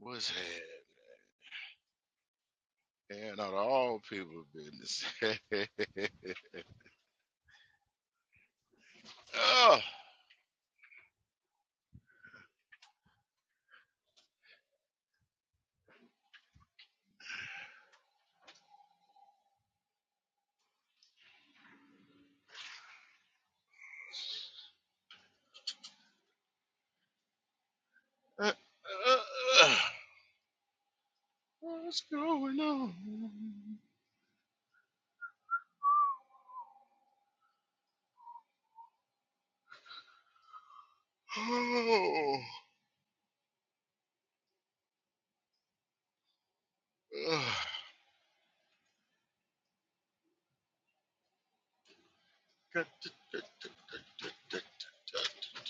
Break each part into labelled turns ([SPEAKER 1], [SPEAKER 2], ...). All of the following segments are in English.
[SPEAKER 1] was had, and out of all people business. oh, uh, uh, uh, what's going on? Oh,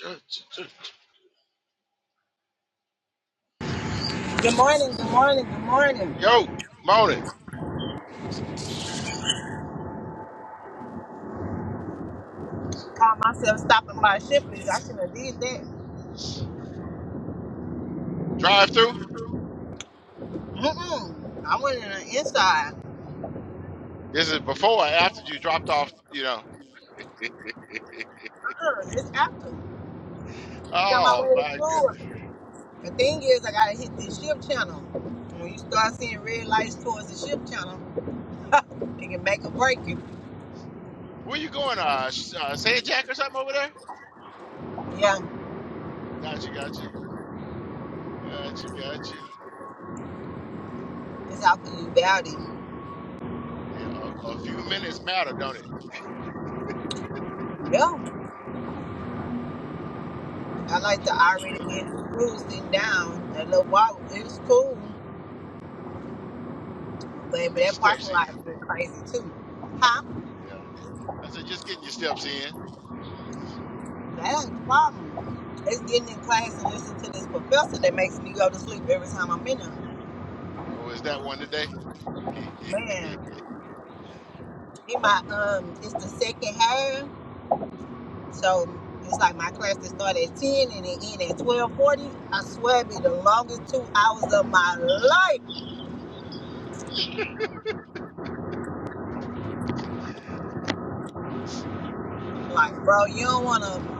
[SPEAKER 1] uh,
[SPEAKER 2] Good morning, good morning, good morning.
[SPEAKER 1] yo, morning.
[SPEAKER 2] Caught myself stopping by Shipley's. I should have did that.
[SPEAKER 1] Drive through.
[SPEAKER 2] Mm-mm. I went in the inside.
[SPEAKER 1] This is before or after you dropped off. You know.
[SPEAKER 2] Uh-uh. It's after. It's on my
[SPEAKER 1] oh
[SPEAKER 2] way to
[SPEAKER 1] my
[SPEAKER 2] school.
[SPEAKER 1] goodness.
[SPEAKER 2] The thing is, I gotta hit this shift channel. When you start seeing red lights towards the shift channel, it can make or break you.
[SPEAKER 1] Where you going? Uh, S- uh Sand Jack or something over there?
[SPEAKER 2] Yeah,
[SPEAKER 1] Gotcha, gotcha, gotcha, gotcha.
[SPEAKER 2] it's out the new valley.
[SPEAKER 1] Yeah, a, a few minutes matter, don't it?
[SPEAKER 2] Yeah, I
[SPEAKER 1] A
[SPEAKER 2] like to
[SPEAKER 1] few
[SPEAKER 2] already
[SPEAKER 1] minutes.
[SPEAKER 2] get school down. That little walk, it was cool. But, but
[SPEAKER 1] Get your
[SPEAKER 2] that parking
[SPEAKER 1] steps
[SPEAKER 2] lot
[SPEAKER 1] in.
[SPEAKER 2] is crazy too. Huh?
[SPEAKER 1] Yeah. I said, just getting your steps in. Just-
[SPEAKER 2] That ain't the problem. It's getting in class and listening to this professor that makes me go to sleep every time I'm in there.
[SPEAKER 1] Oh, is that one today?
[SPEAKER 2] Man, in my um, it's the second half, so it's like my class that start at ten and it end at twelve forty. I swear, it be the longest two hours of my life. Like, bro, you don't wanna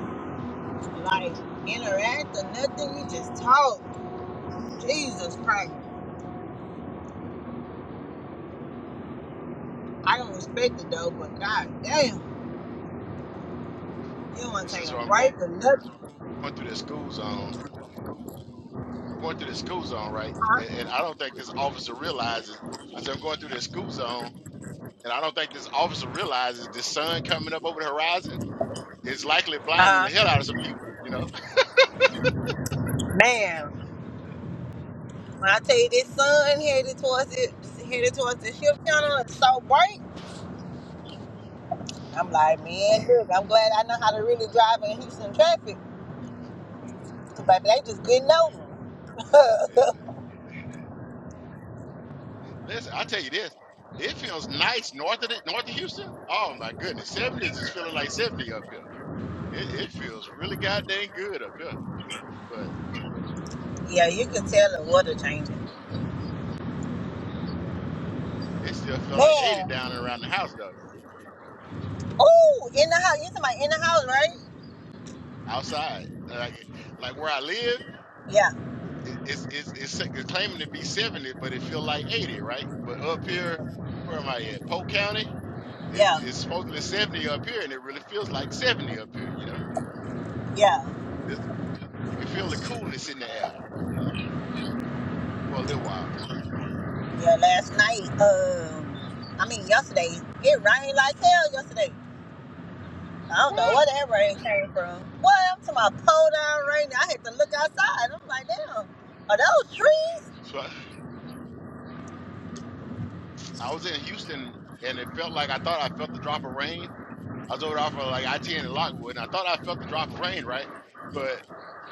[SPEAKER 2] like interact or nothing. You just talk. Jesus Christ, I don't respect it though, but god damn, you don't wanna
[SPEAKER 1] Listen,
[SPEAKER 2] take a
[SPEAKER 1] so I'm going
[SPEAKER 2] break or nothing,
[SPEAKER 1] through the school zone. I'm going through the school zone, right?
[SPEAKER 2] huh?
[SPEAKER 1] And, and I don't think this officer realizes. I said, I'm going through the school zone, and I don't think this officer realizes the sun coming up over the horizon is likely blinding
[SPEAKER 2] Uh,
[SPEAKER 1] the hell out of some people, you know?
[SPEAKER 2] man. When I tell you this sun headed towards it, headed towards the shift channel, it's so bright. I'm like, man, look, I'm glad I know how to really drive in Houston traffic. Cause baby,
[SPEAKER 1] Listen,
[SPEAKER 2] they just
[SPEAKER 1] listen, 'cause-
[SPEAKER 2] getting over. it.
[SPEAKER 1] listen. Listen, I tell you this. It feels nice north of the, north of Houston. Oh my goodness, seventies is feeling like seventy up here. It, it feels really goddamn good up here, but
[SPEAKER 2] yeah, you can tell the weather changing.
[SPEAKER 1] it still feel like eighty
[SPEAKER 2] Man,
[SPEAKER 1] down and around the house though.
[SPEAKER 2] oh, in the house, you talking about in the house, right?
[SPEAKER 1] Outside, like like where I live,
[SPEAKER 2] Yeah,
[SPEAKER 1] it, it's, it's it's it's claiming to be seventy, but it feel like eighty, right? But up here, where am I at? Polk County. It's
[SPEAKER 2] yeah,
[SPEAKER 1] it's supposedly seventy up here, and it really feels like seventy up here. You know,
[SPEAKER 2] yeah,
[SPEAKER 1] it's, you can feel the coolness in the air. You know, for a little while.
[SPEAKER 2] yeah. Last night, um, I mean yesterday, it rained like hell yesterday. I don't
[SPEAKER 1] What?
[SPEAKER 2] know where that rain came from. Boy, I'm talking about cold down rain. I had to look outside. I'm like, damn, are those trees?
[SPEAKER 1] So I, I was in Houston, and it felt like I thought I felt the drop of rain. I was over off of like I ten in Lockwood, and I thought I felt the drop of rain, right? But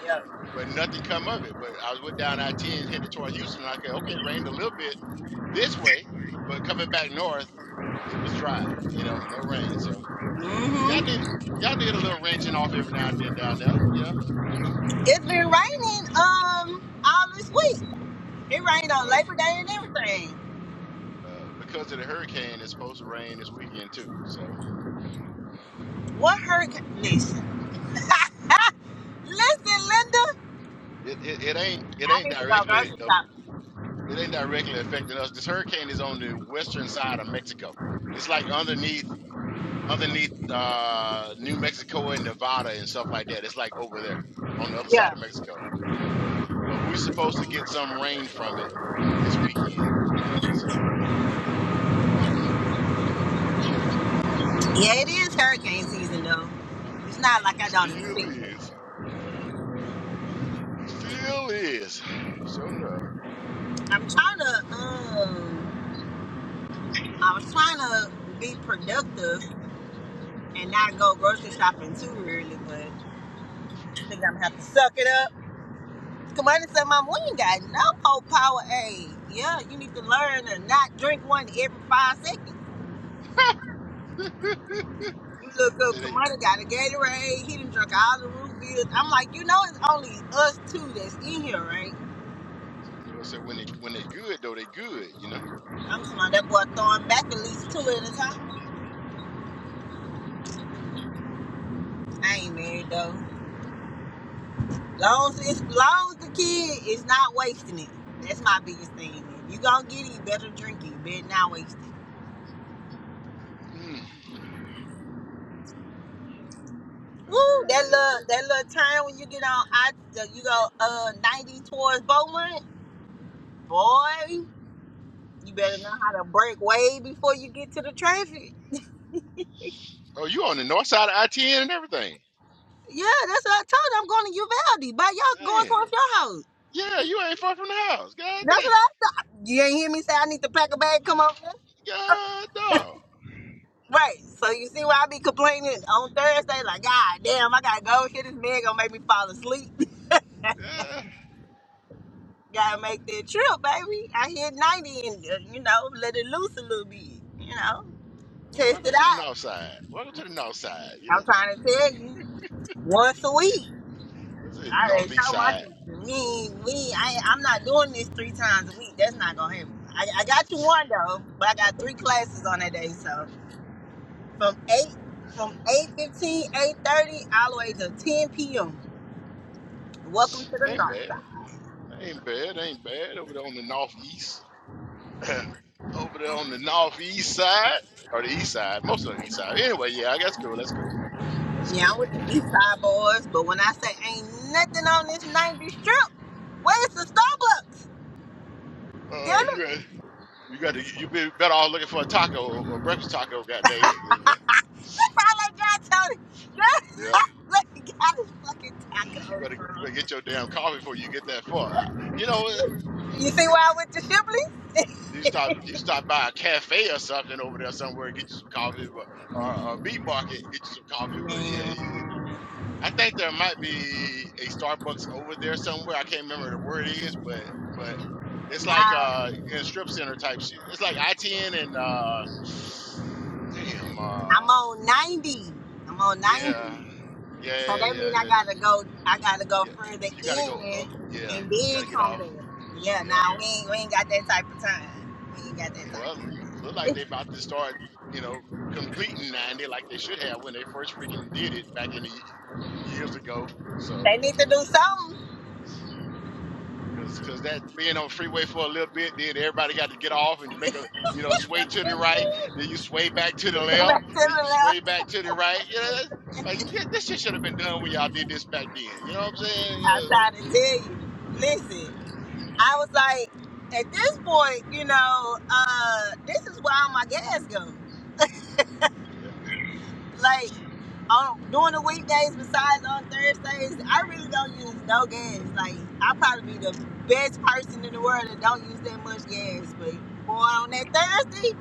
[SPEAKER 2] Yeah.
[SPEAKER 1] but nothing come of it. But I was went down I ten headed toward Houston, and I said, okay, it rained a little bit this way, but coming back north, it was dry. You know, no rain. So uh, y'all
[SPEAKER 2] Mm-hmm.
[SPEAKER 1] need y'all need a little wrenching off every now and then down there. You know,
[SPEAKER 2] It's been raining um all this week. It rained on
[SPEAKER 1] well.
[SPEAKER 2] Labor Day and everything.
[SPEAKER 1] Uh, because of the hurricane, it's supposed to rain this weekend too. So
[SPEAKER 2] What hurricane? Listen, listen, Linda.
[SPEAKER 1] it, it, it ain't it
[SPEAKER 2] I
[SPEAKER 1] ain't
[SPEAKER 2] need to go
[SPEAKER 1] directly
[SPEAKER 2] grocery
[SPEAKER 1] aff-
[SPEAKER 2] shopping.
[SPEAKER 1] It ain't directly affecting us. This hurricane is on the western side of Mexico. It's like underneath underneath uh New Mexico and Nevada and stuff like that. It's like over there on the other side
[SPEAKER 2] Yeah.
[SPEAKER 1] of Mexico. But but we're supposed to get some rain from it this weekend, you know. So uh
[SPEAKER 2] Yeah, it is hurricane season though. It's not like I don't
[SPEAKER 1] still
[SPEAKER 2] expect it.
[SPEAKER 1] is. Yep. Still is. Sure enough.
[SPEAKER 2] I'm trying to um I was trying to be productive and not go grocery shopping too early, but I think I'm gonna have to suck it up. Come on and say, Mom, we ain't got no old powerade. Yeah, you need to learn to not drink one every five seconds. You look
[SPEAKER 1] Say
[SPEAKER 2] up,
[SPEAKER 1] they
[SPEAKER 2] Kamada got a Gatorade, he done drunk all the root beers. I'm like, you know it's only us two that's in here, right?
[SPEAKER 1] said Lord said when they when they good though, they good, you know?
[SPEAKER 2] I'm talking about that boy throwing back at least two at a time. I ain't married though. Long as it's long as the kid is not wasting it. That's my biggest thing. If you gonna get it, you better drink it. You better not waste
[SPEAKER 1] Mm, I
[SPEAKER 2] Woo,
[SPEAKER 1] heard
[SPEAKER 2] that
[SPEAKER 1] that.
[SPEAKER 2] little that little turn when you get on I you go uh 90 towards Bowman, boy, you better know how to break way before you get to the traffic.
[SPEAKER 1] Oh, you on the north side of I ten and everything.
[SPEAKER 2] Yeah, that's what I told you. I'm going to Uvalde. But y'all going
[SPEAKER 1] Damn.
[SPEAKER 2] towards your house.
[SPEAKER 1] Yeah, you ain't far from the house. God
[SPEAKER 2] That's what
[SPEAKER 1] dang.
[SPEAKER 2] I thought. You ain't hear me say I need to pack a bag, come over there?
[SPEAKER 1] God dog.
[SPEAKER 2] Right. So you see why I be complaining on Thursday, like, God damn, I gotta go here. This man gonna make me fall asleep.
[SPEAKER 1] Yeah.
[SPEAKER 2] gotta make that trip, baby. I hit 90 and, uh, you know, let it loose a little bit, you know. Test
[SPEAKER 1] Welcome
[SPEAKER 2] it
[SPEAKER 1] to the
[SPEAKER 2] out.
[SPEAKER 1] north side. Welcome to the north side. You
[SPEAKER 2] I'm
[SPEAKER 1] know,
[SPEAKER 2] trying to tell you, once a week.
[SPEAKER 1] this is
[SPEAKER 2] I already
[SPEAKER 1] northeast
[SPEAKER 2] told my
[SPEAKER 1] side.
[SPEAKER 2] teacher, me, we, I, I'm not doing this three times a week. That's not gonna happen. I, I got you one though, but I got three classes on that day. So from eight, from eight fifteen, eight thirty, all the way to ten p.m. Welcome to the
[SPEAKER 1] Ain't
[SPEAKER 2] North
[SPEAKER 1] bad.
[SPEAKER 2] Side.
[SPEAKER 1] Ain't bad. Ain't bad. Over there on the northeast. Over there on the northeast side. Or the east side. Most of the east side. Anyway, yeah, I guess cool. That's cool. That's
[SPEAKER 2] Yeah,
[SPEAKER 1] cool.
[SPEAKER 2] I'm with the East Side boys, but when I say ain't nothing on this 90 strip, where's the Starbucks?
[SPEAKER 1] Uh
[SPEAKER 2] Damn it,
[SPEAKER 1] you ain't- you got to you be better off looking for a taco a breakfast taco, god dang it.
[SPEAKER 2] that's all I got, Tony. That's
[SPEAKER 1] Yeah,
[SPEAKER 2] all I got is fucking
[SPEAKER 1] You you better
[SPEAKER 2] tacos,
[SPEAKER 1] you
[SPEAKER 2] bro.
[SPEAKER 1] better get your damn coffee before you get that far. I, you know, eh,
[SPEAKER 2] You see
[SPEAKER 1] listen.
[SPEAKER 2] why I went to Shipley?
[SPEAKER 1] You stop you stop by a cafe or something over there somewhere and get you some coffee, but or a meat market and get you some coffee. But yeah, you,
[SPEAKER 2] Man,
[SPEAKER 1] I think there might be a Starbucks over there somewhere. I can't remember the word it is, but but it's like
[SPEAKER 2] now
[SPEAKER 1] uh in strip center type shit. It's like I ten and uh damn
[SPEAKER 2] I'm
[SPEAKER 1] uh
[SPEAKER 2] on 90. I'm on
[SPEAKER 1] yeah
[SPEAKER 2] 90.
[SPEAKER 1] yeah
[SPEAKER 2] So
[SPEAKER 1] yeah
[SPEAKER 2] that
[SPEAKER 1] yeah
[SPEAKER 2] means I
[SPEAKER 1] yeah.
[SPEAKER 2] gotta go. I gotta go
[SPEAKER 1] yeah.
[SPEAKER 2] further
[SPEAKER 1] You got to go
[SPEAKER 2] in
[SPEAKER 1] up. Yeah,
[SPEAKER 2] and
[SPEAKER 1] you got
[SPEAKER 2] then
[SPEAKER 1] to get
[SPEAKER 2] come
[SPEAKER 1] off.
[SPEAKER 2] back. Yeah,
[SPEAKER 1] Yeah.
[SPEAKER 2] now we ain't we ain't got that type of time. We ain't
[SPEAKER 1] Yeah.
[SPEAKER 2] got that type
[SPEAKER 1] Well,
[SPEAKER 2] of time.
[SPEAKER 1] look like they about to start, you know, completing 90 like they should have when they first freaking did it back in the ye- years ago. So,
[SPEAKER 2] They need to do
[SPEAKER 1] yeah.
[SPEAKER 2] something.
[SPEAKER 1] Cause, Cause that being on the freeway for a little bit, then everybody got to get off and make a, you know, sway to the right. Then you sway back to the left.
[SPEAKER 2] back to
[SPEAKER 1] Then you
[SPEAKER 2] the
[SPEAKER 1] sway
[SPEAKER 2] left.
[SPEAKER 1] back to the right. You know, that's, like this, this shit should have been done when y'all did this back then. You know what I'm saying?
[SPEAKER 2] I'm trying to tell you. Listen, I was like, at this point, you know, uh, this is where all my gas goes.
[SPEAKER 1] Yeah.
[SPEAKER 2] Like. on during the weekdays besides on Thursdays, I really don't use no gas. Like I probably be the best person in the world that don't use that much gas. But boy, on that Thursday,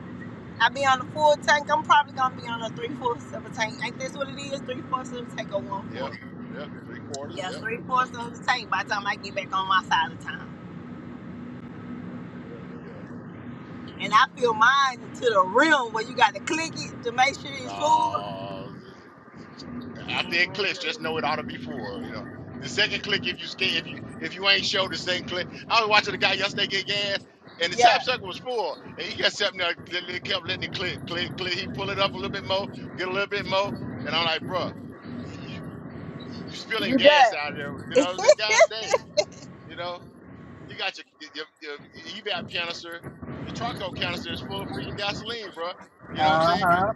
[SPEAKER 2] I be on a full tank. I'm probably gonna be on a three fourths of a tank. Ain't this what it is? Three fourths of a tank or one
[SPEAKER 1] yeah. Yep.
[SPEAKER 2] fourth?
[SPEAKER 1] Yep. Three quarters.
[SPEAKER 2] Yeah,
[SPEAKER 1] Yep.
[SPEAKER 2] three
[SPEAKER 1] Yep.
[SPEAKER 2] fourths of a tank by the time I get back on my side of town.
[SPEAKER 1] Yep. Yep. Yep.
[SPEAKER 2] And I fill mine to the rim where you got to click it to make sure it's full.
[SPEAKER 1] Oh, after it clicks, just know it ought to be full. You know, the second click, if you skate, if you if you ain't show the same click, I was watching the guy yesterday get gas, and the tap
[SPEAKER 2] Yeah,
[SPEAKER 1] sucker was full, and he kept sitting there, li- kept letting it click, click, click. He pull it up a little bit more, get a little bit more, and I'm like, bruh, you you spilling
[SPEAKER 2] you
[SPEAKER 1] gas
[SPEAKER 2] done.
[SPEAKER 1] out there. You know, I said, God dang, you know, you got your your your, evap canister, your charcoal canister is full of freaking gasoline, bruh. You know what I'm
[SPEAKER 2] Uh
[SPEAKER 1] saying? Because
[SPEAKER 2] huh.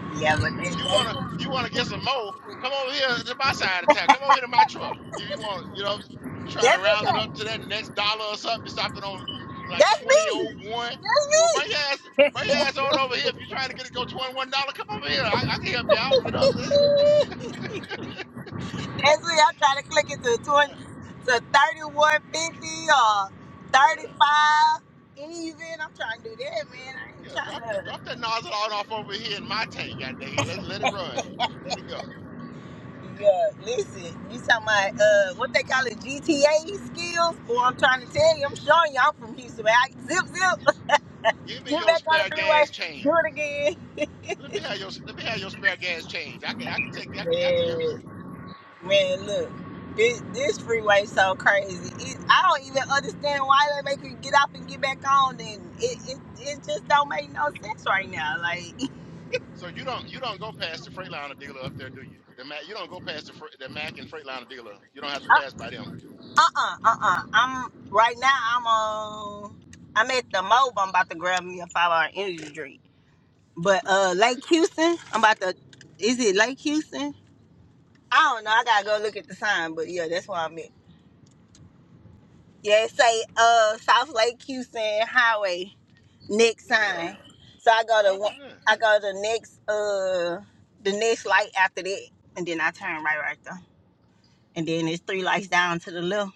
[SPEAKER 1] Yes,
[SPEAKER 2] Yeah, but
[SPEAKER 1] indeed. You wanna
[SPEAKER 2] that, that,
[SPEAKER 1] you wanna get some more? Come over here to my side of town. Come over here to my truck if you want. You know, you trying to
[SPEAKER 2] that's
[SPEAKER 1] round it up to that next dollar or something. You stopped it on like
[SPEAKER 2] That's
[SPEAKER 1] twenty
[SPEAKER 2] me.
[SPEAKER 1] oh one.
[SPEAKER 2] That's
[SPEAKER 1] Well, bring
[SPEAKER 2] me.
[SPEAKER 1] your ass bring
[SPEAKER 2] That's
[SPEAKER 1] your ass on over here if you're trying to get it go twenty one dollar. Come over here. I, I can help you out. You know what I'm saying?
[SPEAKER 2] me. I'm trying to click it to 20,
[SPEAKER 1] Uh,
[SPEAKER 2] to 3150 or
[SPEAKER 1] yeah,
[SPEAKER 2] 35 even. I'm trying to do that, man.
[SPEAKER 1] yeah,
[SPEAKER 2] I ain't
[SPEAKER 1] yeah.
[SPEAKER 2] trying
[SPEAKER 1] Drop the,
[SPEAKER 2] to.
[SPEAKER 1] drop that nozzle on off over here in my tank. God dang it. Let let it run. Let it go.
[SPEAKER 2] Yeah, listen. You talking about uh, what they call it, GTA skills?
[SPEAKER 1] Is
[SPEAKER 2] Boy, I'm
[SPEAKER 1] it,
[SPEAKER 2] trying
[SPEAKER 1] is it,
[SPEAKER 2] to tell you. I'm
[SPEAKER 1] is
[SPEAKER 2] showing you. I'm from Houston. Man. I, zip, zip.
[SPEAKER 1] it, is
[SPEAKER 2] Let's
[SPEAKER 1] it. Give me
[SPEAKER 2] Get
[SPEAKER 1] your
[SPEAKER 2] back on
[SPEAKER 1] spare
[SPEAKER 2] the freeway.
[SPEAKER 1] gas
[SPEAKER 2] Do
[SPEAKER 1] change.
[SPEAKER 2] it again.
[SPEAKER 1] Let me have your let me have your spare gas change. I can I can take I can, I can use
[SPEAKER 2] Yeah.
[SPEAKER 1] it.
[SPEAKER 2] Man, look, this this freeway so crazy. It, I don't even understand why they make you get off and get back on. And it it, it just don't make no sense right now. Like,
[SPEAKER 1] So you don't you don't go past the Freightliner dealer up there, do you? The Mac you don't go past the Fre- the Mac and Freightliner dealer. You don't have to
[SPEAKER 2] uh
[SPEAKER 1] pass by them.
[SPEAKER 2] uh uh uh. I'm right now. I'm on. I'm at the mob. I'm about to grab me a five hour energy drink. But uh,
[SPEAKER 1] Gotcha.
[SPEAKER 2] Lake Houston. I'm about to. Is it Lake Houston? I don't know. I gotta go look at the sign. But yeah, that's where I'm at. Yeah, it say uh South Lake Houston Highway next
[SPEAKER 1] Yeah,
[SPEAKER 2] sign. So I go to
[SPEAKER 1] I'll be
[SPEAKER 2] one,
[SPEAKER 1] there.
[SPEAKER 2] I go to next uh the next light after that, and then I turn right right there, and then it's three lights down to the left.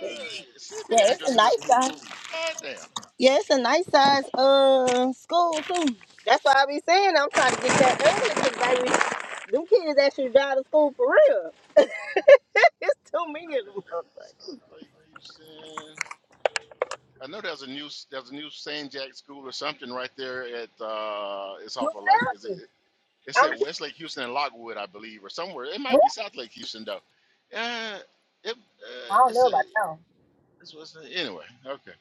[SPEAKER 2] Yeah,
[SPEAKER 1] send me the
[SPEAKER 2] it's a
[SPEAKER 1] address of this
[SPEAKER 2] nice
[SPEAKER 1] school.
[SPEAKER 2] size.
[SPEAKER 1] Goddamn.
[SPEAKER 2] Yeah, it's a nice size uh school too. That's why I be saying I'm trying to get that early 'cause, baby. Them kids actually drive to school for real. it's too many of
[SPEAKER 1] Goddamn.
[SPEAKER 2] them. motherfuckers.
[SPEAKER 1] South Lake Houston. I know there's a new there's a new St. Jack school or something right there at uh it's
[SPEAKER 2] You
[SPEAKER 1] off of like is it
[SPEAKER 2] ready?
[SPEAKER 1] It
[SPEAKER 2] I'm.
[SPEAKER 1] said Westlake Houston and Lockwood, I believe, or somewhere. It might be South Lake Houston though. Uh, it, uh,
[SPEAKER 2] I don't
[SPEAKER 1] it's
[SPEAKER 2] know
[SPEAKER 1] a
[SPEAKER 2] about y'all.
[SPEAKER 1] it's what's the, anyway. Okay,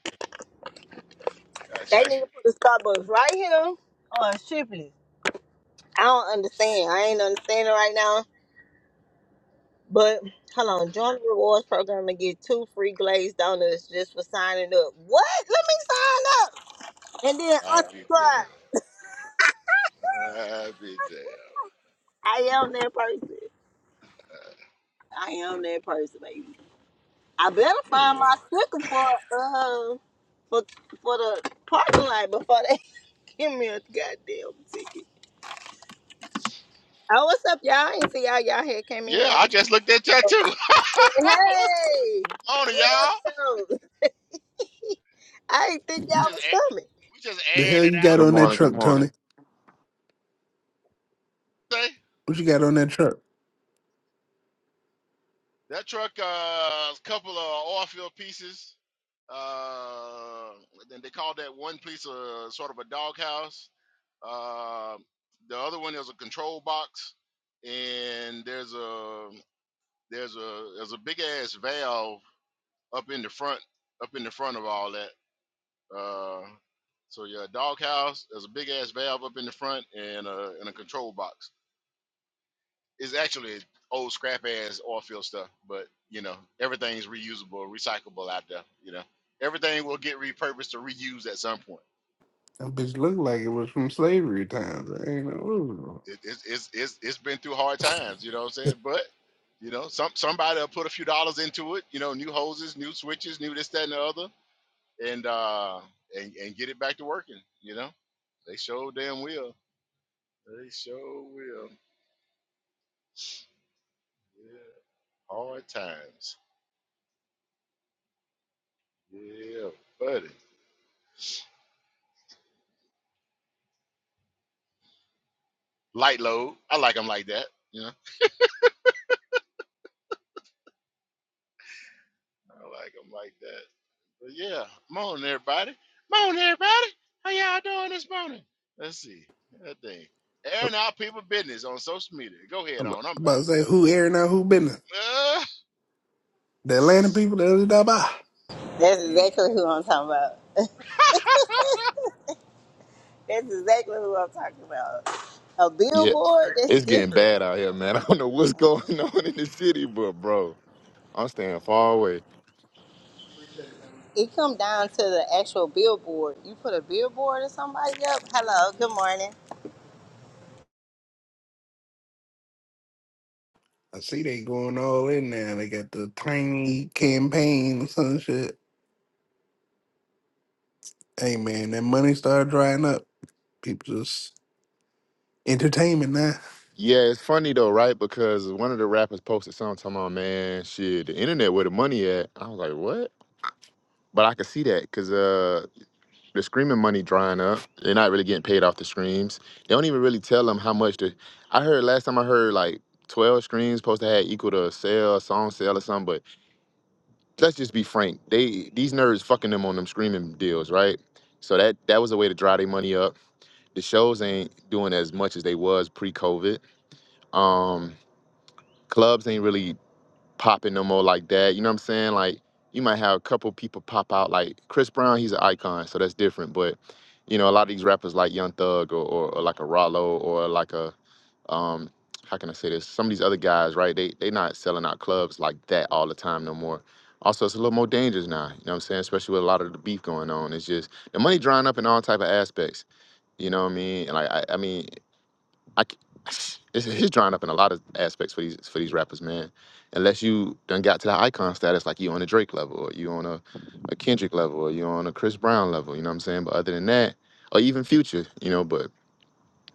[SPEAKER 2] They
[SPEAKER 1] gotcha.
[SPEAKER 2] need to put the Starbucks right here on Shipley. I don't understand. I ain't understanding right now. But hold on, join the rewards program and get two free glazed donuts just for signing up. What? Let me sign up and then
[SPEAKER 1] I'll be damned.
[SPEAKER 2] unsubscribe.
[SPEAKER 1] I'll be damned.
[SPEAKER 2] I am that person.
[SPEAKER 1] Uh,
[SPEAKER 2] I am that person, baby. I better find
[SPEAKER 1] anyway,
[SPEAKER 2] my sticker for uh for for the parking lot before they give me a goddamn ticket. Oh, what's up, y'all? I ain't see y'all. Y'all here came in.
[SPEAKER 1] yeah,
[SPEAKER 2] here.
[SPEAKER 1] I just looked at that too. what's
[SPEAKER 2] Hey,
[SPEAKER 1] on
[SPEAKER 2] what
[SPEAKER 1] y'all?
[SPEAKER 2] up, though? I ain't think
[SPEAKER 1] We
[SPEAKER 2] y'all
[SPEAKER 1] just
[SPEAKER 2] was coming.
[SPEAKER 1] air- we just
[SPEAKER 3] The
[SPEAKER 1] airing
[SPEAKER 3] hell
[SPEAKER 1] it
[SPEAKER 3] you
[SPEAKER 1] out.
[SPEAKER 3] got
[SPEAKER 4] Good
[SPEAKER 3] on
[SPEAKER 1] We
[SPEAKER 3] that
[SPEAKER 4] morning.
[SPEAKER 1] just
[SPEAKER 4] Good
[SPEAKER 3] truck, Tony?
[SPEAKER 4] morning.
[SPEAKER 1] say
[SPEAKER 3] What you got on that truck?
[SPEAKER 1] that truck. Uh, a couple of oil field pieces. Uh, then they called that one piece of sort of a doghouse Um the other one is a control box, and there's a there's a there's a big ass valve up in the front up in the front of all that. Uh, so yeah, doghouse. There's a big ass valve up in the front and a and a control box. It's actually old scrap ass oil field stuff, but you know everything's reusable, recyclable out there. You know everything will get repurposed or reused at some point.
[SPEAKER 3] That bitch looked like it was from slavery times. I ain't know. what was wrong.
[SPEAKER 1] it, it's it's it's it's been through hard times, you know what I'm saying? But you know, some somebody will put a few dollars into it, you know, new hoses, new switches, new this, that, and the other, and uh and and get it back to working, you know. They show damn will. They show will. Yeah. Hard times. Yeah, buddy. Light load. I like them like that, you know. I like them like that. But yeah, morning everybody. Morning everybody. How y'all doing this morning? Let's see. That thing. Airing out people business on social media. Go ahead
[SPEAKER 3] I'm about
[SPEAKER 1] on. I'm
[SPEAKER 3] I'm
[SPEAKER 1] back
[SPEAKER 3] about to say who airing out who business.
[SPEAKER 1] quiet. Uh,
[SPEAKER 3] The Atlanta people, the Daba.
[SPEAKER 2] That's
[SPEAKER 1] mm.
[SPEAKER 2] exactly who I'm talking about. That's exactly who I'm talking about. A
[SPEAKER 4] Yeah,
[SPEAKER 2] billboard, that's
[SPEAKER 4] it's getting
[SPEAKER 2] different.
[SPEAKER 4] bad out here, man. I don't know what's going on in the city, but bro, I'm staying far away.
[SPEAKER 2] It come down to the actual billboard. You put a billboard or somebody up. Hello, good morning.
[SPEAKER 3] I see they going all in now. They got the tiny campaign or some shit. Hey man, that money started drying up. People just entertainment now.
[SPEAKER 4] Yeah, it's funny though, right? Because one of the rappers posted something talking about, man, shit, the internet where the money at. I was like, what? But I could see that because uh, the streaming money drying up. They're not really getting paid off the streams. They don't even really tell them how much the. I heard last time I heard like 12 streams supposed to have equal to a sale, a song sale or something, but. let's just be frank. They these nerds fucking them on them screaming deals, right? So that that was a way to dry their money up. The shows ain't doing as much as they was pre-COVID. Um, clubs ain't really popping no more like that. You know what I'm saying? Like you might have a couple people pop out, like Chris Brown. He's an icon, so that's different. But you know, a lot of these rappers like Young Thug or, or, or like a Rollo or like a um how can I say this? Some of these other guys, right? They they not selling out clubs like that all the time no more. Also, it's a little more dangerous now. You know what I'm saying? Especially with a lot of the beef going on. It's just the money drying up in all type of aspects. You know what I mean? And like I, I mean, I c- it's, it's drying up in a lot of aspects for these for these rappers, man. Unless you done got to the icon status, like you on a Drake level, or you on a, a Kendrick level, or you on a Chris Brown level. You know what I'm saying? But other than that, or even Future, you know. But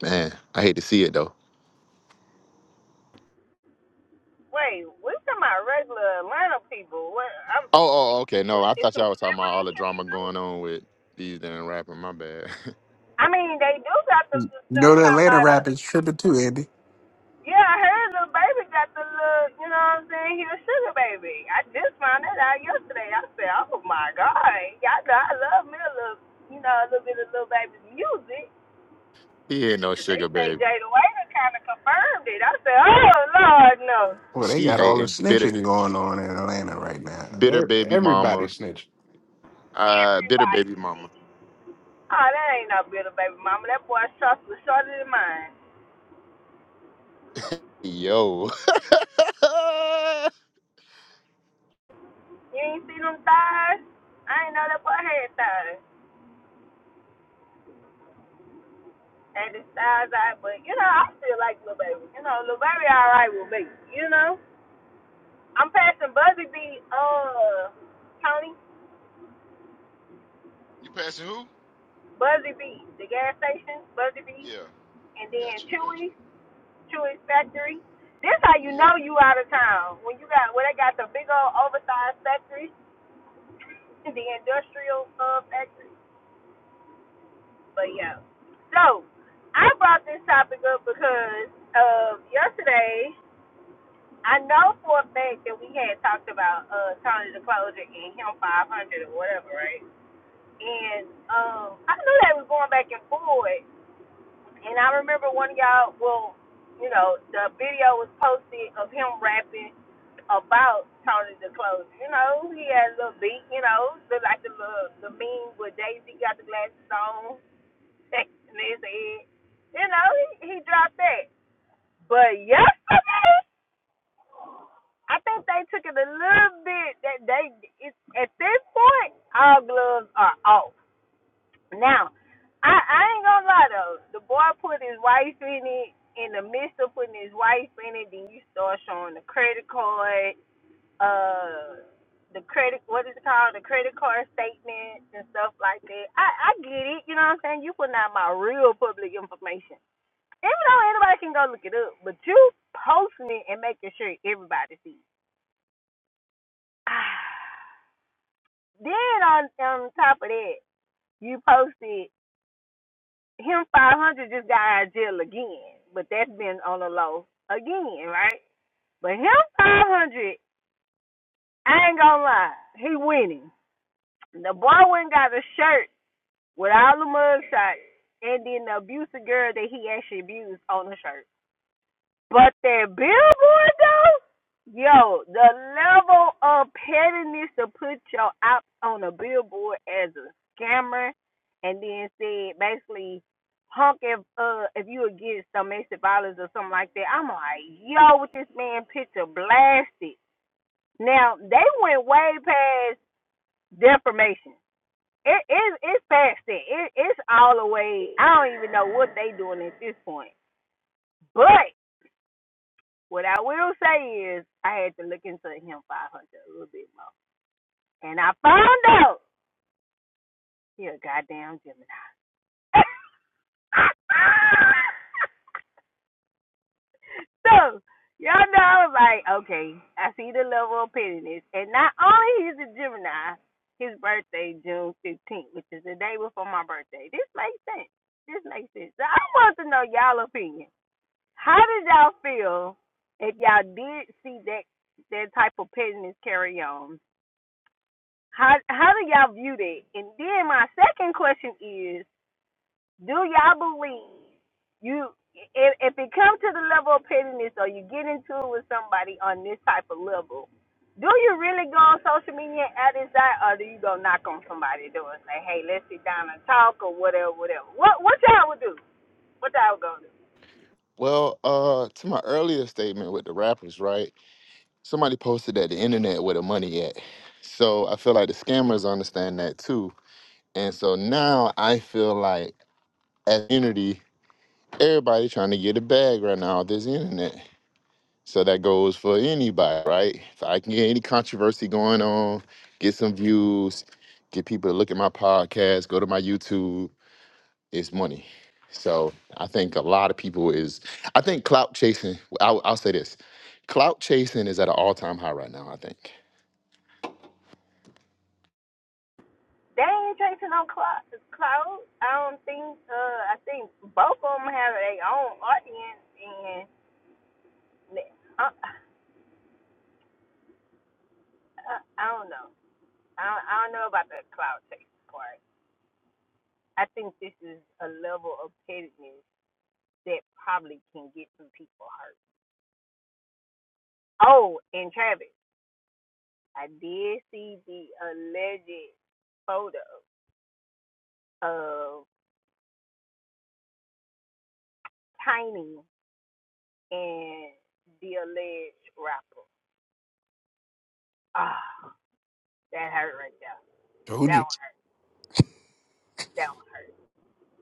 [SPEAKER 4] man, I hate to see it though.
[SPEAKER 2] Wait, we talking about regular Atlanta people. What? I'm,
[SPEAKER 4] Oh, oh, oh, okay. No, I thought y'all was talking about all the drama going on with these damn rapping. My bad.
[SPEAKER 2] I mean, they do got the little
[SPEAKER 3] You
[SPEAKER 2] stuff
[SPEAKER 3] know the
[SPEAKER 2] talking
[SPEAKER 3] Atlanta
[SPEAKER 2] about a.
[SPEAKER 3] rap is tripping too, Andy.
[SPEAKER 2] Yeah, I heard little baby got the little. You know what I'm saying? He a sugar baby. I just found that out yesterday. I said, oh my god, y'all know I love me a little. You know, a little bit of little baby's music.
[SPEAKER 4] he ain't no
[SPEAKER 2] But they
[SPEAKER 4] sugar
[SPEAKER 2] say
[SPEAKER 4] baby.
[SPEAKER 2] Jada Waiter kind of confirmed it. I said, oh, Lord, no.
[SPEAKER 3] Well, they
[SPEAKER 4] She
[SPEAKER 3] got all the
[SPEAKER 4] hating bitter,
[SPEAKER 3] snitching going on in Atlanta right now.
[SPEAKER 4] bitter
[SPEAKER 3] E-
[SPEAKER 4] baby
[SPEAKER 3] Everybody
[SPEAKER 4] mama.
[SPEAKER 3] snitching.
[SPEAKER 4] Uh, bitter
[SPEAKER 2] Everybody
[SPEAKER 4] baby
[SPEAKER 2] said
[SPEAKER 4] mama.
[SPEAKER 2] it. Oh, that ain't no bitter baby mama. That boy's trust was shorter than mine.
[SPEAKER 4] Yo.
[SPEAKER 2] You ain't seen them thighs? I ain't know that boy had thighs. And his thighs out, but, you know, I still like Lil Baby. You know, Lil Baby all right with me, you know? I'm passing Buzzy B, uh, Tony,
[SPEAKER 1] You passing who?
[SPEAKER 2] Buzzy B, the gas station, Buzzy B,
[SPEAKER 1] Yeah.
[SPEAKER 2] and
[SPEAKER 1] Got
[SPEAKER 2] then
[SPEAKER 1] you. Got you.
[SPEAKER 2] Chewy. Chewy factory. This how you
[SPEAKER 1] Yep.
[SPEAKER 2] know you out of town when you got when they got the big old oversized factory, the industrial uh, factory. But yeah, so I brought this topic up because uh, yesterday I know for a fact that we had talked about uh, Tony the Closure and him 500 or whatever, right? And um, I knew they was going back and forth, And I remember one of y'all, well, you know, the video was posted of him rapping about Tony the Close. You know, he had a little beat, you know, look like the little the meme where Daisy got the glasses on and his head. You know, he, he dropped that. But yesterday, I think they took it a little bit that they it's, at this point all gloves are off. Now, I, I ain't gonna lie though. The boy put his wife in it. In the midst of putting his wife in it, then you start showing the credit card, uh, the credit, what is it called? The credit card statements and stuff like that. I, I get it. You know what I'm saying? You putting out my real public information. Even though anybody can go look it up, but you posting it and making sure everybody sees. then on on top of that, you posted. him 500 just got out of jail again, but that's been on the low again, right? But him 500, I ain't gonna lie, he winning. The boy went and got a shirt with all the mugshots, and then the abusive girl that he actually abused on the shirt. But that billboard though, yo, the level of pettiness to put your ops on a billboard as a scammer, and then said basically, hunk if uh if you would get some domestic violence or something like that. I'm like, yo, with this man picture blasted. Now they went way past defamation. It is it's past that. It, it's all the way. I don't even know what they doing at this point, but What I will say is, I had to look into him 500 a little bit more, and I found out he a goddamn Gemini. so y'all know, I was like, okay, I see the level of pettiness, and not only he's a Gemini, his birthday June 15th, which is the day before my birthday. This makes sense. This makes sense. So I want to know y'all opinion. How did y'all feel if y'all did see that that type of pettiness carry on? How how do y'all view that? And then my second question is, do y'all believe you if if it comes to the level of pettiness or you get into it with somebody on this type of level, do you really go on social media and add this out or do you go knock on somebody's door and say, Hey, let's sit down and talk or whatever, whatever. What what y'all would do? What y'all would go do?
[SPEAKER 4] well, uh, to my earlier statement with the rappers, right? Somebody posted that the internet where the money at. So I feel like the scammers understand that too. And so now I feel like as unity, everybody trying to get a bag right now. This internet. So that goes for anybody, right? If I can get any controversy going on, get some views, get people to look at my podcast, go to my YouTube, it's money. So I think a lot of people is, I think clout chasing, I'll, I'll say this clout chasing is at an all time high right now, I think.
[SPEAKER 2] They ain't chasing no clout clout. I don't think uh I think both of them have their own audience and uh, I, I don't know. I, don't, I don't know about the cloud chasing part. I think this is a level of pettiness that probably can get some people hurt. Oh, and Travis, I did see the alleged photo of Tiny and the alleged rapper. Ah, that hurt right there.
[SPEAKER 3] Told
[SPEAKER 2] That
[SPEAKER 3] you.
[SPEAKER 2] one hurt. That one hurt.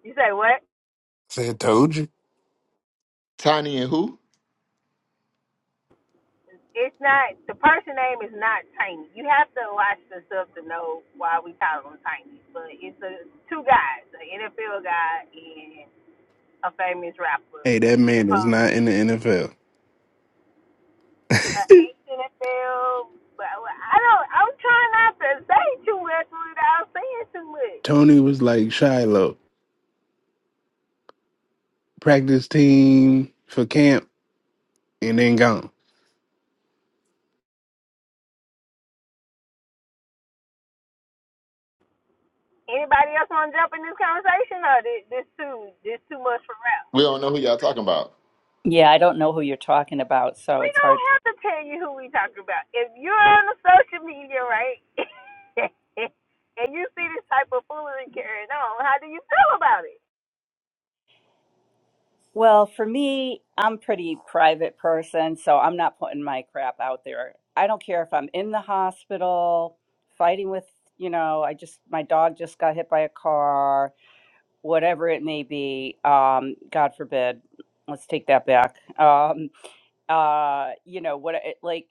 [SPEAKER 2] You say what?
[SPEAKER 3] Said told you.
[SPEAKER 4] Tiny and who?
[SPEAKER 2] It's not the person name is not Tiny. You have to watch the stuff to know why we call him Tiny. But it's a two guys, an NFL guy and a famous rapper.
[SPEAKER 3] Hey, that man is
[SPEAKER 2] Supposed
[SPEAKER 3] not in the NFL.
[SPEAKER 2] an ex NFL. But well, I don't. I'm trying not to say too much without saying too much.
[SPEAKER 3] Tony was like Shiloh, practice team for camp, and then gone.
[SPEAKER 2] Anybody else want to jump in this conversation, or this, this too this too much for rap?
[SPEAKER 4] We don't know who y'all talking about.
[SPEAKER 5] Yeah, I don't know who you're talking about, so
[SPEAKER 2] we
[SPEAKER 5] it's
[SPEAKER 2] don't
[SPEAKER 5] hard.
[SPEAKER 2] have to tell you who we talking about. If you're on the social media, right, and you see this type of foolery carrying on, how do you feel about it?
[SPEAKER 5] Well, for me, I'm pretty private person, so I'm not putting my crap out there. I don't care if I'm in the hospital, fighting with, you know, I just my dog just got hit by a car, whatever it may be. Um, God forbid. Let's take that back. Um, uh, you know, what it like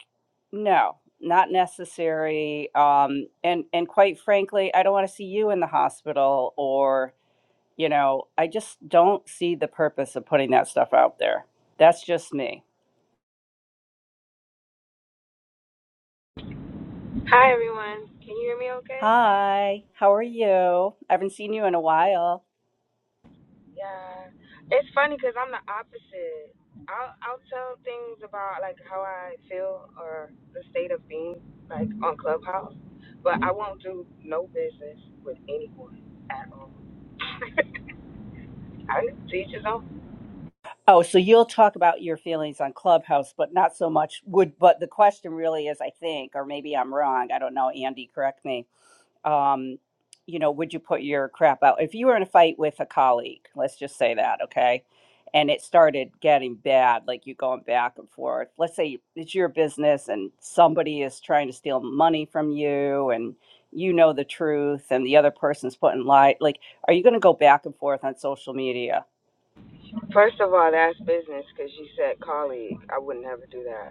[SPEAKER 5] no, not necessary. Um, and and quite frankly, I don't want to see you in the hospital or You know, I just don't see the purpose of putting that stuff out there. That's just me.
[SPEAKER 6] Hi everyone. Can you hear me okay?
[SPEAKER 5] Hi, how are you? I haven't seen you in a while.
[SPEAKER 6] Yeah. It's funny because I'm the opposite. I'll I'll tell things about like how I feel or the state of being like on Clubhouse, but I won't do no business with anyone at all. I teach his own.
[SPEAKER 5] Oh, so you'll talk about your feelings on Clubhouse, but not so much would but the question really is I think, or maybe I'm wrong, I don't know, Andy, correct me um, you know, would you put your crap out? If you were in a fight with a colleague, let's just say that, okay? And it started getting bad, like you going back and forth. Let's say it's your business and somebody is trying to steal money from you and you know the truth and the other person's putting lie. Like, are you going to go back and forth on social media?
[SPEAKER 6] First of all, that's business because you said colleague. I would never do that.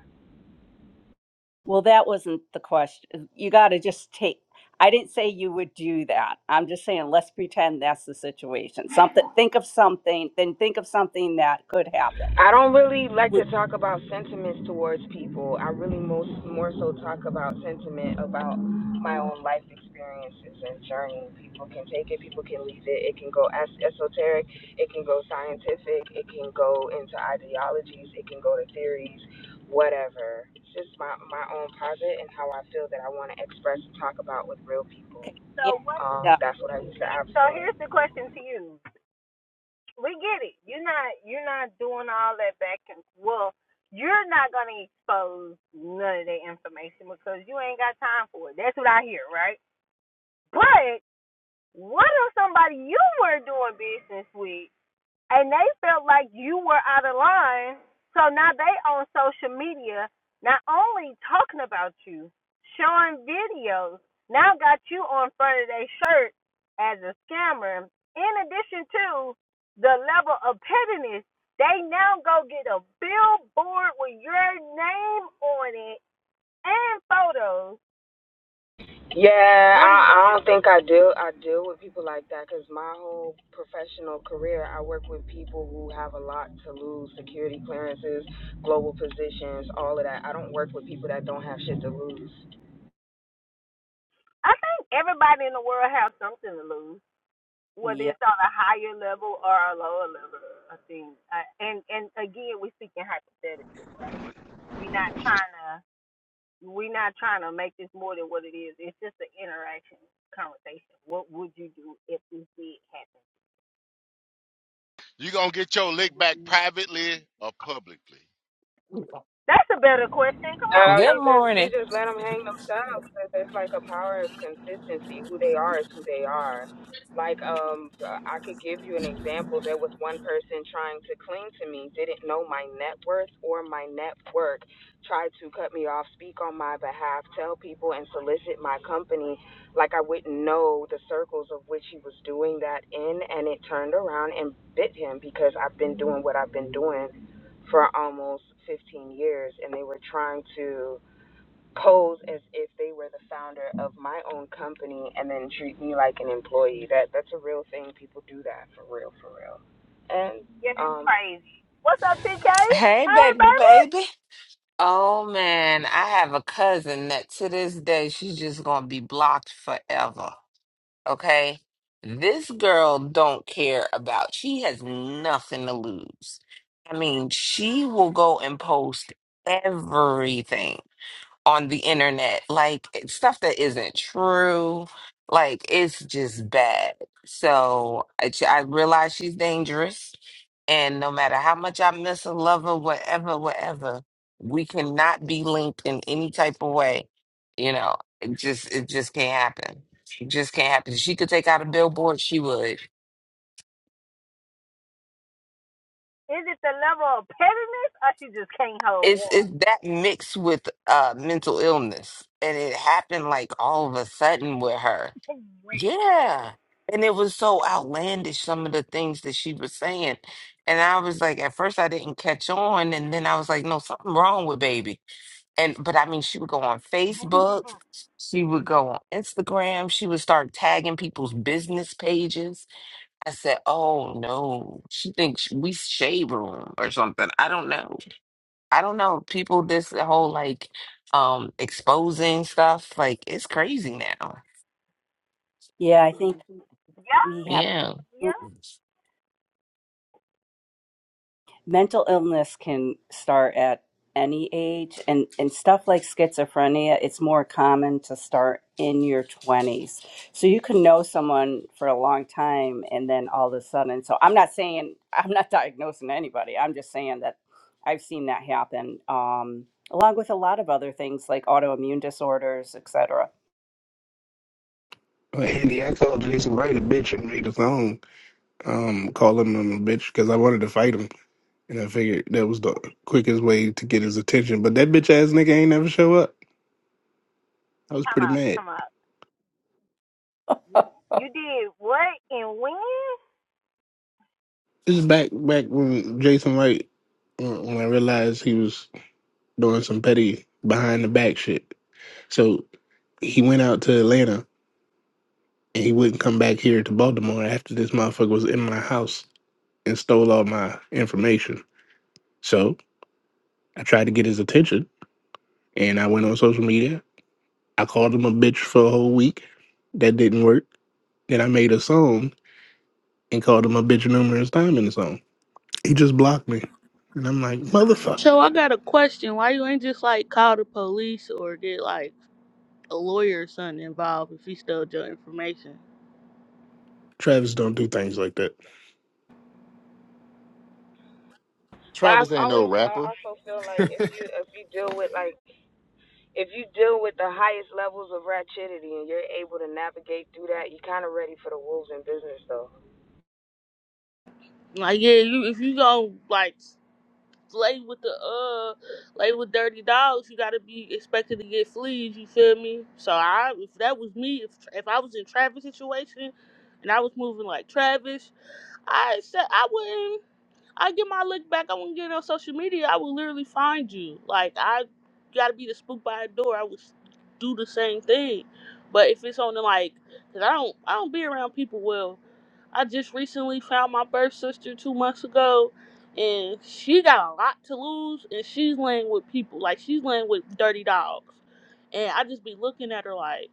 [SPEAKER 5] Well, that wasn't the question. Uh, You got to just take. I didn't say you would do that. I'm just saying let's pretend that's the situation. Something. Think of something. Then think of something that could happen.
[SPEAKER 6] I don't really like to talk about sentiments towards people. I really most more so talk about sentiment about my own life experiences and journey. People can take it, people can leave it. It can go as esoteric, it can go scientific, it can go into ideologies, it can go to theories, whatever. It's just my my own private and how I feel that I want to express and talk about with real people.
[SPEAKER 5] Okay.
[SPEAKER 2] So what?
[SPEAKER 6] Um,
[SPEAKER 5] Yeah.
[SPEAKER 6] that's what I use the app
[SPEAKER 2] So
[SPEAKER 6] for.
[SPEAKER 2] here's the question to you. We get it. You're not. You're not doing all that back and well. You're not gonna expose none of that information because you ain't got time for it. That's what I hear, right? But what if somebody you were doing business with and they felt like you were out of line. So now they on social media, not only talking about you, showing videos, now got you on front of their shirt as a scammer. In addition to the level of pettiness, they now go get a billboard with your name on it and photos.
[SPEAKER 6] Yeah,
[SPEAKER 2] What are you
[SPEAKER 6] I, I
[SPEAKER 2] gonna do?
[SPEAKER 6] don't think I deal I deal with people like that because my whole professional career, I work with people who have a lot to lose, security clearances, global positions, all of that. I don't work with people that don't have shit to lose.
[SPEAKER 2] I think everybody in the world has something to lose. whether
[SPEAKER 5] Yeah.
[SPEAKER 2] it's on a higher level or a lower level of things. Uh, and and again, we're speaking hypothetically. We're not trying to we're not trying to make this more than what it is. It's just an interaction conversation. What would you do if this did happen?
[SPEAKER 1] You gonna get your lick back privately or publicly.
[SPEAKER 2] That's a better question. Come on,
[SPEAKER 6] No,
[SPEAKER 7] Good
[SPEAKER 6] you
[SPEAKER 2] Tony.
[SPEAKER 6] just you
[SPEAKER 7] morning.
[SPEAKER 6] just let them hang themselves. themselves. 'cause It's like a power of consistency. Who they are is who they are. Like um, I could give you an example. There was one person trying to cling to me, didn't know my net worth or my network, tried to cut me off, speak on my behalf, tell people and solicit my company, like I wouldn't know the circles of which he was doing that in, and it turned around and bit him because I've been doing what I've been doing for almost 15 years, and they were trying to pose as if they were the founder of my own company and then treat me like an employee. That that's a real thing. People do that for real, for real. And
[SPEAKER 2] Yeah, that's
[SPEAKER 6] um,
[SPEAKER 2] crazy. What's up, TK?
[SPEAKER 7] Hey,
[SPEAKER 2] Hey,
[SPEAKER 7] baby,
[SPEAKER 2] baby.
[SPEAKER 7] baby. Oh, man. I have a cousin that to this day, she's just going to be blocked forever. Okay. This girl don't care about, she has nothing to lose. I mean, she will go and post everything. on the internet, like it's stuff that isn't true. Like it's just bad. So I, I realize she's dangerous, and no matter how much I miss a lover, whatever, whatever, we cannot be linked in any type of way. You know, it just it just can't happen. It just can't happen. If she could take out a billboard, she would.
[SPEAKER 2] Is it the level of pettiness or she just can't hold
[SPEAKER 7] It's it's
[SPEAKER 2] water?
[SPEAKER 7] that mixed with uh mental illness, and it happened like all of a sudden with her Yeah. And it was so outlandish, some of the things that she was saying. And I was like, at first I didn't catch on. And then I was like, no, something wrong with baby. And, but I mean, she would go on Facebook, she would go on Instagram, she would start tagging people's business pages. I said, oh no, she thinks we shade room or something. I don't know. I don't know. People, this whole like, um, exposing stuff, like it's crazy now.
[SPEAKER 5] Yeah, I think
[SPEAKER 2] Yeah,
[SPEAKER 5] we have.
[SPEAKER 7] Yeah.
[SPEAKER 2] yeah.
[SPEAKER 5] mental illness can start at any age and and stuff like schizophrenia it's more common to start in your 20s so you can know someone for a long time and then all of a sudden so i'm not saying i'm not diagnosing anybody i'm just saying that i've seen that happen um, along with a lot of other things like autoimmune disorders etc
[SPEAKER 3] But Andy, I called Jason Wright a bitch and made a song um, calling him a bitch because I wanted to fight him. And I figured that was the quickest way to get his attention. But that bitch ass nigga ain't never show up. I was
[SPEAKER 2] Come
[SPEAKER 3] pretty
[SPEAKER 2] out,
[SPEAKER 3] mad.
[SPEAKER 2] come out. you did what and when?
[SPEAKER 3] This is back back when Jason Wright, when when I realized he was doing some petty behind the back shit. So he went out to Atlanta and he wouldn't come back here to Baltimore after this motherfucker was in my house and stole all my information. So I tried to get his attention and I went on social media. I called him a bitch for a whole week. That didn't work. Then I made a song and called him a bitch numerous times in the song. He just blocked me. And I'm like, motherfucker.
[SPEAKER 8] So I got a question. Why you ain't just like call the police or get like a lawyer or something involved if he stole your information?
[SPEAKER 3] Travis don't do things like that.
[SPEAKER 6] well,
[SPEAKER 4] Travis
[SPEAKER 6] I've
[SPEAKER 4] ain't no
[SPEAKER 6] always I
[SPEAKER 4] rapper.
[SPEAKER 6] also feel like if you if you deal with like if you deal with the highest levels of ratchetity and you're able to navigate through that, you're kind of ready for the wolves in business, though.
[SPEAKER 8] Like yeah, you if you go like lay with the uh lay with dirty dogs, you gotta be expected to get fleas. You feel me? So I if that was me, if if I was in Travis' situation and I was moving like Travis. I said I wouldn't. I get my look back. I wouldn't get on social media. I would literally find you. Like I gotta be the spook by the door. I would s- do the same thing. But if it's on the like, 'cause I don't, I don't be around people well. I just recently found my birth sister two months ago, and she got a lot to lose, and she's laying with people. Like she's laying with dirty dogs, and I just be looking at her like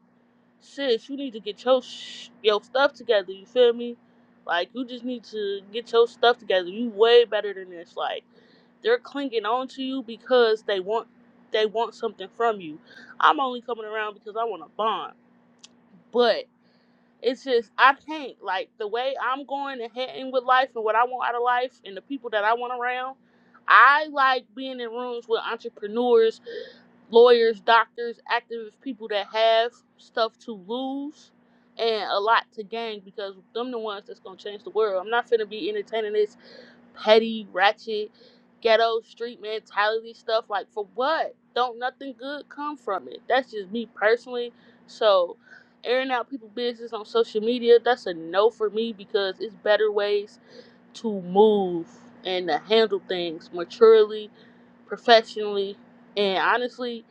[SPEAKER 8] sis, you need to get your sh- your stuff together. You feel me? Like you just need to get your stuff together. You way better than this. Like they're clinging on to you because they want they want something from you. I'm only coming around because I want a bond. but it's just I can't like the way I'm going and heading with life and what I want out of life and the people that I want around. I like being in rooms with entrepreneurs, lawyers, doctors, activists, people that have stuff to lose and a lot to gain because them the ones that's gonna change the world. I'm not finna be entertaining this petty, ratchet, ghetto, street mentality stuff. Like, for what? Don't nothing good come from it. That's just me personally. So, airing out people' business on social media, that's a no for me because it's better ways to move and to handle things maturely, professionally, and honestly,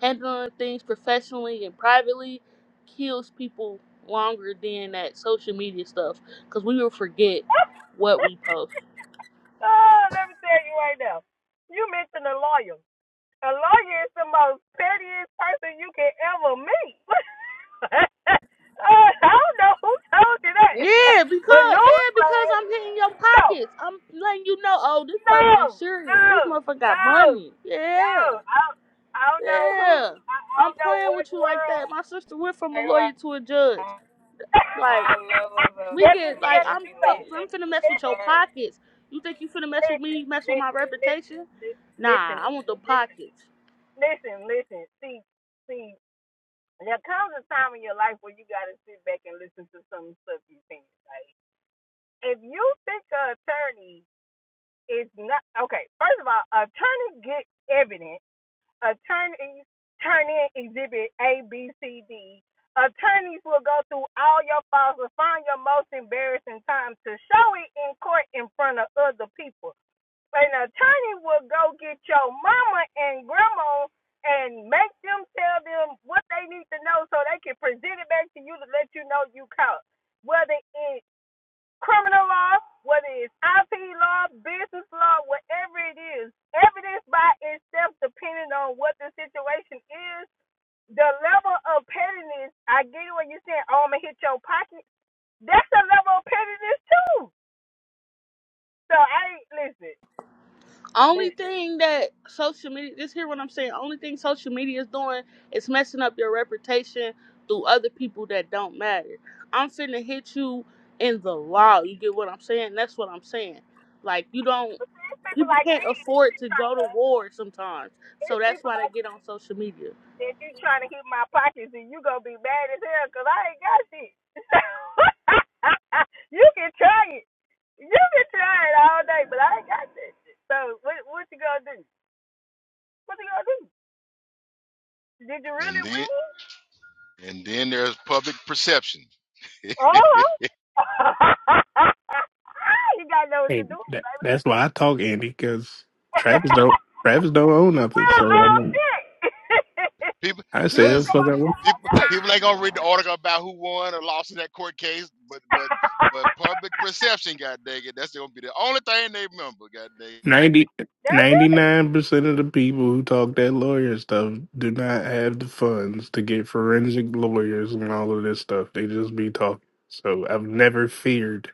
[SPEAKER 8] handling things professionally and privately kills people longer than that social media stuff because we will forget what we post.
[SPEAKER 2] Oh, let me tell you right now. You mentioned a lawyer. A lawyer is the most pettiest person you can ever meet. uh, I don't know who told you that.
[SPEAKER 8] Yeah,
[SPEAKER 2] but no,
[SPEAKER 8] because yeah,
[SPEAKER 2] no,
[SPEAKER 8] because I'm hitting your
[SPEAKER 2] no,
[SPEAKER 8] pockets. I'm letting you know, oh, this
[SPEAKER 2] no,
[SPEAKER 8] person's serious. This motherfucker got
[SPEAKER 2] no,
[SPEAKER 8] money.
[SPEAKER 2] no.
[SPEAKER 8] Yeah,
[SPEAKER 2] I, don't- I don't know who.
[SPEAKER 8] yeah.
[SPEAKER 2] I, I
[SPEAKER 8] I'm
[SPEAKER 2] don't know
[SPEAKER 8] playing
[SPEAKER 2] what
[SPEAKER 8] with you like
[SPEAKER 2] world.
[SPEAKER 8] that. My sister went from a
[SPEAKER 6] Talk
[SPEAKER 8] lawyer to a judge.
[SPEAKER 6] about
[SPEAKER 8] Like
[SPEAKER 6] high levels of
[SPEAKER 8] we
[SPEAKER 2] Guess what
[SPEAKER 8] get
[SPEAKER 2] she
[SPEAKER 8] like
[SPEAKER 2] had to
[SPEAKER 8] I'm
[SPEAKER 2] do
[SPEAKER 8] fuck-
[SPEAKER 2] though?
[SPEAKER 8] I'm
[SPEAKER 6] manipulation
[SPEAKER 8] finna mess with
[SPEAKER 2] It-
[SPEAKER 8] your
[SPEAKER 2] it-
[SPEAKER 6] part.
[SPEAKER 8] pockets. You think you finna mess with
[SPEAKER 2] Listen,
[SPEAKER 8] me? Mess with my
[SPEAKER 2] listen, listen,
[SPEAKER 8] reputation? Nah,
[SPEAKER 2] listen, listen,
[SPEAKER 8] I want the
[SPEAKER 2] Linda,
[SPEAKER 8] pockets.
[SPEAKER 2] listen, listen, listen. See, see. There comes a time in your life where you got to sit back and listen to some stuff you think. Like, if you think an attorney is not okay, first of all, attorney get evidence. Attorneys turn in exhibit A, B, C, D. Attorneys will go through all your files and find your most embarrassing time to show it in court in front of other people an attorney will go get your mama and grandma and make them tell them what they need to know so they can present it back to you to let you know you caught. Whether it's criminal law, whether it's IP law, business law, whatever it is, evidence by itself, depending on what the situation is, the level of pettiness, I get it when you're saying, oh, I'm going to hit your pocket. That's a level of pettiness, too. So, I ain't, listen,
[SPEAKER 8] Only
[SPEAKER 2] listen,
[SPEAKER 8] thing that social media, just hear what I'm saying. Only thing social media is doing is messing up your reputation through other people that don't matter. I'm finna hit you in the law. You get what I'm saying? That's what I'm saying. Like, you don't,
[SPEAKER 2] people
[SPEAKER 8] people
[SPEAKER 2] like
[SPEAKER 8] can't
[SPEAKER 2] me,
[SPEAKER 8] afford
[SPEAKER 2] they
[SPEAKER 8] to
[SPEAKER 2] try.
[SPEAKER 8] go to war sometimes.
[SPEAKER 2] It's
[SPEAKER 8] So that's
[SPEAKER 2] people
[SPEAKER 8] why they
[SPEAKER 2] like
[SPEAKER 8] get on social media.
[SPEAKER 2] that you trying to hit my pockets and you gonna be mad as hell because I ain't got shit. you can try it. You can try it all day, but I ain't got that shit. So what what you gonna do? What you gonna do? Did you really
[SPEAKER 1] And then
[SPEAKER 2] win?
[SPEAKER 1] and then there's public perception.
[SPEAKER 2] Oh, you gotta know what to
[SPEAKER 3] Hey,
[SPEAKER 2] do,
[SPEAKER 3] that,
[SPEAKER 2] baby.
[SPEAKER 3] that's why I talk Andy, because Travis don't Travis don't own nothing.
[SPEAKER 2] well,
[SPEAKER 3] So I
[SPEAKER 2] oh
[SPEAKER 3] mean
[SPEAKER 2] shit.
[SPEAKER 1] People,
[SPEAKER 3] I
[SPEAKER 2] you can
[SPEAKER 3] said
[SPEAKER 1] this-
[SPEAKER 2] come
[SPEAKER 3] fuck
[SPEAKER 2] over
[SPEAKER 3] up.
[SPEAKER 2] here all
[SPEAKER 1] people,
[SPEAKER 2] day.
[SPEAKER 1] people ain't gonna read the article about who won or lost in that court case, but but but public perception, god dang it, that's gonna be the only thing they remember, god dang it.
[SPEAKER 3] Ninety,
[SPEAKER 2] That's it.
[SPEAKER 3] ninety-nine percent of the people who talk that lawyer stuff do not have the funds to get forensic lawyers and all of this stuff. They just be talking. So I've never feared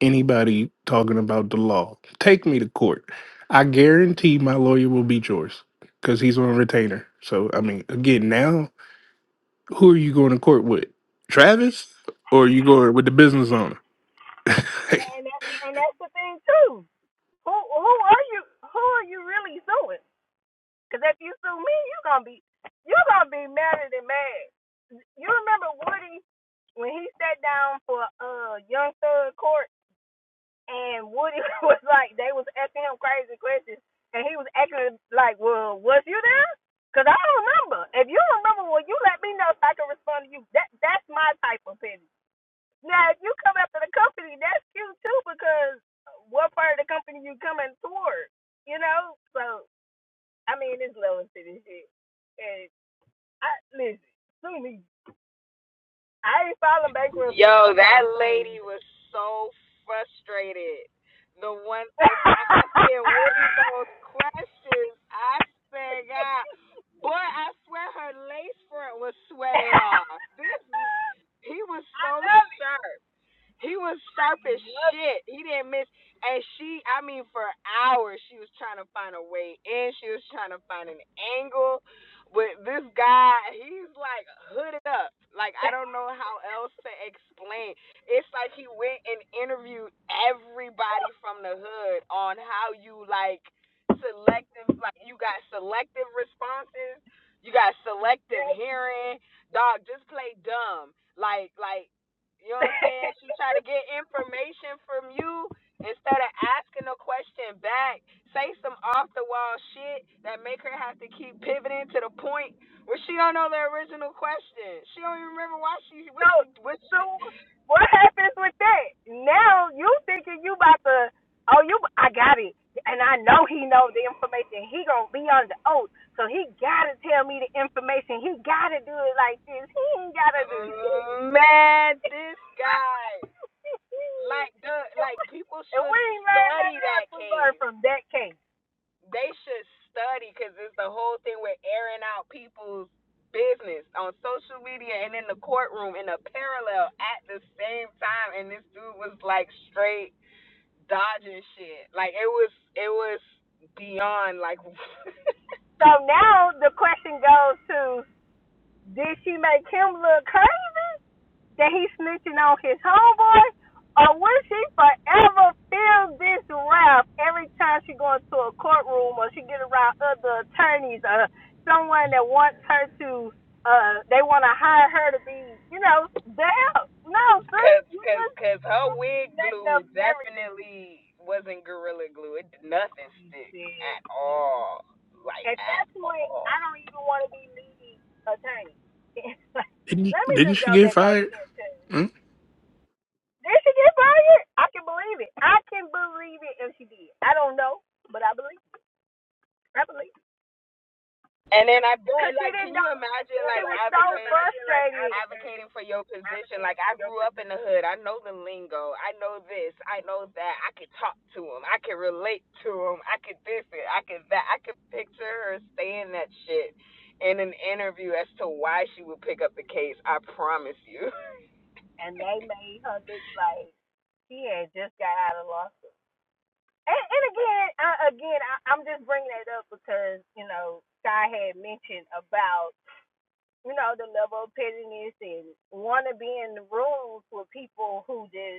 [SPEAKER 3] anybody talking about the law. Take me to court. I guarantee my lawyer will beat yours because he's on retainer. So, I mean, again, now, who are you going to court with? Travis? Or are you going with the business owner?
[SPEAKER 2] And that's and that's the thing too. Who who are you? Who are you really suing? Because if you sue me, you're gonna be you're gonna be madder than mad. You remember Woody when he sat down for uh Young Thug Court, and Woody was like they was asking him crazy questions, and he was acting like, "Well, was you there? Because I don't remember. If you remember, well, you let me know so I can respond to you. That that's my type of penny. Now, if you come after the company, that's cute too because what part of the company you coming toward, you know? So, I mean, it's levels to this shit. And I listen, sue me. I ain't filing bankruptcy no
[SPEAKER 6] Yo, that
[SPEAKER 2] time soon
[SPEAKER 6] lady
[SPEAKER 2] either.
[SPEAKER 6] was so frustrated. The one I was asking Woody those questions, I said, God, boy, I swear her lace front was sweated
[SPEAKER 2] I
[SPEAKER 6] off. This, he was so
[SPEAKER 2] love it.
[SPEAKER 6] sharp. He was sharp
[SPEAKER 2] I
[SPEAKER 6] as
[SPEAKER 2] Love it.
[SPEAKER 6] shit. He didn't miss. And she, I mean, for hours, she was trying to find a way in. She was trying to find an angle. But this guy, he's like hooded up. Like, I don't know how else to explain. It's like he went and interviewed everybody from the hood on how you, like, selective, like, you got selective responses, you got selective hearing. Dog, just play dumb. Like, like, you know what I'm saying? She try to get information from you instead of asking a question back. Say some off the wall shit that make her have to keep pivoting to the point where she don't know the original question. She don't even remember why she what
[SPEAKER 2] So,
[SPEAKER 6] she what
[SPEAKER 2] so
[SPEAKER 6] she,
[SPEAKER 2] what happens with that? Now you thinking you about to, oh, you, I got it, and I know he know the information. He gonna be under oath, so he gotta tell me the information. He gotta do it like this. He ain't gotta do shit.
[SPEAKER 6] uh, man, this guy like the like people
[SPEAKER 2] And
[SPEAKER 6] should
[SPEAKER 2] we ain't learned
[SPEAKER 6] study
[SPEAKER 2] nothing
[SPEAKER 6] that
[SPEAKER 2] else. We learned
[SPEAKER 6] case.
[SPEAKER 2] from that case.
[SPEAKER 6] they should study because it's the whole thing with airing out people's business on social media and in the courtroom in a parallel at the same time and this dude was like straight dodging shit like it was it was beyond like
[SPEAKER 2] So now the question goes to, did she make him look crazy? that he's snitching on his homeboy, or will she forever feel this wrath every time she go into a courtroom or she get around other attorneys or someone that wants her to, uh, they want to hire her to be, you know, there? No, sis,
[SPEAKER 6] cause
[SPEAKER 2] you
[SPEAKER 6] cause
[SPEAKER 2] just
[SPEAKER 6] cause her wig
[SPEAKER 2] messed
[SPEAKER 6] glue
[SPEAKER 2] up everything.
[SPEAKER 6] definitely wasn't gorilla glue it did nothing stick
[SPEAKER 2] sis.
[SPEAKER 6] at all like
[SPEAKER 2] At that
[SPEAKER 6] at
[SPEAKER 2] point, I
[SPEAKER 6] all
[SPEAKER 2] don't even want to be leading attorney.
[SPEAKER 3] didn't,
[SPEAKER 2] Let me
[SPEAKER 3] didn't
[SPEAKER 2] just
[SPEAKER 3] she
[SPEAKER 2] go
[SPEAKER 3] get
[SPEAKER 2] back over
[SPEAKER 3] fired?
[SPEAKER 2] here too.
[SPEAKER 3] Hmm?
[SPEAKER 2] Did she get fired? I can believe it. I can believe it if she did. I don't know, but I believe. it. I believe.
[SPEAKER 6] and then I
[SPEAKER 2] Cause
[SPEAKER 6] bet,
[SPEAKER 2] she
[SPEAKER 6] like,
[SPEAKER 2] didn't
[SPEAKER 6] can you
[SPEAKER 2] know.
[SPEAKER 6] imagine,
[SPEAKER 2] She
[SPEAKER 6] like,
[SPEAKER 2] was so
[SPEAKER 6] advocating?
[SPEAKER 2] frustrated,
[SPEAKER 6] advocating for your position. Like I grew up in the hood. I know the lingo. I know this. I know that. I can talk to him. I can relate to him. I could this it. I could that. I could picture her saying that shit in an interview as to why she would pick up the case. I promise you.
[SPEAKER 2] and they made her look like she had just got out of law school. And, and again, I, again, I, I'm just bringing that up because you know Sky had mentioned about you know the level of pettiness and want to be in the rooms with people who just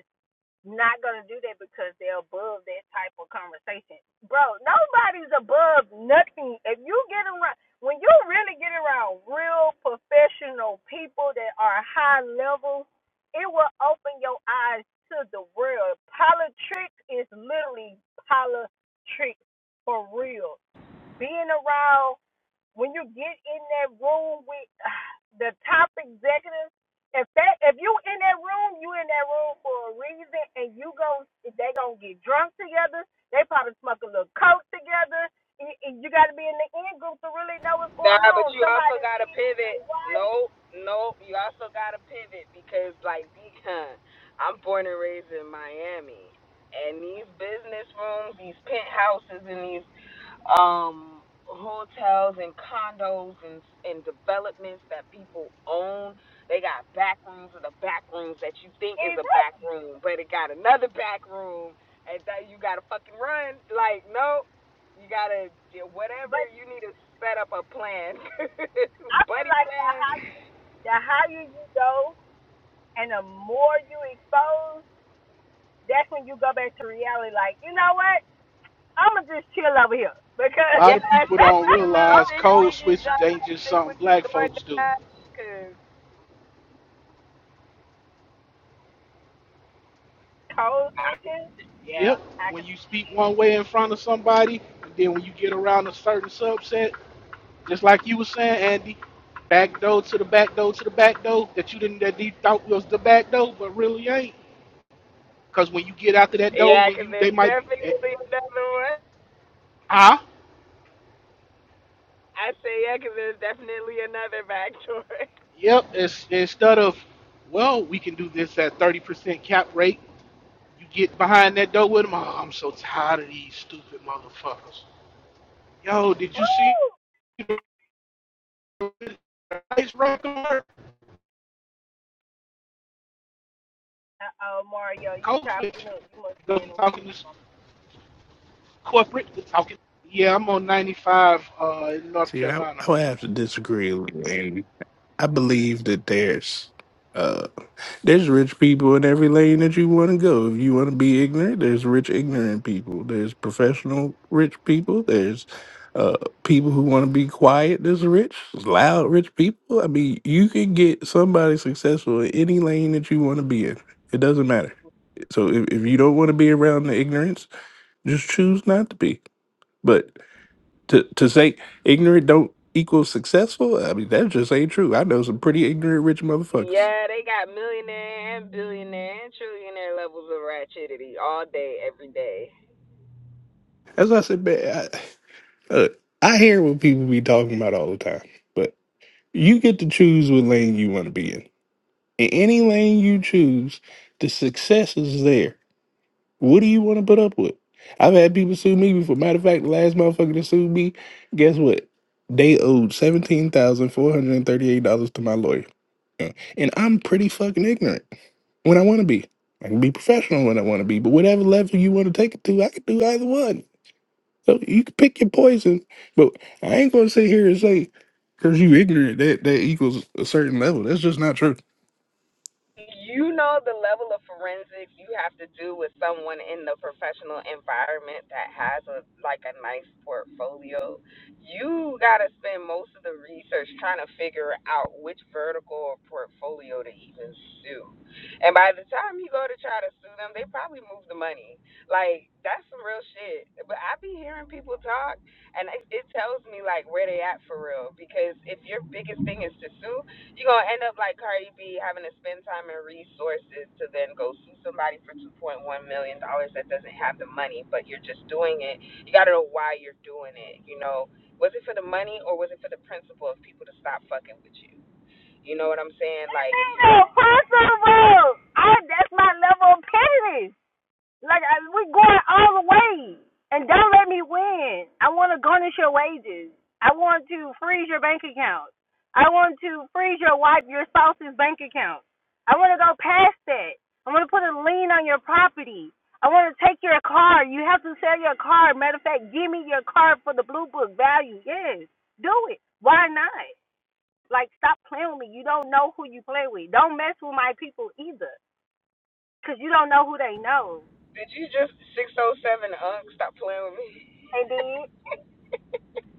[SPEAKER 2] not gonna do that because they're above that type of conversation. Bro, nobody's above nothing. If you get around when you really get around real professional people that are high level, it will open your eyes to the world. Politics is literally politics for real. Being around when you get in that room with the top executives, if that if you in that room, you in that room for a reason, and you go they gonna get drunk together. They probably smoke a little coke together. You, you got to be in the in group to really know what's going
[SPEAKER 6] Nah, but
[SPEAKER 2] on.
[SPEAKER 6] you
[SPEAKER 2] Somebody
[SPEAKER 6] also
[SPEAKER 2] done
[SPEAKER 6] gotta
[SPEAKER 2] cheated on
[SPEAKER 6] pivot.
[SPEAKER 2] their wife.
[SPEAKER 6] Nope, nope. You also gotta pivot because, like, the, I'm born and raised in Miami, and these business rooms, these penthouses, and these um hotels and condos and and developments that people own, they got back rooms and the back rooms that you think is
[SPEAKER 2] Is
[SPEAKER 6] a
[SPEAKER 2] it?
[SPEAKER 6] back room, but it got another back room, and that you gotta fucking run. Like, nope. You gotta do whatever
[SPEAKER 2] But
[SPEAKER 6] you need to set up a plan,
[SPEAKER 2] I feel
[SPEAKER 6] buddy
[SPEAKER 2] like the
[SPEAKER 6] plan.
[SPEAKER 2] higher the higher you go, and the more you expose, that's when you go back to reality. Like you know what? I'm gonna just chill over here
[SPEAKER 9] A
[SPEAKER 2] because.
[SPEAKER 6] Yeah,
[SPEAKER 9] lot of people
[SPEAKER 6] stick
[SPEAKER 9] don't
[SPEAKER 6] with your little
[SPEAKER 2] Oh,
[SPEAKER 9] realize
[SPEAKER 6] six
[SPEAKER 2] yeah?
[SPEAKER 9] code
[SPEAKER 6] figure
[SPEAKER 9] switching
[SPEAKER 6] job.
[SPEAKER 9] ain't just
[SPEAKER 6] Stick
[SPEAKER 9] something
[SPEAKER 6] with your
[SPEAKER 9] black folks do.
[SPEAKER 6] DoorDash, cause
[SPEAKER 2] Code switching?
[SPEAKER 9] Yep,
[SPEAKER 2] Yeah, I
[SPEAKER 9] when
[SPEAKER 2] can
[SPEAKER 9] you
[SPEAKER 2] see
[SPEAKER 9] speak
[SPEAKER 2] it.
[SPEAKER 9] one way in front of somebody, and then when you get around a certain subset, just like you were saying, Andy, back door to the back door to the back door that you didn't that you thought was the back door, but really ain't. Cause when you get out to that door,
[SPEAKER 6] yeah,
[SPEAKER 9] when
[SPEAKER 6] cause
[SPEAKER 9] you they
[SPEAKER 6] there's
[SPEAKER 9] might eh,
[SPEAKER 6] definitely another one.
[SPEAKER 9] ah
[SPEAKER 6] I say yeah, cause there's definitely another backdoor.
[SPEAKER 9] yep, it's, instead of well we can do this at thirty percent cap rate, you get behind that door with them. Oh, I'm so tired of these stupid motherfuckers. Yo, did you see
[SPEAKER 2] Woo!
[SPEAKER 9] the ice record?
[SPEAKER 2] Uh-oh, Mario, you
[SPEAKER 9] Coach
[SPEAKER 2] chopping up. You must be
[SPEAKER 9] goes
[SPEAKER 2] in
[SPEAKER 9] from
[SPEAKER 2] the
[SPEAKER 9] talking
[SPEAKER 2] woods.
[SPEAKER 9] to corporate to talking. Yeah, I'm on 95 uh, in North
[SPEAKER 3] See, I,
[SPEAKER 9] Carolina.
[SPEAKER 3] I would have to disagree. And I believe that there's uh there's rich people in every lane that you want to go. If you want to be ignorant, there's rich ignorant people. There's professional rich people. There's uh people who want to be quiet. There's rich, loud rich people. I mean, you can get somebody successful in any lane that you want to be in. It doesn't matter. So if, if you don't want to be around the ignorance, just choose not to be. But to to say ignorant don't equal successful. I mean, that just ain't true. I know some pretty ignorant rich motherfuckers.
[SPEAKER 6] yeah, they got millionaire and billionaire and trillionaire levels of ratchetity all day, every day.
[SPEAKER 3] As I said, man, I, look, I hear what people be talking about all the time, but you get to choose what lane you want to be in. In any lane you choose, the success is there. What do you want to put up with? I've had people sue me before. Matter of fact, the last motherfucker that sued me, guess what? They owed seventeen thousand four hundred and thirty-eight dollars to my lawyer. And I'm pretty fucking ignorant when I want to be. I can be professional when I want to be, but whatever level you want to take it to, I can do either one. So you can pick your poison, but I ain't gonna sit here and say because you ignorant that that equals a certain level. That's just not true.
[SPEAKER 6] you know the level of forensics you have to do with someone in the professional environment that has a like a nice portfolio you got to spend most of the research trying to figure out which vertical or portfolio to even sue and by the time you go to try to sue them they probably moved the money like that's some real shit but i be hearing people talk and it, it tells me like where they at for real because if your biggest thing is to sue you're gonna end up like Cardi B having to spend time and resources to then go sue somebody for two point one million dollars that doesn't have the money, but you're just doing it. You gotta know why you're doing it. You know, was it for the money or was it for the principle of people to stop fucking with you? You know what I'm saying? Like,
[SPEAKER 2] Bingo!
[SPEAKER 6] you-
[SPEAKER 2] First of all, I, that's my level of pettiness. Like I, we're going all the way, and don't let me win. I want to garnish your wages. I want to freeze your bank account. I want to freeze your wife, your spouse's bank account. I want to go past that. I want to put a lien on your property. I want to take your car. You have to sell your car. Matter of fact, give me your car for the blue book value. Yes, do it. Why not? Like, stop playing with me. You don't know who you play with. Don't mess with my people either, because you don't know who they know.
[SPEAKER 6] did you just six oh seven unk stop playing with me?
[SPEAKER 2] And then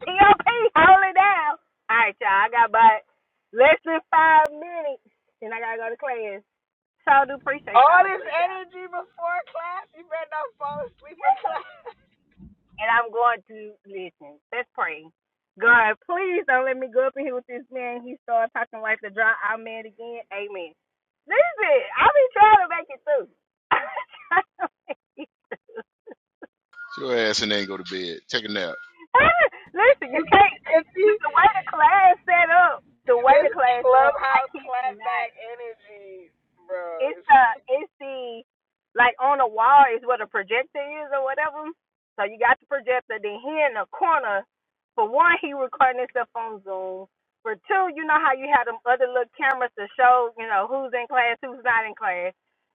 [SPEAKER 2] POP, hold it down. All right, y'all. I got about less than five minutes, and I gotta go to class. So I do appreciate
[SPEAKER 6] All
[SPEAKER 2] y'all,
[SPEAKER 6] this
[SPEAKER 2] but yeah.
[SPEAKER 6] energy before class, you better not fall asleep in class.
[SPEAKER 2] And I'm going to listen. Let's pray. God, please don't let me go up in here with this man. He started talking like the dry out man again. Amen. Listen, I be trying to make it through. I be trying to make it.
[SPEAKER 1] Your ass and then go to bed, take a nap.
[SPEAKER 2] Listen, you can't.
[SPEAKER 6] Cause see,
[SPEAKER 2] 'cause The way the class set up, the way
[SPEAKER 6] this
[SPEAKER 2] the class set up, I
[SPEAKER 6] clubhouse
[SPEAKER 2] kid you not.
[SPEAKER 6] clapback energy,
[SPEAKER 2] it's
[SPEAKER 6] bro.
[SPEAKER 2] the it's the like on the wall is where the projector is or whatever. So you got the projector. Then he in the corner. For one, he recording himself on Zoom. For two, you know how you have them other little cameras to show you know who's in class, who's not in class.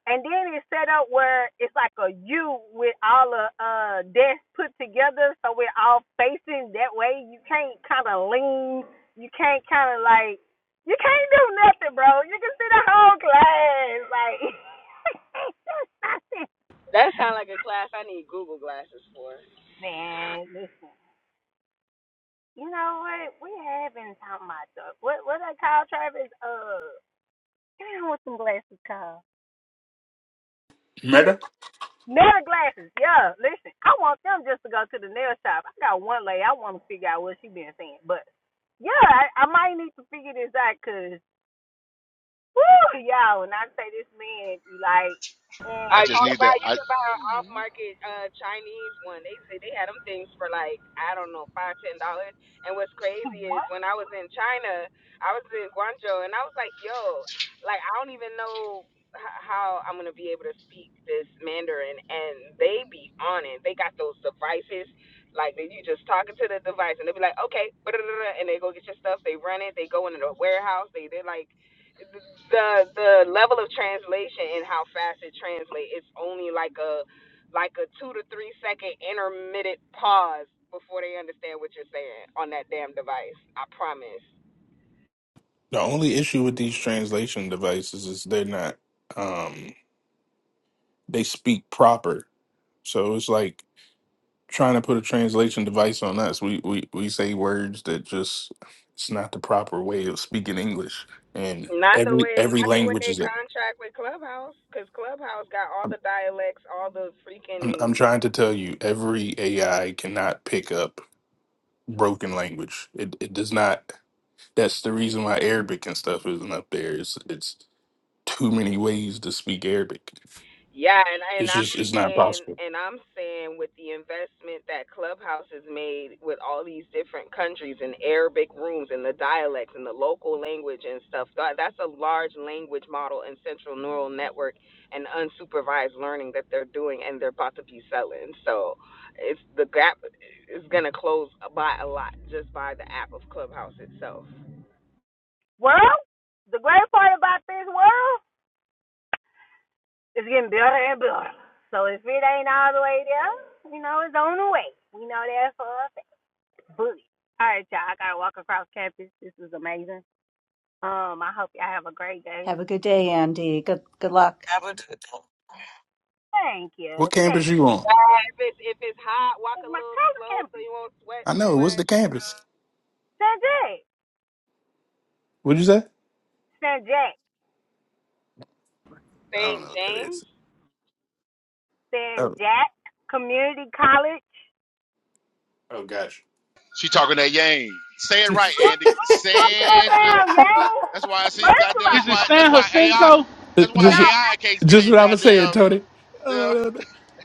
[SPEAKER 2] And then it's set up where it's like a U with all the uh, desks put together, so we're all facing that way. You can't kind of lean. You can't kind of like you can't do nothing, bro. You can see the whole class. Like,
[SPEAKER 6] That sounds like a class I need Google glasses for.
[SPEAKER 2] man, listen. You know what? We have been talking about the, what, what I call Travis? Uh, give me what some glasses called. It's nail glasses. Yeah, listen. I want them just to go to the nail shop. I got one lady. I want to figure out what she been saying. But, yeah, I, I might need to figure this out because, woo, y'all, when I say this man, be like,
[SPEAKER 1] I
[SPEAKER 6] Uh,
[SPEAKER 2] and
[SPEAKER 6] you
[SPEAKER 1] just
[SPEAKER 2] on
[SPEAKER 6] could
[SPEAKER 1] need
[SPEAKER 6] buy
[SPEAKER 1] that.
[SPEAKER 6] you
[SPEAKER 1] I
[SPEAKER 2] page
[SPEAKER 6] could buy an off
[SPEAKER 2] three,
[SPEAKER 6] market uh Chinese one. They say they had them things for like I don't know five ten dollars. And what's
[SPEAKER 2] he
[SPEAKER 6] crazy
[SPEAKER 2] won.
[SPEAKER 6] is when I was in China, I was in Guangzhou, and I was like, yo, like I don't even know h- how I'm gonna be able to speak this Mandarin. And they be on it. They got those devices. Like that you just talking to the device, and they be like, okay, and they go get your stuff. They run it. They go into the warehouse. They they like. the the level of translation and how fast it translates it's only like a like a two to three second intermittent pause before they understand what you're saying on that damn device i promise
[SPEAKER 3] The only issue with these translation devices is they're not um they speak proper. So it's like trying to put a translation device on us. We we we say words that just it's not the proper way of speaking English, and
[SPEAKER 6] not the
[SPEAKER 3] every
[SPEAKER 6] way
[SPEAKER 3] every
[SPEAKER 6] not the way
[SPEAKER 3] language
[SPEAKER 6] they
[SPEAKER 3] is. A,
[SPEAKER 6] contract with clubhouse because clubhouse got all
[SPEAKER 3] I'm
[SPEAKER 6] the dialects all the
[SPEAKER 3] I'm I'm
[SPEAKER 6] freaking
[SPEAKER 3] trying to tell you, every AI cannot pick up broken language. It it does not. That's the reason why Arabic and stuff isn't up there. It's it's too many ways to speak Arabic.
[SPEAKER 6] Yeah, and and
[SPEAKER 3] It's
[SPEAKER 6] I'm
[SPEAKER 3] just it's not
[SPEAKER 6] saying
[SPEAKER 3] possible.
[SPEAKER 6] and I'm saying with the investment that Clubhouse has made with all these different countries and Arabic rooms and the dialects and the local language and stuff, that, that's a large language model and central neural network and unsupervised learning that they're doing and they're about to be selling. So it's the gap is gonna close by a lot just by the app of Clubhouse itself.
[SPEAKER 2] Well, the great part about this world is getting better and better. So if it ain't all the way there, you know, it's on the way. We know that for a fact. Booty. All right, y'all. I gotta walk across campus. This is amazing. Um, I hope y'all have a great day.
[SPEAKER 5] Have a good day, Andy. Good good luck.
[SPEAKER 10] I would do that.
[SPEAKER 2] Thank
[SPEAKER 3] What
[SPEAKER 2] you.
[SPEAKER 3] campus
[SPEAKER 2] Thank you.
[SPEAKER 3] you on?
[SPEAKER 6] Uh, if it's if it's hot, walk a
[SPEAKER 2] It's My
[SPEAKER 6] little
[SPEAKER 2] college
[SPEAKER 6] slow so
[SPEAKER 2] campus.
[SPEAKER 6] you won't sweat
[SPEAKER 3] I
[SPEAKER 6] too
[SPEAKER 3] know. What's
[SPEAKER 6] much,
[SPEAKER 3] the
[SPEAKER 6] you
[SPEAKER 3] campus?
[SPEAKER 6] know.
[SPEAKER 2] San Jack.
[SPEAKER 3] What'd you say?
[SPEAKER 2] San Jack.
[SPEAKER 3] I don't
[SPEAKER 6] St.
[SPEAKER 3] know what that
[SPEAKER 6] James.
[SPEAKER 3] is.
[SPEAKER 2] San
[SPEAKER 3] Oh
[SPEAKER 2] Jack Community College.
[SPEAKER 3] oh gosh.
[SPEAKER 1] she talking that yang. Say it right, Andy.
[SPEAKER 2] Talk about
[SPEAKER 1] Sandra.
[SPEAKER 2] them,
[SPEAKER 1] That's why I
[SPEAKER 2] y'all.
[SPEAKER 1] see
[SPEAKER 2] First of
[SPEAKER 1] goddamn. That's
[SPEAKER 9] Is
[SPEAKER 2] all,
[SPEAKER 9] it
[SPEAKER 1] why. That's
[SPEAKER 9] San
[SPEAKER 1] why AI.
[SPEAKER 9] Jacinto?
[SPEAKER 3] Th-
[SPEAKER 1] That's why
[SPEAKER 3] This.
[SPEAKER 2] no,
[SPEAKER 1] AI can't
[SPEAKER 3] Just
[SPEAKER 1] can't
[SPEAKER 3] what I was saying,
[SPEAKER 1] goddamn.
[SPEAKER 3] Tony. Uh,
[SPEAKER 1] Yeah.
[SPEAKER 3] uh,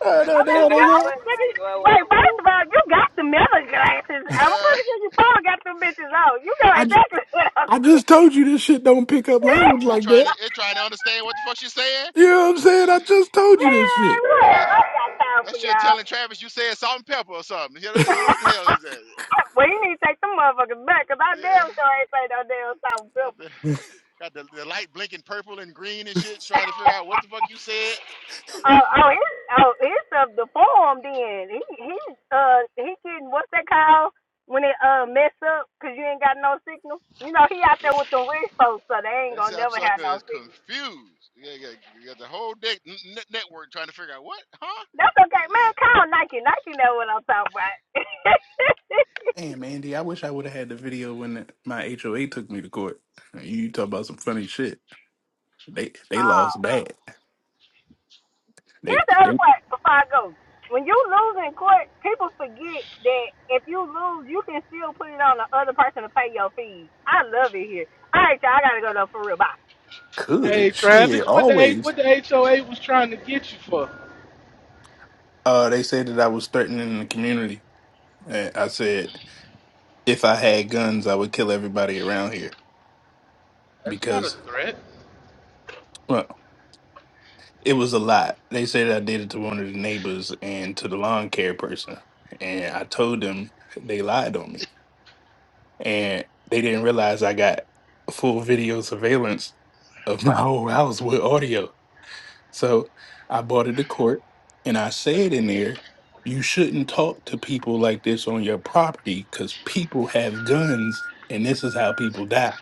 [SPEAKER 3] uh,
[SPEAKER 2] I mean,
[SPEAKER 6] Cause
[SPEAKER 3] uh,
[SPEAKER 6] I,
[SPEAKER 2] you
[SPEAKER 6] I
[SPEAKER 3] uh,
[SPEAKER 6] was
[SPEAKER 2] nigga.
[SPEAKER 6] like, well,
[SPEAKER 2] Wait,
[SPEAKER 6] well, who?
[SPEAKER 2] first of all, you got the mirror glasses. I'm
[SPEAKER 1] Uh,
[SPEAKER 2] pretty sure you probably got them bitches on. You know
[SPEAKER 3] I
[SPEAKER 2] exactly what I'm
[SPEAKER 3] I just
[SPEAKER 2] saying.
[SPEAKER 3] told you this shit don't pick up language
[SPEAKER 1] it's
[SPEAKER 3] like
[SPEAKER 1] trying
[SPEAKER 3] that.
[SPEAKER 1] to it's trying to understand what the fuck she's saying.
[SPEAKER 3] You know what I'm saying? I
[SPEAKER 1] This
[SPEAKER 3] just told you this
[SPEAKER 2] Man,
[SPEAKER 3] shit.
[SPEAKER 2] what?
[SPEAKER 1] is-
[SPEAKER 2] I got time for
[SPEAKER 1] That's you
[SPEAKER 2] y'all.
[SPEAKER 1] telling Travis you said salt and pepper or something. You don't, you don't know what the hell is that.
[SPEAKER 2] well, you need to take them motherfuckers back, cause I
[SPEAKER 1] Yeah,
[SPEAKER 2] damn sure ain't say no damn something
[SPEAKER 1] got the got the, the light blinking purple and green and shit, trying to figure
[SPEAKER 2] simple.
[SPEAKER 1] out what the fuck you said.
[SPEAKER 2] Oh, oh, it's, oh, it's of the form. Then he, he, uh, he getting what's that called when it uh mess up because you ain't got no signal. You know he out there
[SPEAKER 1] It's,
[SPEAKER 2] with the rich folks, so they ain't
[SPEAKER 1] that
[SPEAKER 2] gonna
[SPEAKER 1] sap
[SPEAKER 2] never
[SPEAKER 1] sucker
[SPEAKER 2] have no
[SPEAKER 1] is
[SPEAKER 2] signal.
[SPEAKER 1] confused. Yeah, yeah, you got the whole dick n- n- network trying to figure out what, huh?
[SPEAKER 2] That's okay, man.
[SPEAKER 1] It's-
[SPEAKER 2] Call Nike. Nike know what I'm talking about.
[SPEAKER 3] Damn, Andy, I wish I would have had the video when my HOA took me to court. You talk about some funny shit. They they
[SPEAKER 2] oh,
[SPEAKER 3] lost bad. They
[SPEAKER 2] here's the other
[SPEAKER 3] they
[SPEAKER 2] part. Before I go, when you lose in court, people forget that if you lose, you can still put it on the other person to pay your fees. I love it here. All right, y'all. I gotta go though for real. Bye.
[SPEAKER 9] Hey,
[SPEAKER 3] could
[SPEAKER 9] Travis,
[SPEAKER 3] shit
[SPEAKER 9] what the A-
[SPEAKER 3] always.
[SPEAKER 9] what the HOA was trying to get you for?
[SPEAKER 3] Uh, they said that I was threatening the community. And I said if I had guns, I would kill everybody around here
[SPEAKER 9] That's not a
[SPEAKER 3] because
[SPEAKER 9] threat.
[SPEAKER 3] well, It was a lot. They said I did it to one of the neighbors and to the lawn care person. And I told them they lied on me. And they didn't realize I got full video surveillance of my whole house with audio. So I brought it to court and I said in there, you shouldn't talk to people like this on your property because people have guns and this is how people die.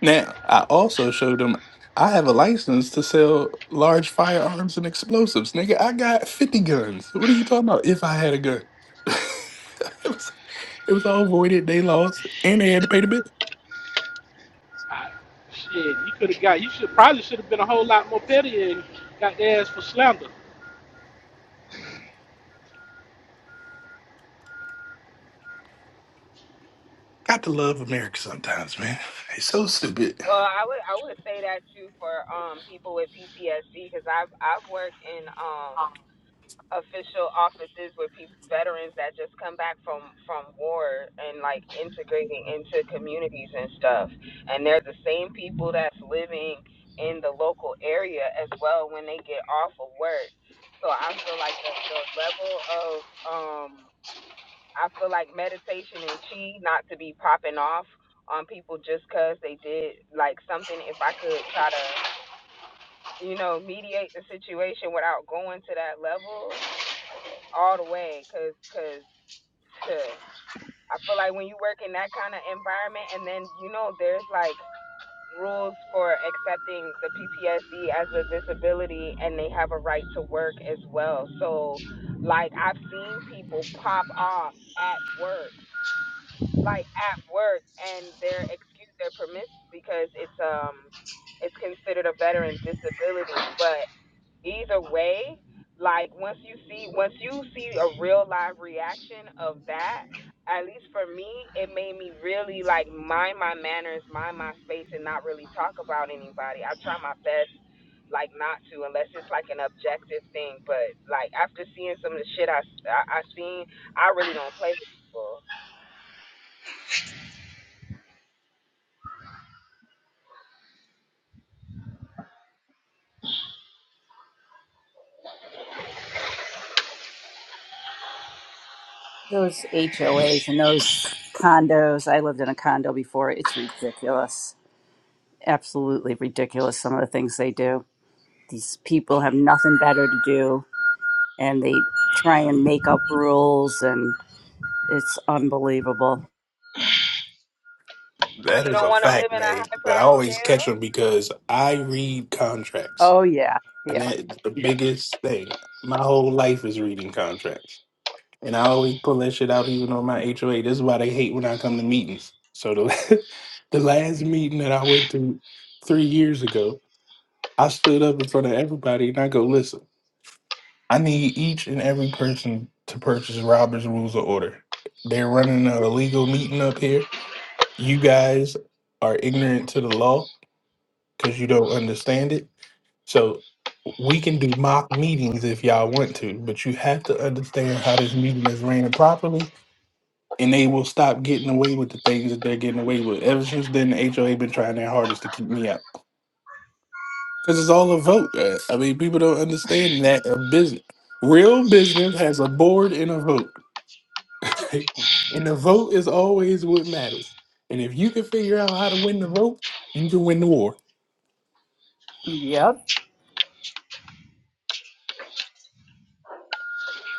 [SPEAKER 3] Now, I also showed them I have a license to sell large firearms and explosives. Nigga, I got 50 guns. What are you talking about if I had a gun? it, was, it was all voided. They lost and they had to pay the bill.
[SPEAKER 9] I, shit, you could have got. You should probably should have been a whole lot more petty and got their ass for slander.
[SPEAKER 3] Got to love America sometimes, man. It's so stupid.
[SPEAKER 6] Well, I would, I would say that too for um people with PTSD, because I've, I've worked in um official offices with people, veterans that just come back from from war and like integrating into communities and stuff, and they're the same people that's living in the local area as well when they get off of work. So I feel like the the level of um I feel like meditation and chi not to be popping off on people just 'cause they did like something. If I could try to, you know, mediate the situation without going to that level all the way, 'cause 'cause I feel like when you work in that kind of environment, and then you know, there's like rules for accepting the PTSD as a disability, and they have a right to work as well. So, like, I've seen people pop off at work like at work and they're excused their permission because it's um it's considered a veteran disability but either way like once you see once you see a real live reaction of that at least for me it made me really like mind my manners mind my space and not really talk about anybody i try my best like not to unless it's like an objective thing but like after seeing some of the shit i i, I seen i really don't play with people
[SPEAKER 5] Those HOAs and those condos, I lived in a condo before. It's ridiculous. Absolutely ridiculous, some of the things they do. These people have nothing better to do and they try and make up rules, and it's unbelievable.
[SPEAKER 3] That
[SPEAKER 6] You
[SPEAKER 3] is
[SPEAKER 6] don't
[SPEAKER 3] a
[SPEAKER 6] want to
[SPEAKER 3] fact,
[SPEAKER 6] live in a
[SPEAKER 3] man.
[SPEAKER 6] high
[SPEAKER 3] But I
[SPEAKER 6] priced
[SPEAKER 3] always catch
[SPEAKER 6] jail?
[SPEAKER 3] them because I read contracts.
[SPEAKER 5] Oh, yeah.
[SPEAKER 3] And
[SPEAKER 5] Yep.
[SPEAKER 3] that's the biggest thing. My whole life is reading contracts. And I always pull that shit out even on my HOA. This is why they hate when I come to meetings. So the the last meeting that I went to three years ago, I stood up in front of everybody and I go, listen, I need each and every person to purchase Robert's Rules of Order. They're running an illegal meeting up here. You guys are ignorant to the law because you don't understand it. So we can do mock meetings if y'all want to, but you have to understand how this meeting is ran properly and they will stop getting away with the things that they're getting away with. Ever since then, the HOA been trying their hardest to keep me out because it's all a vote. uh, I mean, people don't understand that a business, real business, has a board and a vote, right? and the vote is always what matters. And if you can figure out how to win the vote, you can win the war.
[SPEAKER 5] Yep.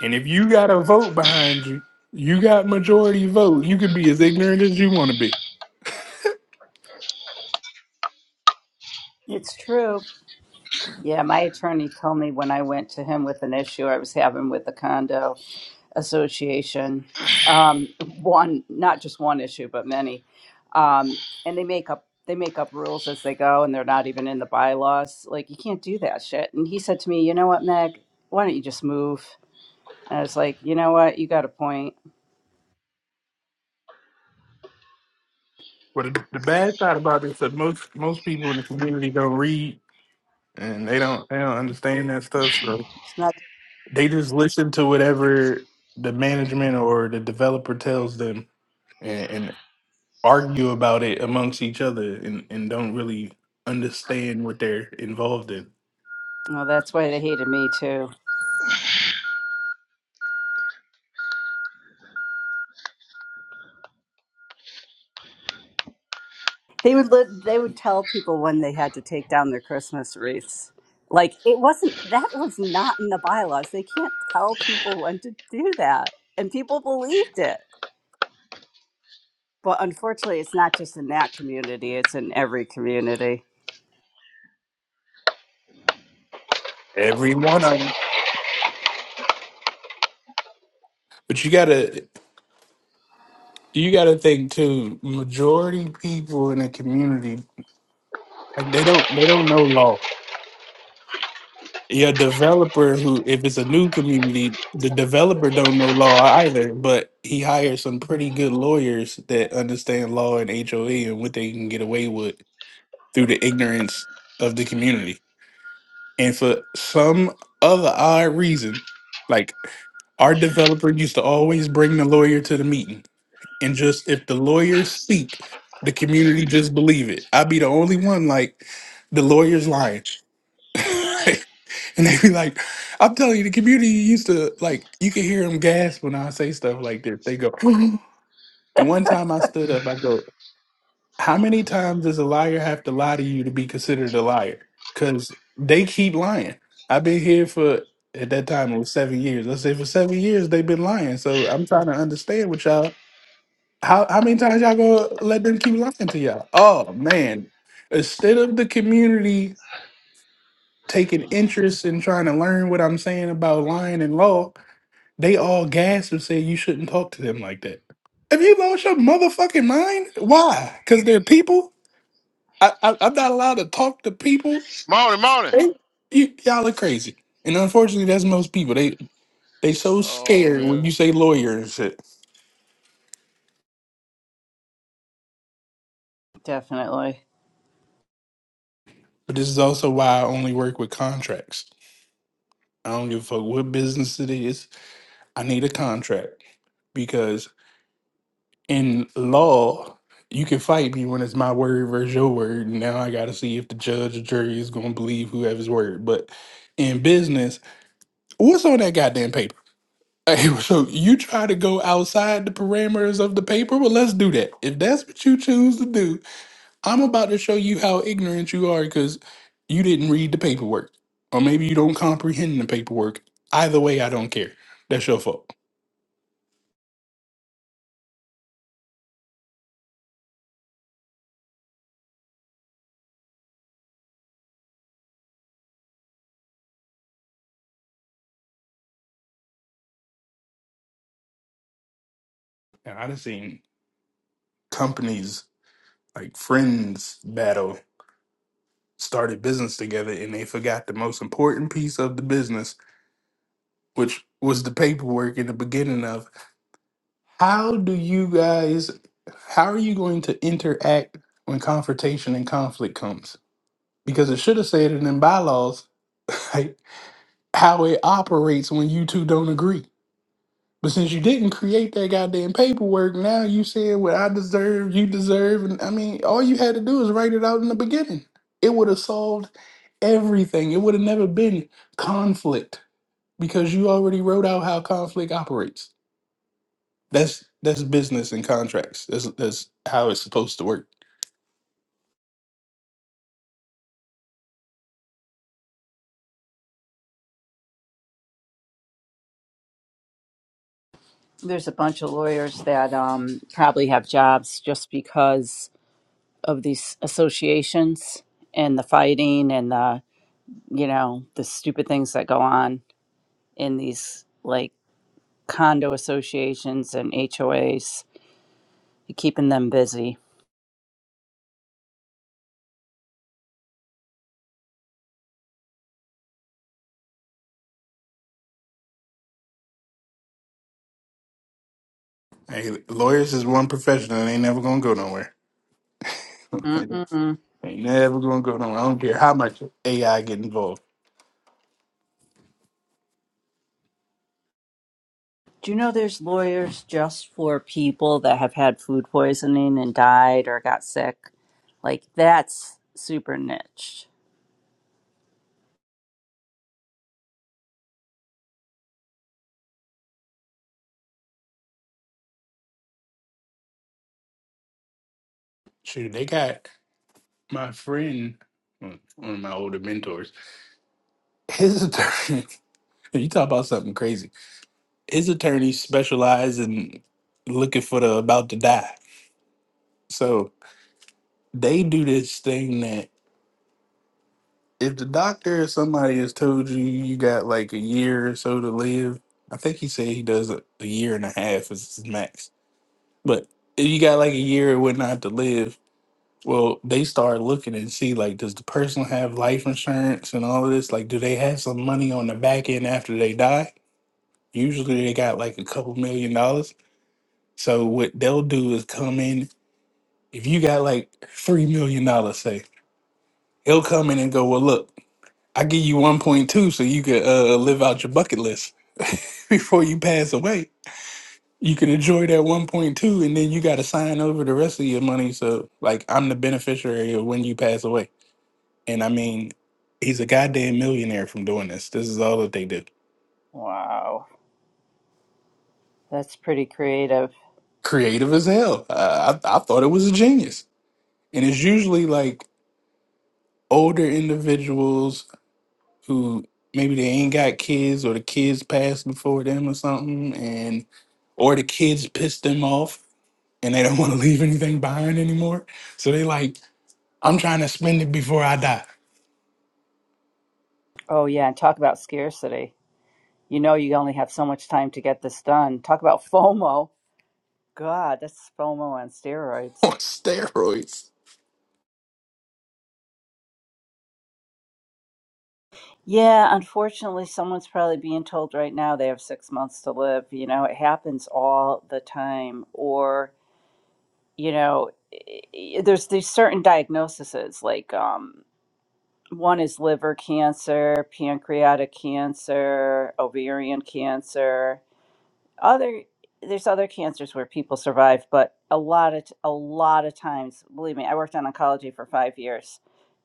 [SPEAKER 3] And if you got a vote behind you, you got majority vote. You can be as ignorant as you want to be.
[SPEAKER 5] It's true. Yeah, my attorney told me when I went to him with an issue I was having with the condo. association um, one not just one issue but many um, and they make up they make up rules as they go and they're not even in the bylaws like you can't do that shit and he said to me you know what meg why don't you just move and i was like you know what you got a point
[SPEAKER 3] But the the bad part about this is that most most people in the community don't read and they don't they don't understand that stuff. So
[SPEAKER 5] it's not
[SPEAKER 3] they just listen to whatever the management or the developer tells them and, and argue about it amongst each other and, and don't really understand what they're involved in.
[SPEAKER 5] no that's why they hated me too they would li- they would tell people when they had to take down their christmas wreaths like it wasn't that was not in the bylaws they can't tell people when to do that and people believed it Well, unfortunately, it's not just in that community, it's in every community.
[SPEAKER 3] Every one of 'em. But you gotta you gotta think too, majority people in a community like they don't they don't know law. your developer who if it's a new community the developer don't know law either but he hired some pretty good lawyers that understand law and hoa and what they can get away with through the ignorance of the community and for some other odd reason like our developer used to always bring the lawyer to the meeting and just if the lawyers speak the community just believe it i'd be the only one like the lawyer's lying And they be like, I'm telling you, the community used to like you can hear them gasp when I say stuff like this. They go, and one time I stood up, I go, How many times does a liar have to lie to you to be considered a liar? Because they keep lying. I've been here for at that time it was seven years. Let's say for seven years they've been lying. So I'm trying to understand what y'all how how many times y'all gonna let them keep lying to y'all? Oh man. Instead of the community taking interest in trying to learn what I'm saying about lying and law, They all gasped and said you shouldn't talk to them like that. Have you lost your motherfucking mind? Why? Because they're people. I, I I'm not allowed to talk to people.
[SPEAKER 1] Morning, morning.
[SPEAKER 3] Hey. You, y'all are crazy. And unfortunately, that's most people. They they so
[SPEAKER 1] Oh
[SPEAKER 3] scared
[SPEAKER 1] man.
[SPEAKER 3] when you say lawyer and shit.
[SPEAKER 5] Definitely.
[SPEAKER 3] But this is also why I only work with contracts. I don't give a fuck what business it is. I need a contract because. in law, you can fight me when it's my word versus your word. Now I got to see if the judge or jury is going to believe whoever's word. But in business, what's on that goddamn paper? Hey, so you try to go outside the parameters of the paper? Well, let's do that. If that's what you choose to do, I'm about to show you how ignorant you are because you didn't read the paperwork. Or maybe you don't comprehend the paperwork. Either way, I don't care. That's your fault. And I done seen companies like friends battle started business together and they forgot the most important piece of the business, which was the paperwork in the beginning of how do you guys how are you going to interact when confrontation and conflict comes? Because it should have said it in bylaws like, how it operates when you two don't agree. But since you didn't create that goddamn paperwork, now you saying what I deserve, you deserve, and I mean, all you had to do is write it out in the beginning. It would have solved everything. It would have never been conflict because you already wrote out how conflict operates. That's that's business and contracts. That's that's how it's supposed to work.
[SPEAKER 5] There's a bunch of lawyers that um, probably have jobs just because of these associations and the fighting and the, you know, the stupid things that go on in these like condo associations and HOAs, keeping them busy.
[SPEAKER 3] Hey, lawyers is one profession that ain't never gonna go nowhere. ain't
[SPEAKER 5] Mm-mm.
[SPEAKER 3] never gonna go nowhere. I don't care how much AI get involved.
[SPEAKER 5] Do you know there's lawyers just for people that have had food poisoning and died or got sick? Like that's super niche.
[SPEAKER 3] Shoot, they got my friend, mm, one of my older mentors, his attorney, you talk about something crazy. His attorney specialize in looking for the about to die. So they do this thing that if the doctor or somebody has told you you got like a year or so to live, I think he said he does a, a year and a half is his max. But if you got like a year or whatnot to live, Well, they start looking and see like, does the person have life insurance and all of this? Like, do they have some money on the back end after they die? Usually, they got like a couple million dollars. So what they'll do is come in. If you got like three million dollars, say he'll come in and go, well, look, I give you one point two, so you could uh, uh, live out your bucket list before you pass away. You can enjoy that one point two, and then you got to sign over the rest of your money. So like, I'm the beneficiary of when you pass away. And I mean, he's a goddamn millionaire from doing this. This is all that they do.
[SPEAKER 5] Wow. That's pretty creative.
[SPEAKER 3] Creative as hell. Uh, I, I thought it was a genius. And it's usually like older individuals who maybe they ain't got kids or the kids passed before them or something, and or the kids pissed them off and they don't want to leave anything behind anymore. So they like, I'm trying to spend it before I die
[SPEAKER 5] Oh yeah, and talk about scarcity. You know you only have so much time to get this done. Talk about FOMO. God, that's FOMO on
[SPEAKER 3] on
[SPEAKER 5] steroids.
[SPEAKER 3] steroids
[SPEAKER 5] Yeah, unfortunately someone's probably being told right now they have 6 months to live. You know, it happens all the time or you know i- there's these certain diagnoses like um, one is liver cancer pancreatic cancer ovarian cancer other there's other cancers where people survive but a lot of t- a lot of times believe me i worked on oncology for five years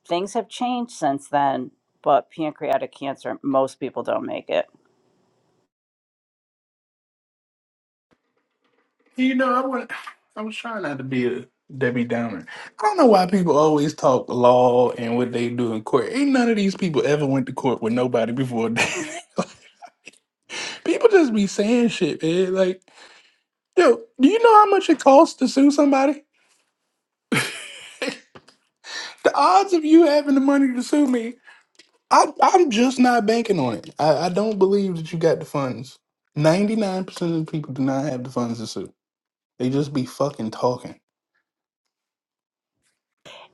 [SPEAKER 5] things have changed since then but pancreatic cancer most people don't make it
[SPEAKER 3] You know, I want. I was trying not to be a Debbie Downer. I don't know why people always talk law and what they do in court. Ain't none of these people ever went to court with nobody before. people just be saying shit, man. Like, yo, do you know how much it costs to sue somebody? The odds of you having the money to sue me, I, I'm just not banking on it. I, I don't believe that you got the funds. Ninety nine percent of the people do not have the funds to sue. They just be fucking talking.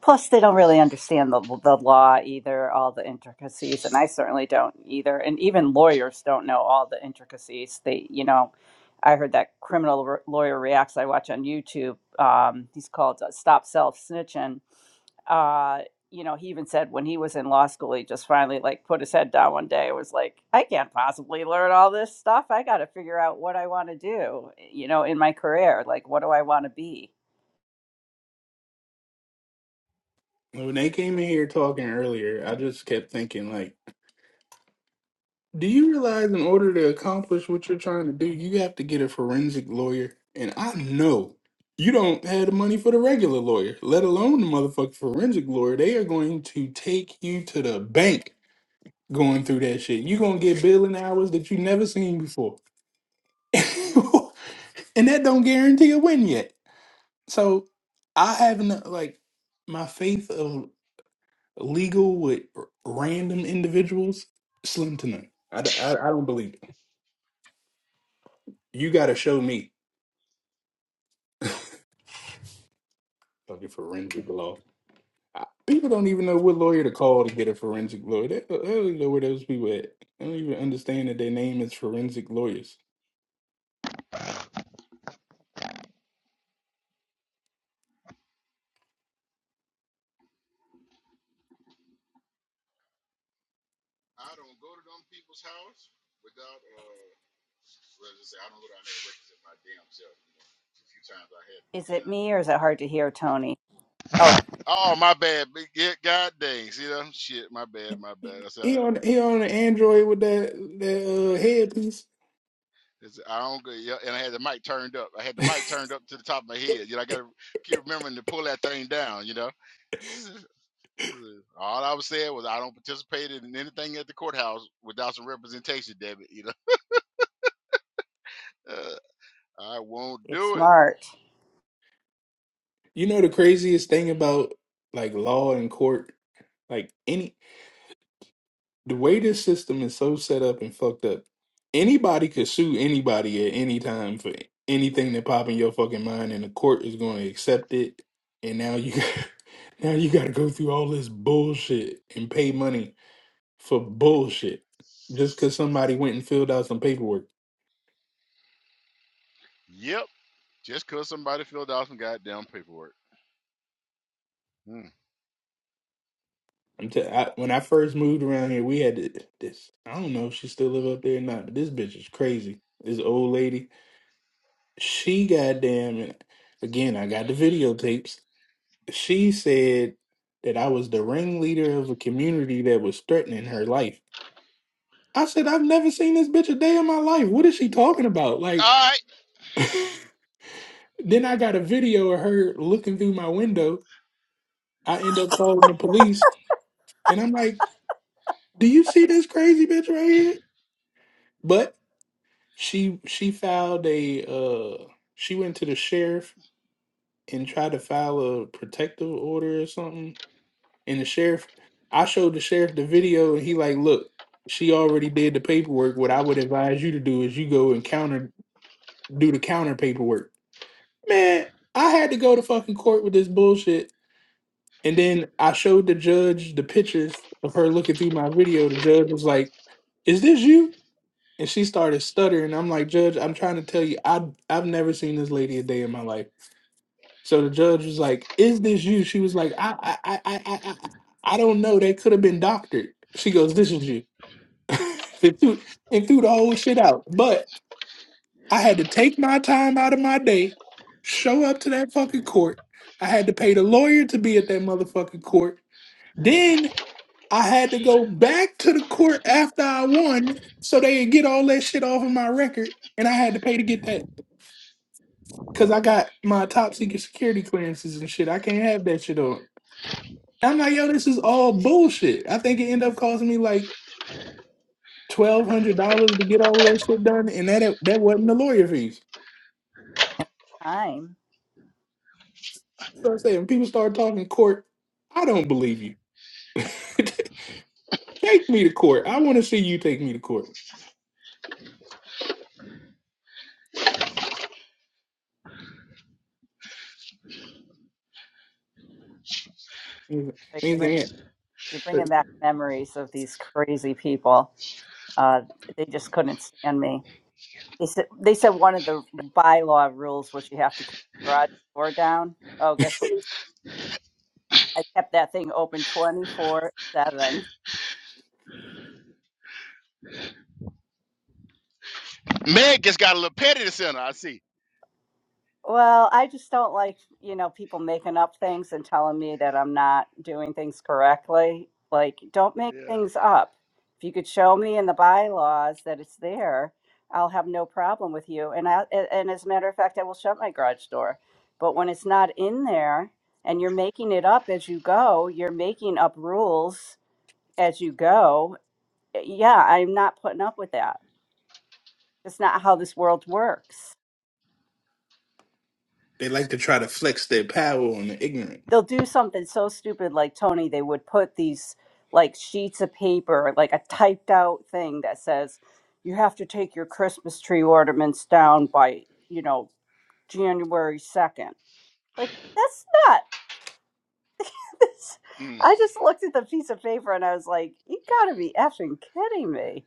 [SPEAKER 5] Plus, they don't
[SPEAKER 1] Yes.
[SPEAKER 5] really understand the, the law either, all the intricacies, and I certainly don't either. And even lawyers don't know all the intricacies. They, you know, I heard that criminal r- lawyer reacts I watch on YouTube. Um, he's called uh, Stop Self Snitching. Uh, you know, he even said when he was in law school, he just finally like put his head down one day. and was like, I can't possibly learn all this stuff. I got to figure out what I want to do. You know, in my career, like, what do I want to be?
[SPEAKER 3] When they came in here talking earlier, I just kept thinking, like, do you realize in order to accomplish what you're trying to do, you have to get a forensic lawyer? And I know you don't have the money for the regular lawyer, let alone the motherfucking forensic lawyer. They are going to take you to the bank going through that shit. You're going to get billing hours that you never seen before. and that don't guarantee a win yet. So I haven't, like, my faith of legal with r- random individuals, slim to none. I, d- I- I don't believe it. You got to show me fucking forensic law. I- People don't even know what lawyer to call to get a forensic lawyer. They, they don't even know where those people at. They don't even understand that their name is forensic lawyers.
[SPEAKER 1] I don't go to them people's house without uh. Well, just say I don't go down there with my damn self. A few times I had to be
[SPEAKER 5] Is
[SPEAKER 1] down
[SPEAKER 5] it me or is it hard to hear, Tony? Oh,
[SPEAKER 1] Oh, my bad. Big- Yeah, God dang. See that? Shit, my bad, my bad. I said,
[SPEAKER 3] He
[SPEAKER 1] I,
[SPEAKER 3] on he on an Android with that that uh, headpiece.
[SPEAKER 1] I I don't go. Yeah, and I had the mic turned up. I had the mic turned up to the top of my head. You know, I got to keep remembering to pull that thing down, you know? All I was saying was I don't participate in anything at the courthouse without some representation, damn it, you know? Uh, I won't
[SPEAKER 5] you
[SPEAKER 1] do it.
[SPEAKER 5] smart.
[SPEAKER 3] You know the craziest thing about like law and court, like any the way this system is so set up and fucked up, anybody could sue anybody at any time for anything that pop in your fucking mind, and the court is going to accept it. And now you, now you got to go through all this bullshit and pay money for bullshit just because somebody went and filled out some paperwork.
[SPEAKER 1] Yep. just cause somebody filled out some goddamn paperwork. Mm.
[SPEAKER 3] I'm t- I, when I first moved around here, we had th- this. I don't know if she still live up there or not, but this bitch is crazy. This old lady, she goddamn, and again, I got the videotapes she said that I was the ringleader of a community that was threatening her life. I said, I've never seen this bitch a day in my life. What is she talking about? Like,
[SPEAKER 1] All right.
[SPEAKER 3] then I got a video of her looking through my window. I end up calling the police, and I'm like, "Do you see this crazy bitch right here?" But she she filed a uh she went to the sheriff and tried to file a protective order or something And the sheriff, I showed the sheriff the video, and he like, look, she already did the paperwork. What I would advise you to do is you go and counter do the counter paperwork. Man, I had to go to fucking court with this bullshit. And then I showed the judge the pictures of her looking through my video. The judge was like, "Is this you?" And she started stuttering. I'm like, "Judge, I'm trying to tell you, I I've never seen this lady a day in my life." So the judge was like, "Is this you?" She was like, "I, I, I, I, I, I I don't know. They could have been doctored." She goes, "This is you," and, threw, and threw the whole shit out. But I had to take my time out of my day, show up to that fucking court. I had to pay the lawyer to be at that motherfucking court. Then I had to go back to the court after I won, so they could get all that shit off of my record. And I had to pay to get that because I got my top secret security clearances and shit. I can't have that shit on. I'm like, yo, this is all bullshit. I think it ended up costing me like twelve hundred dollars to get all that shit done, and that that wasn't the lawyer fees.
[SPEAKER 5] Time.
[SPEAKER 3] So I say, when people start talking court, I don't believe you. take me to court. I want to see you take me to court. Things
[SPEAKER 5] So you
[SPEAKER 3] things
[SPEAKER 5] bring
[SPEAKER 3] like
[SPEAKER 5] you're bringing back memories of these crazy people. Uh, they just couldn't stand me. They said they said one of the bylaw rules was you have to keep the garage door down. Oh, guess what? I kept that thing open twenty four seven.
[SPEAKER 1] Meg just got a little petty this center, I see.
[SPEAKER 5] Well, I just don't like, you know, people making up things and telling me that I'm not doing things correctly. Like, don't make
[SPEAKER 1] Yeah.
[SPEAKER 5] things up. If you could show me in the bylaws that it's there, I'll have no problem with you. And I, a- and as a matter of fact, I will shut my garage door. But when it's not in there and you're making it up as you go, you're making up rules as you go. eh, Yeah, I'm not putting up with that. It's not how this world works.
[SPEAKER 3] They like to try to flex their power on the ignorant.
[SPEAKER 5] they'll do something so stupid like Tony, they would put these like sheets of paper, like a typed out thing that says, you have to take your Christmas tree ornaments down by, you know, January 2nd. Like, that's not. This,
[SPEAKER 1] Mm.
[SPEAKER 5] I just looked at the piece of paper and I was like, you gotta be effing kidding me.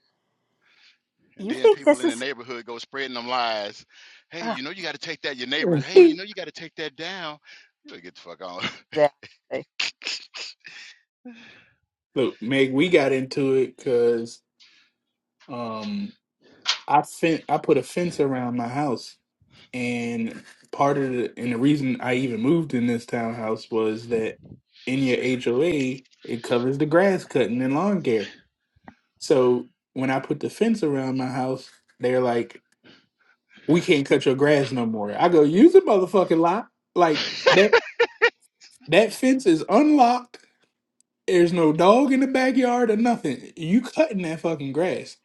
[SPEAKER 1] And
[SPEAKER 5] You
[SPEAKER 1] then
[SPEAKER 5] think
[SPEAKER 1] people
[SPEAKER 5] this
[SPEAKER 1] in the
[SPEAKER 5] is.
[SPEAKER 1] neighborhood go spreading them lies. Hey,
[SPEAKER 5] Ugh,
[SPEAKER 1] you know you got to take that your neighbors. Hey, you know you got to take that down. You better get the fuck on.
[SPEAKER 5] Exactly.
[SPEAKER 3] Look, Meg, we got into it because um, I fin- I put a fence around my house And part of the and the reason I even moved in this townhouse was that in your HOA it covers the grass cutting and lawn care. So when I put the fence around my house, they're like, "We can't cut your grass no more." I go, "Use the motherfucking lock." Like that that fence is unlocked. There's no dog in the backyard or nothing. You cutting that fucking grass.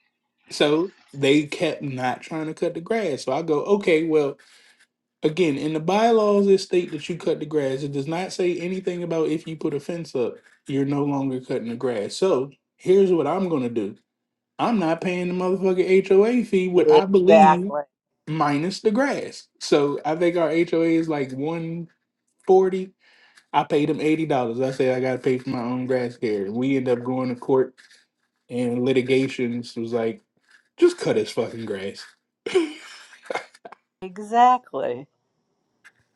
[SPEAKER 3] So they kept not trying to cut the grass. So I go, "Okay, well." Again, in the bylaws, it state that you cut the grass. It does not say anything about if you put a fence up, you're no longer cutting the grass. So here's what I'm gonna do. I'm not paying the motherfucking HOA fee, what I believe
[SPEAKER 5] Exactly.
[SPEAKER 3] minus the grass. So I think our HOA is like 140. I paid them eighty dollars. I said I gotta pay for my own grass care. We end up going to court and litigations was like, just cut his fucking grass.
[SPEAKER 5] Exactly.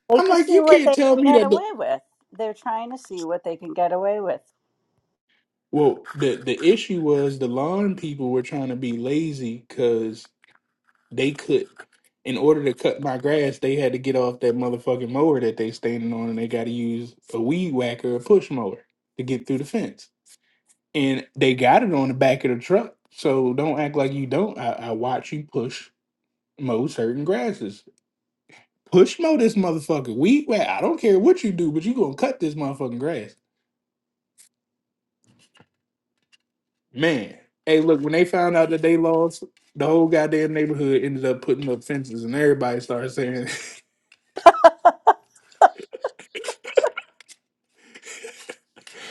[SPEAKER 5] They
[SPEAKER 3] I'm
[SPEAKER 5] just
[SPEAKER 3] like,
[SPEAKER 5] see
[SPEAKER 3] you
[SPEAKER 5] what
[SPEAKER 3] can't
[SPEAKER 5] they
[SPEAKER 3] tell
[SPEAKER 5] can
[SPEAKER 3] me
[SPEAKER 5] get
[SPEAKER 3] that the
[SPEAKER 5] away with. They're trying to see what they can get away with.
[SPEAKER 3] Well, the the issue was the lawn people were trying to be lazy because they could, in order to cut my grass, they had to get off that motherfucking mower that they standing on, and they got to use a weed whacker, or push mower, to get through the fence. And they got it on the back of the truck, so don't act like you don't. I, I watch you push mow certain grasses. Push mow this motherfucker. Weed whack. I don't care what you do, but you gonna cut this motherfucking grass. Man, hey, look, when they found out that they lost, the whole goddamn neighborhood ended up putting up fences, and everybody started saying,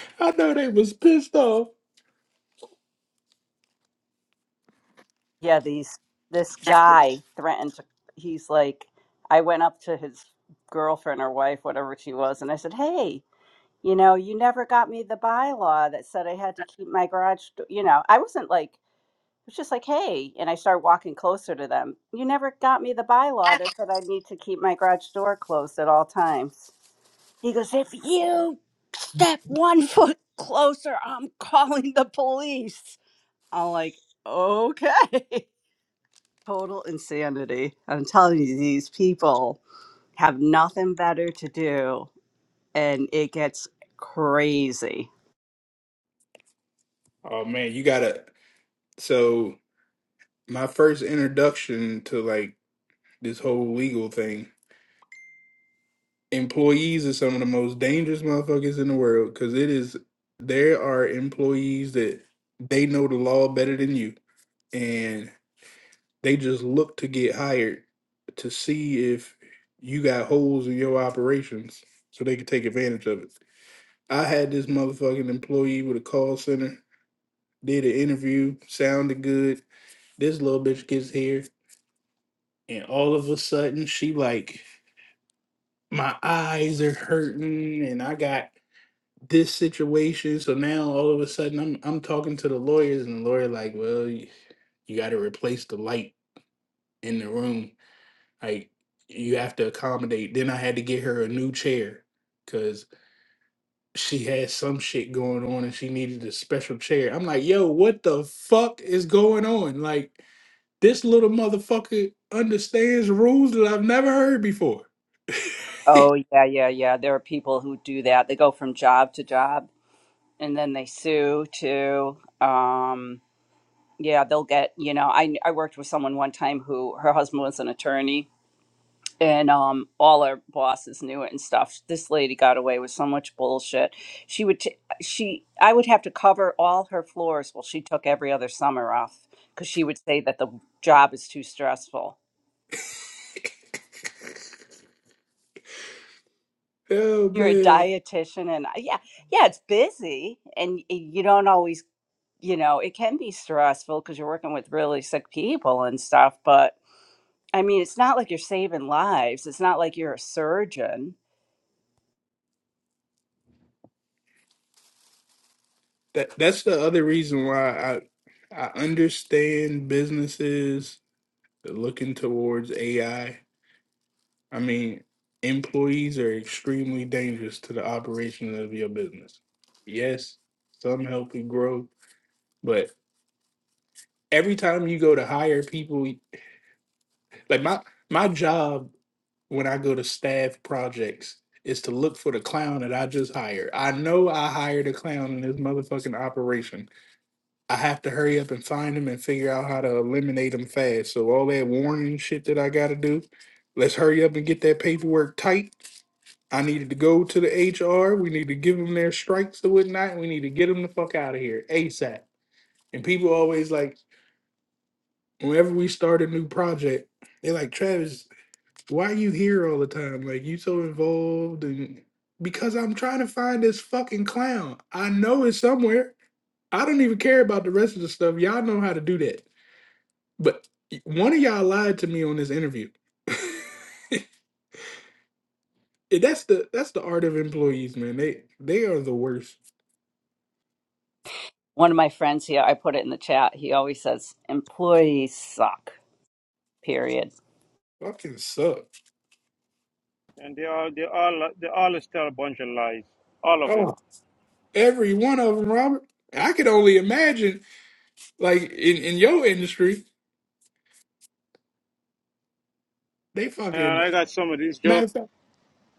[SPEAKER 3] "I know they was pissed off."
[SPEAKER 5] yeah these this guy threatened to he's like i went up to his girlfriend or wife whatever she was and i said hey you know you never got me the bylaw that said i had to keep my garage do-" you know i wasn't like it was just like hey and i started walking closer to them you never got me the bylaw that said i need to keep my garage door closed at all times he goes if you step one foot closer i'm calling the police i'm like okay total insanity. I'm telling you, these people have nothing better to do, and it gets crazy.
[SPEAKER 3] Oh man, you gotta. So my first introduction to like this whole legal thing. Employees are some of the most dangerous motherfuckers in the world because it is. There are employees that they know the law better than you, They just look to get hired to see if you got holes in your operations so they can take advantage of it. I had this motherfucking employee with a call center, did an interview, sounded good. This little bitch gets here, and all of a sudden she like, my eyes are hurting, and I got this situation. So now all of a sudden I'm I'm talking to the lawyers, and the lawyer like, well, you, you got to replace the light in the room Like you have to accommodate. Then I had to get her a new chair because she had some shit going on and she needed a special chair. I'm like, yo, what the fuck is going on? Like this little motherfucker understands rules that I've never heard before.
[SPEAKER 5] Oh, yeah, yeah, yeah. There are people who do that. They go from job to job and then they sue too. Um, yeah, they'll get, you know, I, I worked with someone one time who her husband was an attorney and um, all our bosses knew it and stuff. This lady got away with so much bullshit. She would, t- she, I would have to cover all her floors. Well, she took every other summer off because she would say that the job is too stressful.
[SPEAKER 3] Oh
[SPEAKER 5] You're a
[SPEAKER 3] man,
[SPEAKER 5] dietitian, and I- yeah, yeah, it's busy, and y- you don't always, you know, it can be stressful because you're working with really sick people and stuff. But I mean, it's not like you're saving lives. It's not like you're a surgeon
[SPEAKER 3] that that's the other reason why I I understand businesses looking towards AI I mean, employees are extremely dangerous to the operation of your business. Yes, some help you grow, but every time you go to hire people, like my my job when I go to staff projects is to look for the clown that I just hired. I know I hired a clown in this motherfucking operation. I have to hurry up and find him and figure out how to eliminate him fast. So all that warning shit that I got to do, let's hurry up and get that paperwork tight I needed to go to the HR. We need to give them their strikes and whatnot. And We need to get them the fuck out of here ASAP. And people always like, whenever we start a new project, they're like, Travis, why you here all the time? Like, you so involved. And because I'm trying to find this fucking clown. I know it's somewhere. I don't even care about the rest of the stuff. Y'all know how to do that. But one of y'all lied to me on this interview. And that's the that's the art of employees, man. They they are the worst.
[SPEAKER 5] One of my friends here, I put it in the chat. He always says employees suck. Period.
[SPEAKER 3] Fucking suck.
[SPEAKER 11] and they all they all they all tell a bunch of lies, all of them.
[SPEAKER 3] Oh Every one of them, Robert. I could only imagine, like in, in your industry, they
[SPEAKER 11] And
[SPEAKER 3] fucking
[SPEAKER 11] I got some of these
[SPEAKER 3] matter
[SPEAKER 11] jokes.
[SPEAKER 3] of fact.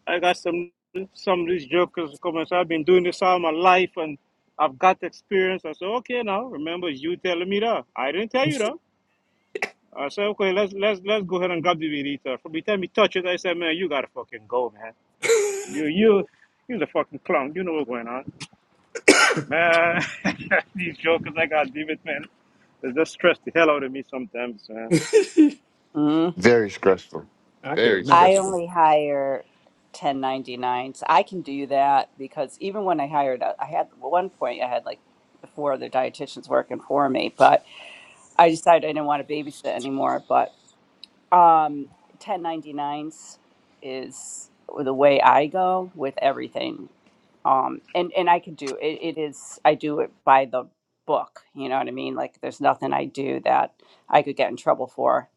[SPEAKER 11] I got some some of these jokers come and say, I've been doing this all my life, and I've got experience. I said, okay, now remember you telling me that. I didn't tell you that. I said, okay, let's let's let's go ahead and grab the burrito. From the time he touched it, I said, man, you gotta fucking go, man. You you. You're the fucking clown. You know what's going on, man. These jokers, I gotta leave it, man. They just stress the hell out of me sometimes, man.
[SPEAKER 5] Mhm.
[SPEAKER 4] Very stressful.
[SPEAKER 3] I could
[SPEAKER 4] Very
[SPEAKER 5] I
[SPEAKER 3] imagine.
[SPEAKER 4] stressful.
[SPEAKER 5] only hire 1099s. I can do that because even when I hired, uh, I had at one point I had like four other dietitians working for me, but I decided I didn't want to babysit anymore. But Um, 1099s is the way I go with everything. Um, and, and I could do it, it is, I do it by the book. You know what I mean? Like there's nothing I do that I could get in trouble for.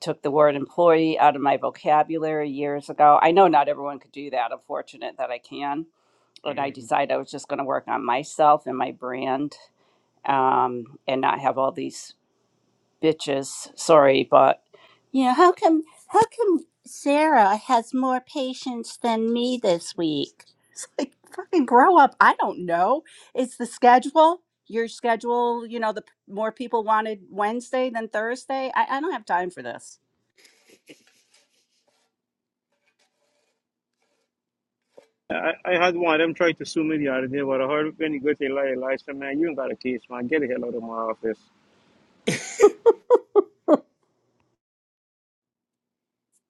[SPEAKER 5] Took the word employee out of my vocabulary years ago. I know not everyone could do that. I'm fortunate that I can. And I
[SPEAKER 3] Mhm.
[SPEAKER 5] decided I was just going to work on myself and my brand um, and not have all these bitches, sorry, but um, How come Sarah has more patience than me this week? It's like, fucking grow up. I don't know. It's the schedule. Your schedule, you know, the p- more people wanted Wednesday than Thursday. I, I don't have time for this.
[SPEAKER 11] I, I had one of them try to sue me the other day, but I heard when he go to Eli, Eli said, man, you ain't got a case, man. Get the hell out of my office.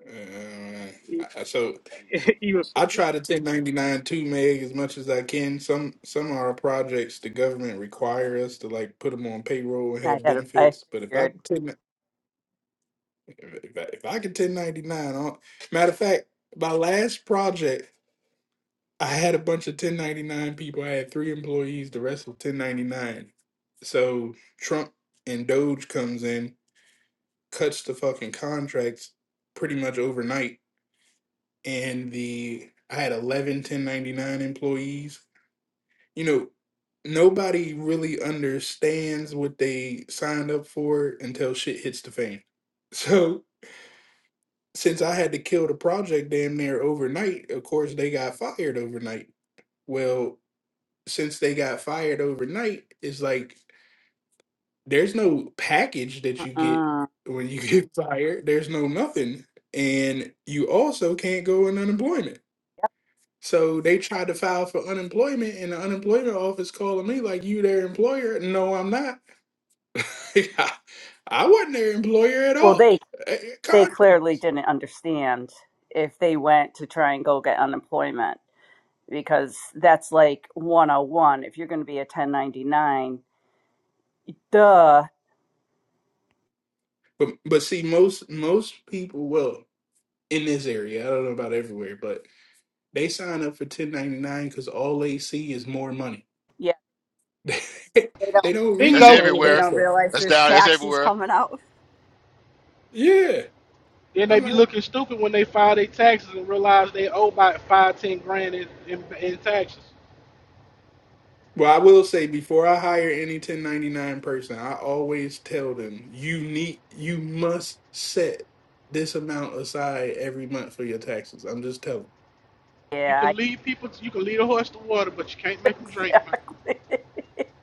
[SPEAKER 3] Uh,
[SPEAKER 11] He,
[SPEAKER 3] I- so
[SPEAKER 11] he was,
[SPEAKER 3] I try to 1099 too, Meg, as much as I can. Some some of our projects the government require us to like put them on payroll and
[SPEAKER 5] I
[SPEAKER 3] have
[SPEAKER 5] had I
[SPEAKER 3] benefits. But if I
[SPEAKER 5] figured.
[SPEAKER 3] could 10, if I, if I could 1099, matter of fact, my last project. I had a bunch of 1099 people. I had three employees. The rest were 1099. So Trump and Doge comes in, cuts the fucking contracts pretty much overnight. And the I had 11 1099 employees. You know, nobody really understands what they signed up for until shit hits the fan. So since I had to kill the project damn near overnight, of course they got fired overnight. Well, since they got fired overnight, it's like there's no package that you get
[SPEAKER 5] Uh-uh.
[SPEAKER 3] when you get fired. There's no nothing. And you also can't go on unemployment. So they tried to file for unemployment and the unemployment office calling me like you their employer. No, I'm not. I wasn't their employer at
[SPEAKER 5] Well,
[SPEAKER 3] all.
[SPEAKER 5] they
[SPEAKER 3] Eh, eh,
[SPEAKER 5] they
[SPEAKER 3] Contract.
[SPEAKER 5] clearly didn't understand if they went to try and go get unemployment because that's like 101 if you're going to be a 1099. Duh.
[SPEAKER 3] But but see most most people well in this area, I don't know about everywhere, but they sign up for 1099 because all they see is more money
[SPEAKER 5] Yeah.
[SPEAKER 3] they don't
[SPEAKER 1] That's
[SPEAKER 3] read
[SPEAKER 9] Bingo.
[SPEAKER 3] all of
[SPEAKER 5] They
[SPEAKER 3] them
[SPEAKER 1] everywhere.
[SPEAKER 5] don't
[SPEAKER 3] stuff.
[SPEAKER 5] realize
[SPEAKER 1] That's
[SPEAKER 5] there's
[SPEAKER 1] down. That's
[SPEAKER 5] taxes
[SPEAKER 1] everywhere.
[SPEAKER 5] coming out.
[SPEAKER 3] Yeah,
[SPEAKER 9] Then
[SPEAKER 3] I'm
[SPEAKER 9] they be
[SPEAKER 3] not.
[SPEAKER 9] looking stupid when they file their taxes and realize they owe about five, ten grand in, in, in taxes.
[SPEAKER 3] Well, I will say before I hire any 1099 person, I always tell them you need you must set this amount aside every month for your taxes. I'm just telling.
[SPEAKER 9] You
[SPEAKER 5] Yeah,
[SPEAKER 9] can
[SPEAKER 5] I-
[SPEAKER 9] lead people, to, you can lead a horse to water, but you can't make them drink, man.
[SPEAKER 5] exactly. I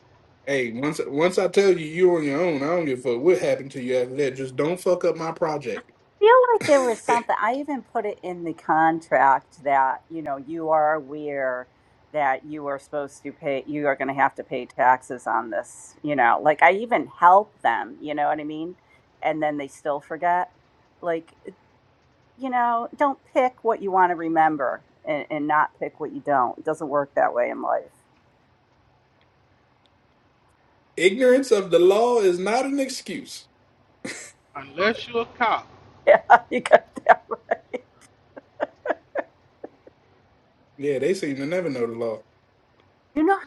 [SPEAKER 3] Hey, once once I tell you you're on your own, I don't give a fuck what happened to you after that. Just don't fuck up my project.
[SPEAKER 5] feel like there was something. I even put it in the contract that you know you are aware that you are supposed to pay. You are going to have to pay taxes on this. You know, like I even help them. You know what I mean? And then they still forget. Like you know, don't pick what you want to remember and, and not pick what you don't. It doesn't work that way in life.
[SPEAKER 3] Ignorance of the law is not an excuse.
[SPEAKER 9] Unless you're a cop,
[SPEAKER 5] yeah, you got that right.
[SPEAKER 3] Yeah, they seem to never know the law
[SPEAKER 5] You know,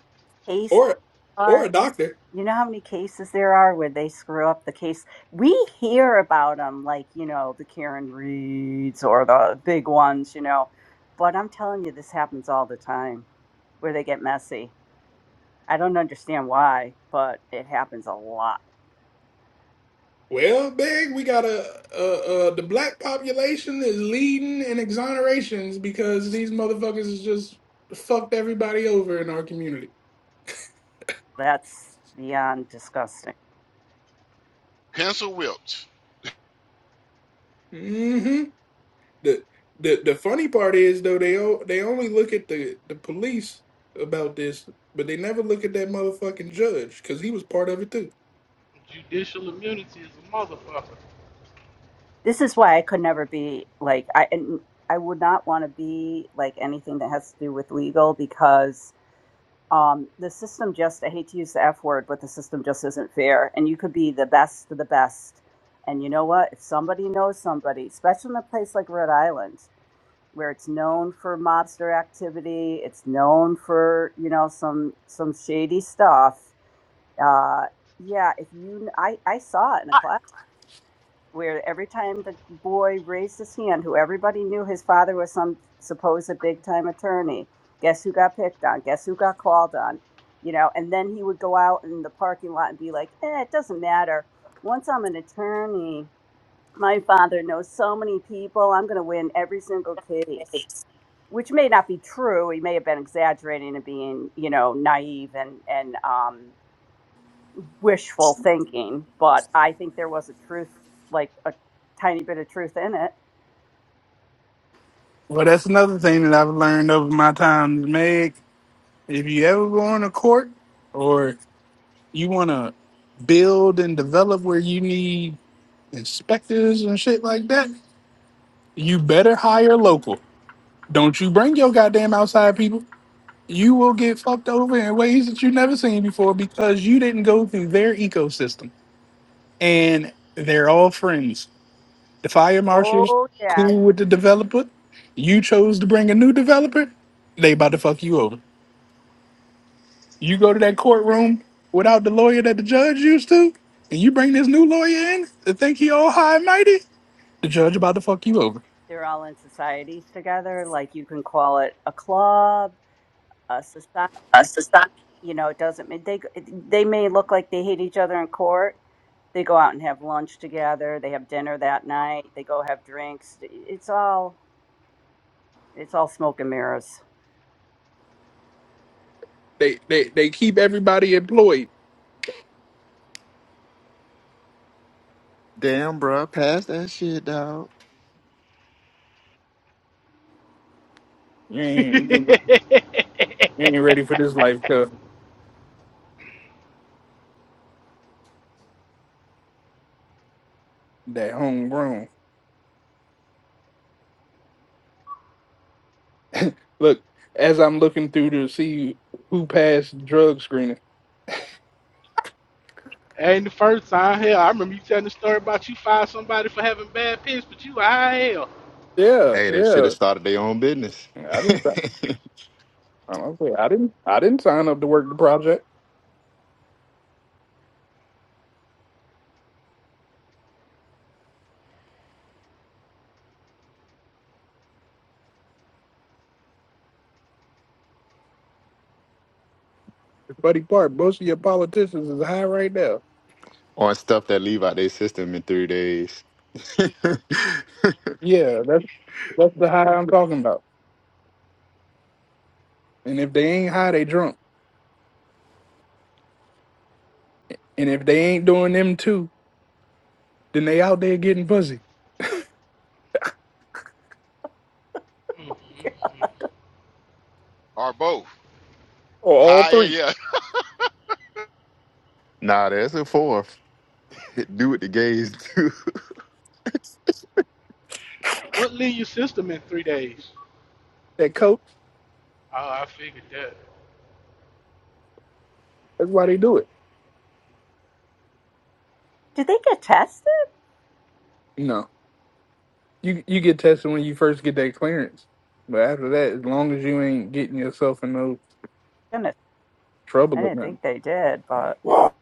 [SPEAKER 5] how
[SPEAKER 3] or or
[SPEAKER 5] are
[SPEAKER 3] a doctor.
[SPEAKER 5] you know how many cases there are where they screw up the case we hear about them like you know the karen reeds or the big ones you know but i'm telling you this happens all the time where they get messy i don't understand why but it happens a lot
[SPEAKER 3] Well, Big, we got a, a, a the black population is leading in exonerations because these motherfuckers has just fucked everybody over in our community.
[SPEAKER 5] that's beyond disgusting
[SPEAKER 1] Pencil whipped
[SPEAKER 3] hmm The the the funny part is though they o- they only look at the the police about this, but they never look at that motherfucking judge because he was part of it too.
[SPEAKER 9] judicial immunity is a motherfucker.
[SPEAKER 5] this is why i could never be like i and i would not want to be like anything that has to do with legal because um, the system just i hate to use the f word but the system just isn't fair and you could be the best of the best and you know what if somebody knows somebody especially in a place like rhode island where it's known for mobster activity it's known for you know some some shady stuff uh, yeah if you i i saw it in a class where every time the boy raised his hand, who everybody knew his father was some supposed big time attorney, guess who got picked on? Guess who got called on? You know, and then he would go out in the parking lot and be like, eh, it doesn't matter. Once I'm an attorney, my father knows so many people, I'm going to win every single case. Which may not be true. He may have been exaggerating and being, you know, naive and and um, wishful thinking, but I think there was a truth, like a tiny bit of truth in it.
[SPEAKER 3] Well, that's another thing that I've learned over my time, Meg. If you ever go into court or you want to build and develop where you need inspectors and shit like that, you better hire local. Don't you bring your goddamn outside people. You will get fucked over in ways that you've never seen before because you didn't go through their ecosystem. And they're all friends. The fire marshals,
[SPEAKER 5] Oh, yeah.
[SPEAKER 3] cool with the developer. You chose to bring a new developer, they about to fuck you over. You go to that courtroom without the lawyer that the judge used to, and you bring this new lawyer in to think he all high and mighty, the judge about to fuck you over
[SPEAKER 5] They're all in societies together. Like you can call it a club, a society. You know, it doesn't mean they, they may look like they hate each other in court. They go out and have lunch together. They have dinner that night. They go have drinks. It's all, it's all smoke and mirrors.
[SPEAKER 3] They they they keep everybody employed.
[SPEAKER 4] Damn, bruh, pass that shit, dog.
[SPEAKER 3] You ain't, you ain't you ain't ready for this life, cuz that homegrown. Look, as I'm looking through to see who passed drug screening.
[SPEAKER 9] Ain't the first time, hell. I remember you telling the story about you fired somebody for having bad piss, but you high hell.
[SPEAKER 3] Yeah,
[SPEAKER 4] Hey, they should
[SPEAKER 3] yeah.
[SPEAKER 4] have started their own business.
[SPEAKER 3] I didn't. sign- I don't say I didn't. I didn't sign up to work the project. The funny part, most of your politicians is high right now.
[SPEAKER 4] on stuff that leave out their system in three days.
[SPEAKER 3] Yeah, that's that's the high I'm talking about. And if they ain't high, they drunk. And if they ain't doing them two, then they out there getting pussy
[SPEAKER 9] Mm, mm, mm.
[SPEAKER 1] or both.
[SPEAKER 3] or all
[SPEAKER 1] High.
[SPEAKER 3] three.
[SPEAKER 1] Yeah.
[SPEAKER 4] nah, that's a fourth. Do what the gays do.
[SPEAKER 9] What leave your system in three days?
[SPEAKER 3] That coach.
[SPEAKER 9] Oh, I figured that.
[SPEAKER 3] That's why they do it.
[SPEAKER 5] Did they get tested?
[SPEAKER 3] No. You you get tested when you first get that clearance, but after that, as long as you ain't getting yourself in no
[SPEAKER 5] Goodness. I
[SPEAKER 3] trouble or
[SPEAKER 5] didn't
[SPEAKER 3] nothing.
[SPEAKER 5] think they did, but Wow.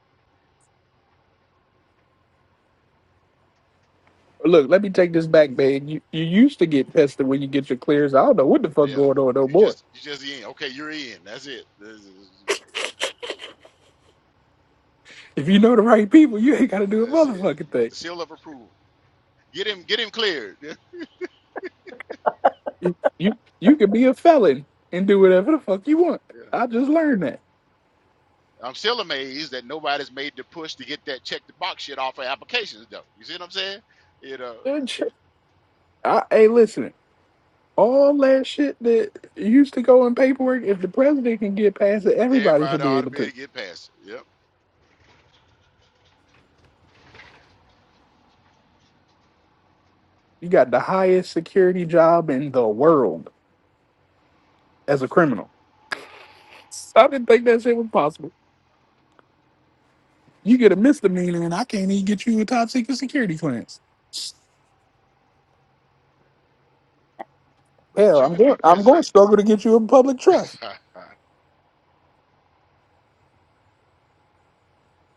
[SPEAKER 3] Look, let me take this back, babe. You you used to get tested when you get your clearance. I don't know what the fuck
[SPEAKER 1] Yeah.
[SPEAKER 3] going on no
[SPEAKER 1] You
[SPEAKER 3] more.
[SPEAKER 1] just you just in. Okay, you're in. That's it. That's,
[SPEAKER 3] If you know the right people, you ain't got to do a
[SPEAKER 1] that's it.
[SPEAKER 3] motherfucking
[SPEAKER 1] You got
[SPEAKER 3] thing.
[SPEAKER 1] the seal of approval. Get him. Get him cleared. Yeah.
[SPEAKER 3] You you you can be a felon and do whatever the fuck you want.
[SPEAKER 1] yeah.
[SPEAKER 3] I just learned that.
[SPEAKER 1] I'm still amazed that nobody's made the push to get that check the box shit off of applications though. You see what I'm saying? You know.
[SPEAKER 3] Good shit. I, hey, listen, all that shit that used to go in paperwork. If the president can get past it, everybody should
[SPEAKER 1] Everybody
[SPEAKER 3] be
[SPEAKER 1] ought to
[SPEAKER 3] able
[SPEAKER 1] be
[SPEAKER 3] to.
[SPEAKER 1] able to get past it. Yep.
[SPEAKER 3] You got the highest security job in the world as a criminal. I didn't think that shit was possible. You get a misdemeanor, and I can't even get you a top secret security clearance.
[SPEAKER 1] But
[SPEAKER 3] Hell,
[SPEAKER 1] you
[SPEAKER 3] I'm
[SPEAKER 1] could
[SPEAKER 3] going.
[SPEAKER 1] be
[SPEAKER 3] I'm going to
[SPEAKER 1] president.
[SPEAKER 3] struggle to get you a public trust.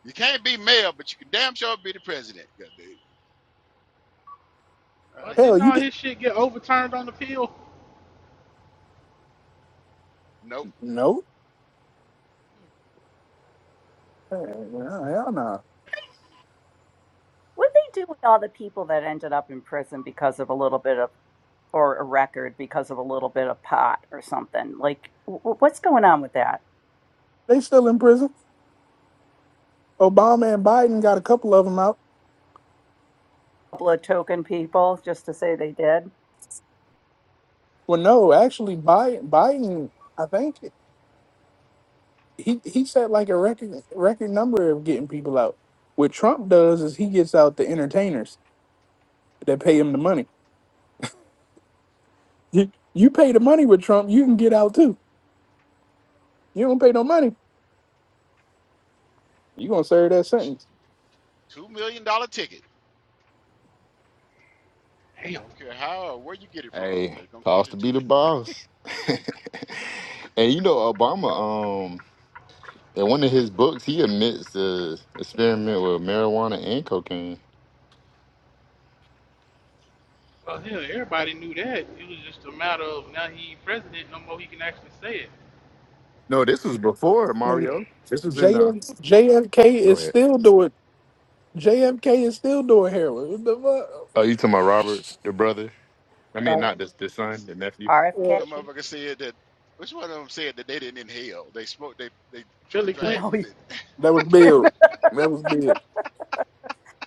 [SPEAKER 1] you can't be mayor, but you can damn sure be the president. Goddamn. I
[SPEAKER 9] Well,
[SPEAKER 1] hear
[SPEAKER 3] Hell,
[SPEAKER 9] didn't
[SPEAKER 1] you.
[SPEAKER 3] you
[SPEAKER 9] all
[SPEAKER 3] get
[SPEAKER 9] his shit get overturned on appeal?
[SPEAKER 1] Nope.
[SPEAKER 3] no. Hell, hell no.
[SPEAKER 5] what did they do with all the people that ended up in prison because of a little bit of, or a record because of a little bit of pot or something? Like, w- what's going on with that?
[SPEAKER 3] They still in prison. Obama and Biden got a couple of them out.
[SPEAKER 5] A couple of token people just to say they did?
[SPEAKER 3] Well, no, actually, Biden, Biden I think he he set like a record record number of getting people out. What Trump does is he gets out the entertainers that pay him the money. You, you pay the money with Trump, you can get out too. You don't pay no money, you gonna serve that sentence.
[SPEAKER 1] Two million dollar ticket.
[SPEAKER 9] Damn.
[SPEAKER 1] Don't care how or where you get it from, but
[SPEAKER 4] Hey,
[SPEAKER 1] it's gonna cost
[SPEAKER 4] cost
[SPEAKER 1] you
[SPEAKER 4] to
[SPEAKER 1] two
[SPEAKER 4] be the
[SPEAKER 1] million.
[SPEAKER 4] boss. and you know, Obama, um, in one of his books, he admits the experiment with marijuana and cocaine.
[SPEAKER 9] Well, hell, everybody knew that. It was just a matter of now he ain't president no more. He can actually say it.
[SPEAKER 4] No, this was before
[SPEAKER 3] Nigga,
[SPEAKER 4] Mario. This was in the.
[SPEAKER 3] JF,
[SPEAKER 4] Go
[SPEAKER 3] is
[SPEAKER 4] ahead.
[SPEAKER 3] still doing JFK is still doing heroin. What the
[SPEAKER 4] Oh,
[SPEAKER 3] fuck?
[SPEAKER 4] you talking about Robert, the brother? I mean,
[SPEAKER 3] Uh,
[SPEAKER 4] not the the son, the nephew.
[SPEAKER 1] Which
[SPEAKER 3] yeah.
[SPEAKER 5] RFK?
[SPEAKER 1] one motherfucker said that which one of them said that they didn't inhale? They smoked they they took a
[SPEAKER 9] Billy Clinton.
[SPEAKER 1] drag, but they,
[SPEAKER 3] That was Bill. That was Bill.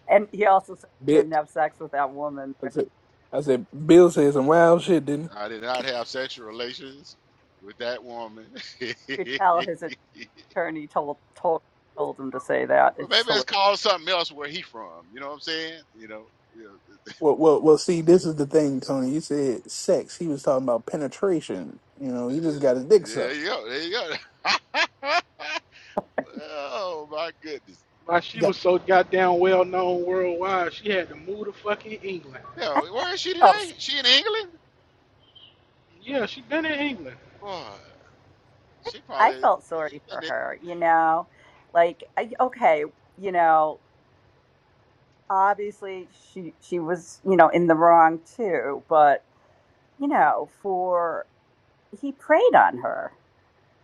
[SPEAKER 5] and he also said he
[SPEAKER 3] Bill.
[SPEAKER 5] didn't have sex with that woman.
[SPEAKER 3] I said, I said Bill said some wild shit, didn't he?
[SPEAKER 1] I did not have sexual relations with that woman. well
[SPEAKER 5] could tell his attorney told told told him to say that. It's
[SPEAKER 1] maybe it's
[SPEAKER 5] hilarious.
[SPEAKER 1] called something else where he from. You know what I'm saying? You know, you know,
[SPEAKER 3] Well, well, well. See, this is the thing, Tony. You said sex. He was talking about penetration. You know, he just got his dick
[SPEAKER 1] There
[SPEAKER 3] sucked.
[SPEAKER 1] you go. There you go. oh my goodness.
[SPEAKER 9] Like
[SPEAKER 3] You
[SPEAKER 9] she
[SPEAKER 3] got
[SPEAKER 9] was so goddamn well known worldwide, she had to move to fucking England.
[SPEAKER 5] I
[SPEAKER 1] Yo, where is she
[SPEAKER 5] felt
[SPEAKER 1] today?
[SPEAKER 5] so,
[SPEAKER 1] She in England?
[SPEAKER 9] Yeah, she been in England.
[SPEAKER 1] Boy, she
[SPEAKER 5] I
[SPEAKER 1] probably.
[SPEAKER 5] felt sorry for
[SPEAKER 1] And it,
[SPEAKER 5] her, you know, like I, okay, you know, obviously she she was you know in the wrong too, but you know, for he preyed on her.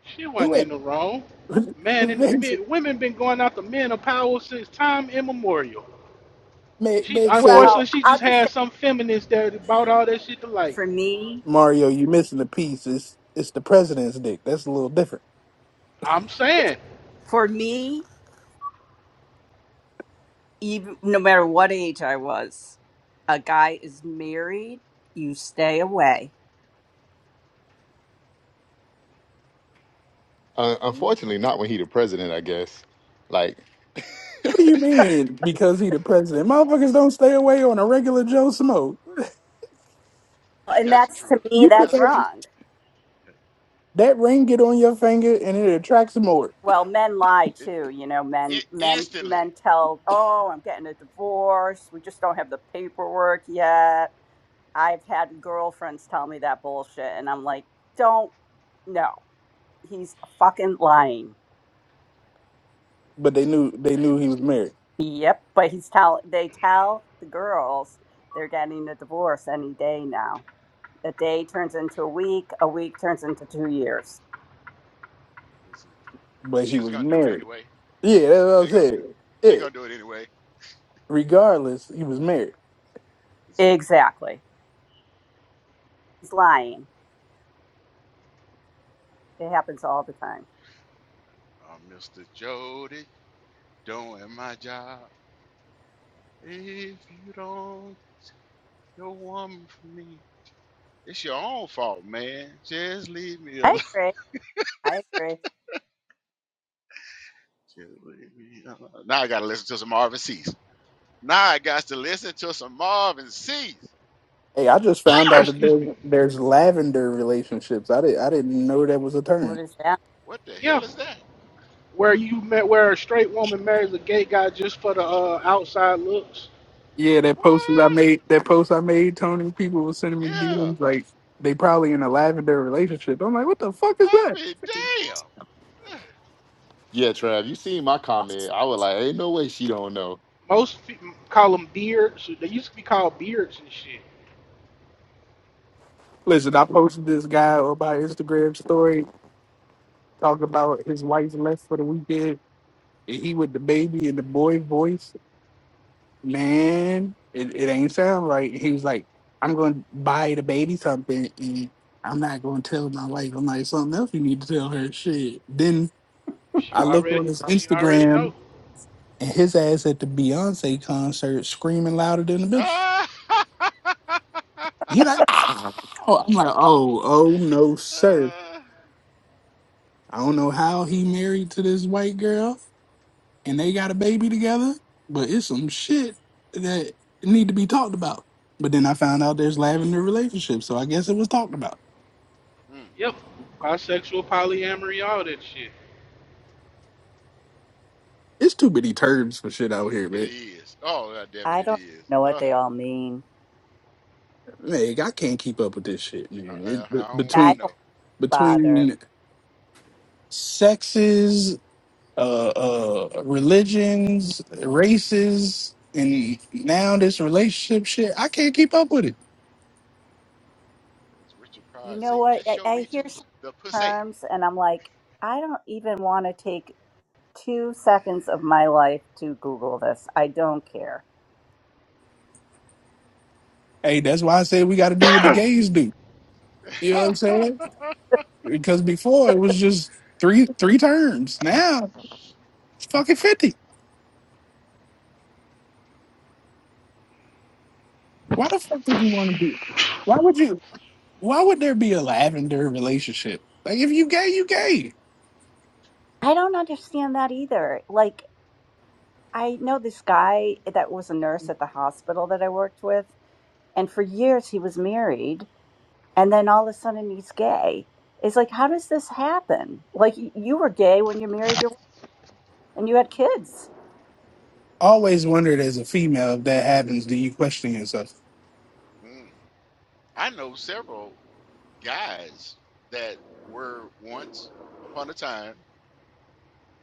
[SPEAKER 9] She
[SPEAKER 3] who?
[SPEAKER 9] wasn't
[SPEAKER 3] at-
[SPEAKER 9] in the wrong. Man, and
[SPEAKER 3] Meg,
[SPEAKER 9] men, women been going after men of power since time immemorial.
[SPEAKER 3] Meg
[SPEAKER 9] She
[SPEAKER 3] Meg said.
[SPEAKER 9] unfortunately
[SPEAKER 5] Well,
[SPEAKER 9] she just
[SPEAKER 5] I'll just say
[SPEAKER 9] had some feminists that brought all that shit to light.
[SPEAKER 5] for me,
[SPEAKER 3] Mario, you missing the piece. It's it's the president's dick. That's a little different.
[SPEAKER 9] I'm saying,
[SPEAKER 5] for me, even no matter what age I was, a guy is married, you stay away.
[SPEAKER 4] Uh,
[SPEAKER 3] What
[SPEAKER 4] unfortunately, not when he the president. I guess. Like,
[SPEAKER 3] do you mean? Because he the president? Motherfuckers don't stay away on a regular Joe smoke.
[SPEAKER 1] ain't
[SPEAKER 5] And
[SPEAKER 1] that's the
[SPEAKER 5] that's to
[SPEAKER 1] truth.
[SPEAKER 5] me,
[SPEAKER 3] You put
[SPEAKER 5] that's
[SPEAKER 1] That's the
[SPEAKER 3] that
[SPEAKER 5] wrong.
[SPEAKER 3] that ring get on your finger and it attracts more.
[SPEAKER 5] Well, men lie
[SPEAKER 1] it,
[SPEAKER 5] too. You know,
[SPEAKER 1] in
[SPEAKER 5] men men
[SPEAKER 1] instantly,
[SPEAKER 5] men tell, "Oh, I'm getting a divorce. We just don't have the paperwork yet." I've had girlfriends tell me that bullshit, and I'm like, "Don't no. He's fucking lying."
[SPEAKER 3] But they knew they knew he was
[SPEAKER 1] instantaneously.
[SPEAKER 3] married.
[SPEAKER 5] Yep, but he's tell they tell the girls they're getting a divorce any day now. A day turns into a week, a week turns into 2 years.
[SPEAKER 1] Listen,
[SPEAKER 3] But
[SPEAKER 1] She
[SPEAKER 3] he was
[SPEAKER 1] gonna do it
[SPEAKER 3] married.
[SPEAKER 1] anyway.
[SPEAKER 3] Yeah, that's what I
[SPEAKER 1] She's gonna
[SPEAKER 3] said.
[SPEAKER 1] do. She's
[SPEAKER 3] Yeah.
[SPEAKER 1] gonna do it anyway.
[SPEAKER 3] Regardless, he was married.
[SPEAKER 1] It's,
[SPEAKER 5] Exactly. He's lying. It happens all the time.
[SPEAKER 1] uh, Mr. Jody, doing my job. If you don't, you're woman for me. It's your own fault, man. Just leave me alone.
[SPEAKER 5] I agree. I agree.
[SPEAKER 1] Now I got to listen to some Marvin Cease. Now I got to listen to some Marvin Cease.
[SPEAKER 3] Hey, I just found out that
[SPEAKER 9] excuse me.
[SPEAKER 3] there's, there's lavender relationships. I did I didn't know that was a term.
[SPEAKER 5] What is that?
[SPEAKER 1] What the
[SPEAKER 9] Yeah,
[SPEAKER 1] hell is that?
[SPEAKER 9] where you met where a straight woman marries a gay guy just for the uh, outside looks.
[SPEAKER 3] Yeah, that post that I
[SPEAKER 1] What?
[SPEAKER 3] made, that post I made, Tony, people were sending me
[SPEAKER 1] Yeah,
[SPEAKER 3] DMs like they probably in a lavender relationship. I'm like, what the fuck is
[SPEAKER 1] I
[SPEAKER 3] that?
[SPEAKER 1] mean, damn.
[SPEAKER 4] Yeah, Trav, you seen my comment. I was like, ain't no way she don't know.
[SPEAKER 9] Most fe- call them beards. They used to be called beards and shit.
[SPEAKER 3] Listen, I posted this guy on my Instagram story talking about his wife left for the weekend, and he with the baby and the boy voice. Man, it, it ain't sound right. He was like, I'm going to buy the baby something, and I'm not going to tell my wife. I'm like, something else you need to tell her. Shit. Then
[SPEAKER 9] She
[SPEAKER 3] I looked
[SPEAKER 9] already
[SPEAKER 3] on his
[SPEAKER 9] she already
[SPEAKER 3] Instagram.
[SPEAKER 9] know.
[SPEAKER 3] and his ass at the Beyonce concert screaming louder than the bitch.
[SPEAKER 1] uh, uh,
[SPEAKER 3] He like, "Ah." oh, I'm like, oh, oh no, sir. I don't know how he married to this white girl and they got a baby together, but it's some shit that need to be talked about. But then I found out there's lavender relationships, so I guess it was talked about.
[SPEAKER 1] mm, mm,
[SPEAKER 9] Yep.
[SPEAKER 1] mm.
[SPEAKER 9] Bisexual, polyamory, all that shit.
[SPEAKER 3] It's too many terms for shit out here,
[SPEAKER 1] It
[SPEAKER 3] man.
[SPEAKER 1] is. Oh, God damn it,
[SPEAKER 5] I
[SPEAKER 1] it
[SPEAKER 5] don't
[SPEAKER 1] is.
[SPEAKER 5] know what
[SPEAKER 1] Uh,
[SPEAKER 5] they all mean.
[SPEAKER 3] Man, I can't keep up with this shit,
[SPEAKER 1] I,
[SPEAKER 3] man.
[SPEAKER 1] I,
[SPEAKER 3] It, be-
[SPEAKER 1] I don't want
[SPEAKER 5] I
[SPEAKER 1] to
[SPEAKER 3] between
[SPEAKER 1] know.
[SPEAKER 5] don't bother.
[SPEAKER 3] between sexes uh, uh, religions, races, and now this relationship shit. I can't keep up with it.
[SPEAKER 1] As Richard
[SPEAKER 5] You
[SPEAKER 1] Pryor
[SPEAKER 5] know
[SPEAKER 1] say,
[SPEAKER 5] what?
[SPEAKER 1] just
[SPEAKER 5] I,
[SPEAKER 1] show
[SPEAKER 5] I
[SPEAKER 1] me
[SPEAKER 5] hear
[SPEAKER 1] to
[SPEAKER 5] some
[SPEAKER 1] the pussy.
[SPEAKER 5] terms and I'm like, I don't even want to take two seconds of my life to Google this. I don't care.
[SPEAKER 3] Hey, that's why I said we got to do what the gays do. You know what I'm saying? Because before it was just three three terms. Now it's fucking fifty. Why the fuck would you want to do? it? Why would you? Why would there be a lavender relationship? Like if you gay, you gay.
[SPEAKER 5] I don't understand that either. Like, I know this guy that was a nurse at the hospital that I worked with, and for years he was married, and then all of a sudden he's gay. It's like, how does this happen? Like, y- you were gay when you married your and you had kids.
[SPEAKER 3] Always wondered as a female if that happens, do you question yourself?
[SPEAKER 1] Mm. I know several guys that were once upon a time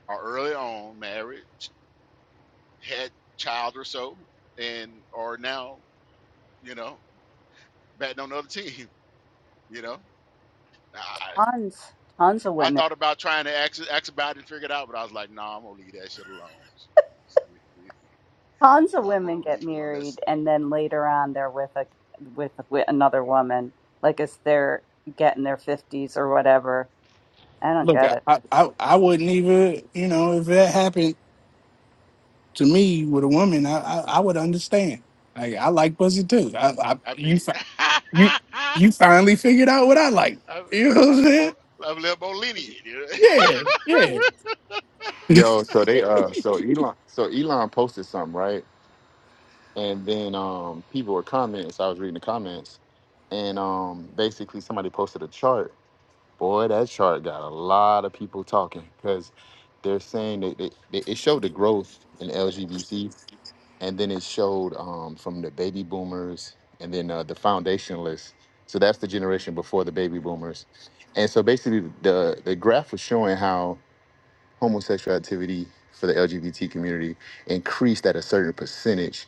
[SPEAKER 1] are early on married, had child or so, and are now, you know, batting on the other team. You know, I I
[SPEAKER 5] Tons, tons of women.
[SPEAKER 1] thought about trying to ask, ask about it and figure it out, but I was like, no, nah, I'm gonna leave that shit alone.
[SPEAKER 5] Tons of
[SPEAKER 1] I'm
[SPEAKER 5] women
[SPEAKER 1] gonna
[SPEAKER 5] get
[SPEAKER 1] leave it alone. That's
[SPEAKER 5] married, and then later on they're with a with, with another woman, like it's they're getting their fifties or whatever. I don't
[SPEAKER 3] Look,
[SPEAKER 5] get
[SPEAKER 3] I,
[SPEAKER 5] it.
[SPEAKER 3] I I I wouldn't even you know if that happened to me with a woman, I I, I would understand. Like I like pussy too. I, I
[SPEAKER 1] I'd
[SPEAKER 3] you
[SPEAKER 1] be
[SPEAKER 3] fi- you
[SPEAKER 1] I'd,
[SPEAKER 3] you finally figured out what I like. You know what
[SPEAKER 1] I'd
[SPEAKER 3] I'm
[SPEAKER 1] be more
[SPEAKER 3] saying?
[SPEAKER 1] I'm a little more lenient. You
[SPEAKER 3] Yeah,
[SPEAKER 1] know?
[SPEAKER 3] yeah.
[SPEAKER 4] Yo, so they uh so Elon so Elon posted something, right? And then um people were commenting, so I was reading the comments, and um basically somebody posted a chart. Boy, that chart got a lot of people talking because they're saying that they, they, it showed the growth in LGBT. and then it showed um, from the baby boomers and then uh, the foundationalists. So that's the generation before the baby boomers. And so basically, the the graph was showing how homosexual activity for the LGBT community increased at a certain percentage,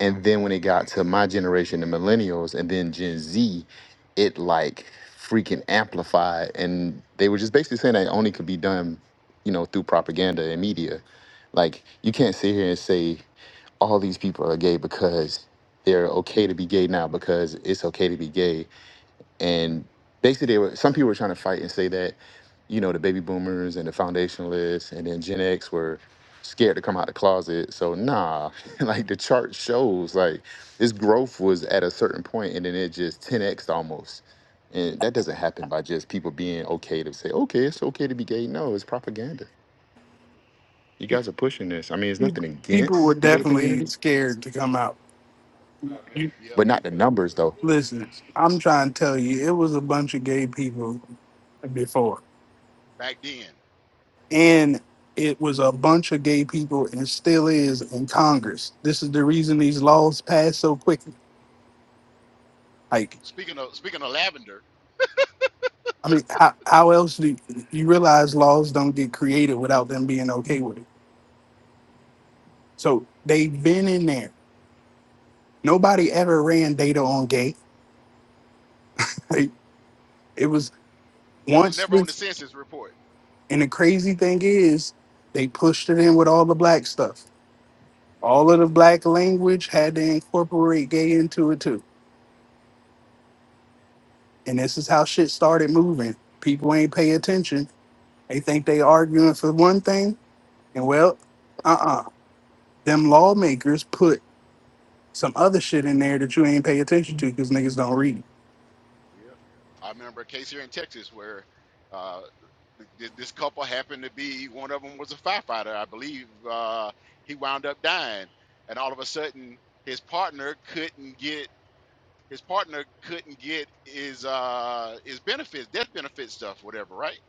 [SPEAKER 4] and then when it got to my generation, the millennials, and then Gen Z, it like freaking amplified, and they were just basically saying that it only could be done, you know, through propaganda and media. Like you can't sit here and say all these people are gay because they're okay to be gay now because it's okay to be gay. And basically, they were some people were trying to fight and say that, you know, the baby boomers and the foundationalists and then Gen X were scared to come out the closet. So nah, like the chart shows, like this growth was at a certain point and then it just 10x almost. And that doesn't happen by just people being okay to say, okay, it's okay to be gay. No, it's propaganda. You guys are pushing this. I mean, it's
[SPEAKER 3] Pe-
[SPEAKER 4] nothing
[SPEAKER 3] People were
[SPEAKER 4] against the gay
[SPEAKER 3] definitely
[SPEAKER 4] community.
[SPEAKER 3] scared to come out. You
[SPEAKER 1] yep.
[SPEAKER 4] but not the numbers though.
[SPEAKER 3] listen. I'm trying to tell you, it was a bunch of gay people before,
[SPEAKER 1] Back then,
[SPEAKER 3] and it was a bunch of gay people, and still is in Congress. This is the reason these laws pass so quickly. Like.
[SPEAKER 1] speaking of speaking of lavender,
[SPEAKER 3] I mean, how, how else do you you realize laws don't get created without them being okay with it? So they've been in there. Nobody ever ran data on gay. Like, it was
[SPEAKER 1] that was
[SPEAKER 3] once
[SPEAKER 1] never on the
[SPEAKER 3] this,
[SPEAKER 1] census report.
[SPEAKER 3] and the crazy thing is, they pushed it in with all the black stuff. All
[SPEAKER 1] hmm
[SPEAKER 3] of the black language had to incorporate gay into it too. And this is how shit started moving. People ain't pay attention. They think they arguing for one thing, and well, uh-uh. Them lawmakers put some other shit in there that you ain't pay attention to because niggas don't read.
[SPEAKER 1] Yep. I remember a case here in Texas where uh, th- th- this couple happened to be one of them was a firefighter, I believe. Uh, he wound up dying, and all of a sudden, his partner couldn't get his partner couldn't get his uh, his benefits, death benefit stuff, whatever, right?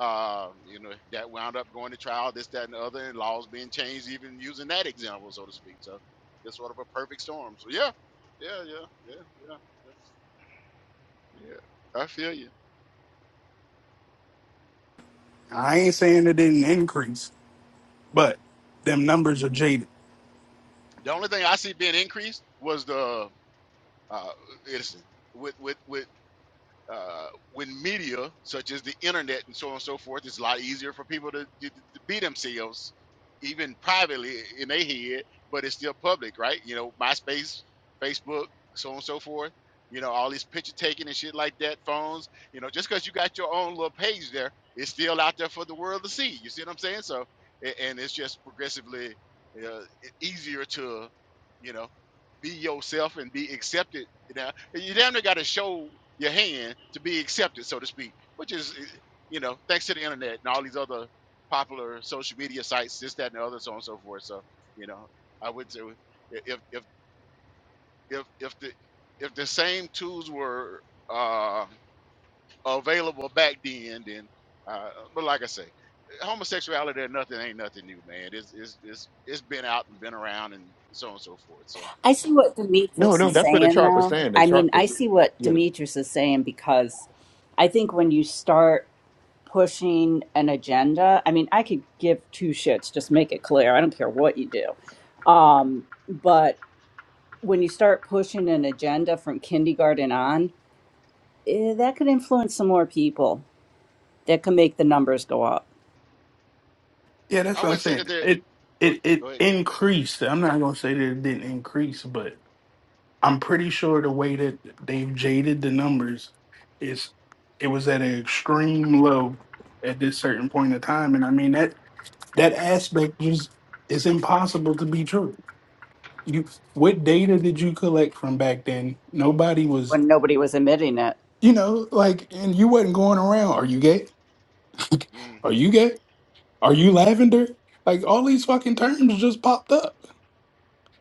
[SPEAKER 1] Uh, you know that wound up going to trial, this, that, and the other, and laws being changed, even using that example, so to speak. So, I guess sort of a perfect storm. So, yeah, yeah, yeah, yeah, yeah, yeah. yeah. I feel you.
[SPEAKER 3] I ain't saying it didn't increase, but them numbers are jaded.
[SPEAKER 1] The only thing I see being increased was the uh, it's with with with uh, when media such as the internet and so on and so forth, it's a lot easier for people to, to, to be themselves, even privately in their head, but it's still public, right? You know, MySpace, Facebook, so on and so forth. You know, all this picture taking and shit like that, phones. You know, just because you got your own little page there, it's still out there for the world to see. You see what I'm saying? So, a- and it's just progressively uh, e- easier to, you know, be yourself and be accepted you damn near got to show your hand to be accepted, so to speak, which is, eh, you know, thanks to the internet and all these other popular social media sites, this, that, and the other, so on and so forth. So, you know, I would say if if if if the if the same tools were uh, available back then, then, uh, but like I say, homosexuality or nothing ain't nothing new, man. It's it's it's it's been out and been around and so on and so forth. So
[SPEAKER 5] I see what
[SPEAKER 4] No,
[SPEAKER 5] Demetrius
[SPEAKER 4] no,
[SPEAKER 5] is
[SPEAKER 4] that's what the
[SPEAKER 5] saying,
[SPEAKER 4] chart was
[SPEAKER 5] though.
[SPEAKER 4] saying. The
[SPEAKER 5] I
[SPEAKER 4] chart
[SPEAKER 5] mean, I
[SPEAKER 4] was,
[SPEAKER 5] see what
[SPEAKER 4] yeah, the-
[SPEAKER 5] Demetrius is saying because I think when you start pushing an agenda, I mean, I could give two shits, just make it clear. I don't care what you do. But when you start pushing an agenda from kindergarten on, eh, that could influence some more people that could make the numbers go up.
[SPEAKER 3] Yeah, that's
[SPEAKER 1] I
[SPEAKER 3] what I'm
[SPEAKER 1] wouldn't say that
[SPEAKER 3] saying.
[SPEAKER 1] they're
[SPEAKER 3] It
[SPEAKER 1] go,
[SPEAKER 3] it it
[SPEAKER 1] go ahead. Go,
[SPEAKER 3] increased. I'm not gonna say that it didn't increase, but I'm pretty sure the way that they've jaded the numbers is it was at an extreme low at this certain point of time. And I mean that that aspect just is impossible to be true. You what data did you collect from back then? Nobody was
[SPEAKER 5] when nobody was admitting it.
[SPEAKER 3] You know, like, and you wasn't going around. Are you gay? Are
[SPEAKER 1] mm-hmm.
[SPEAKER 3] you gay? Are you lavender? Like, all these fucking terms just popped up.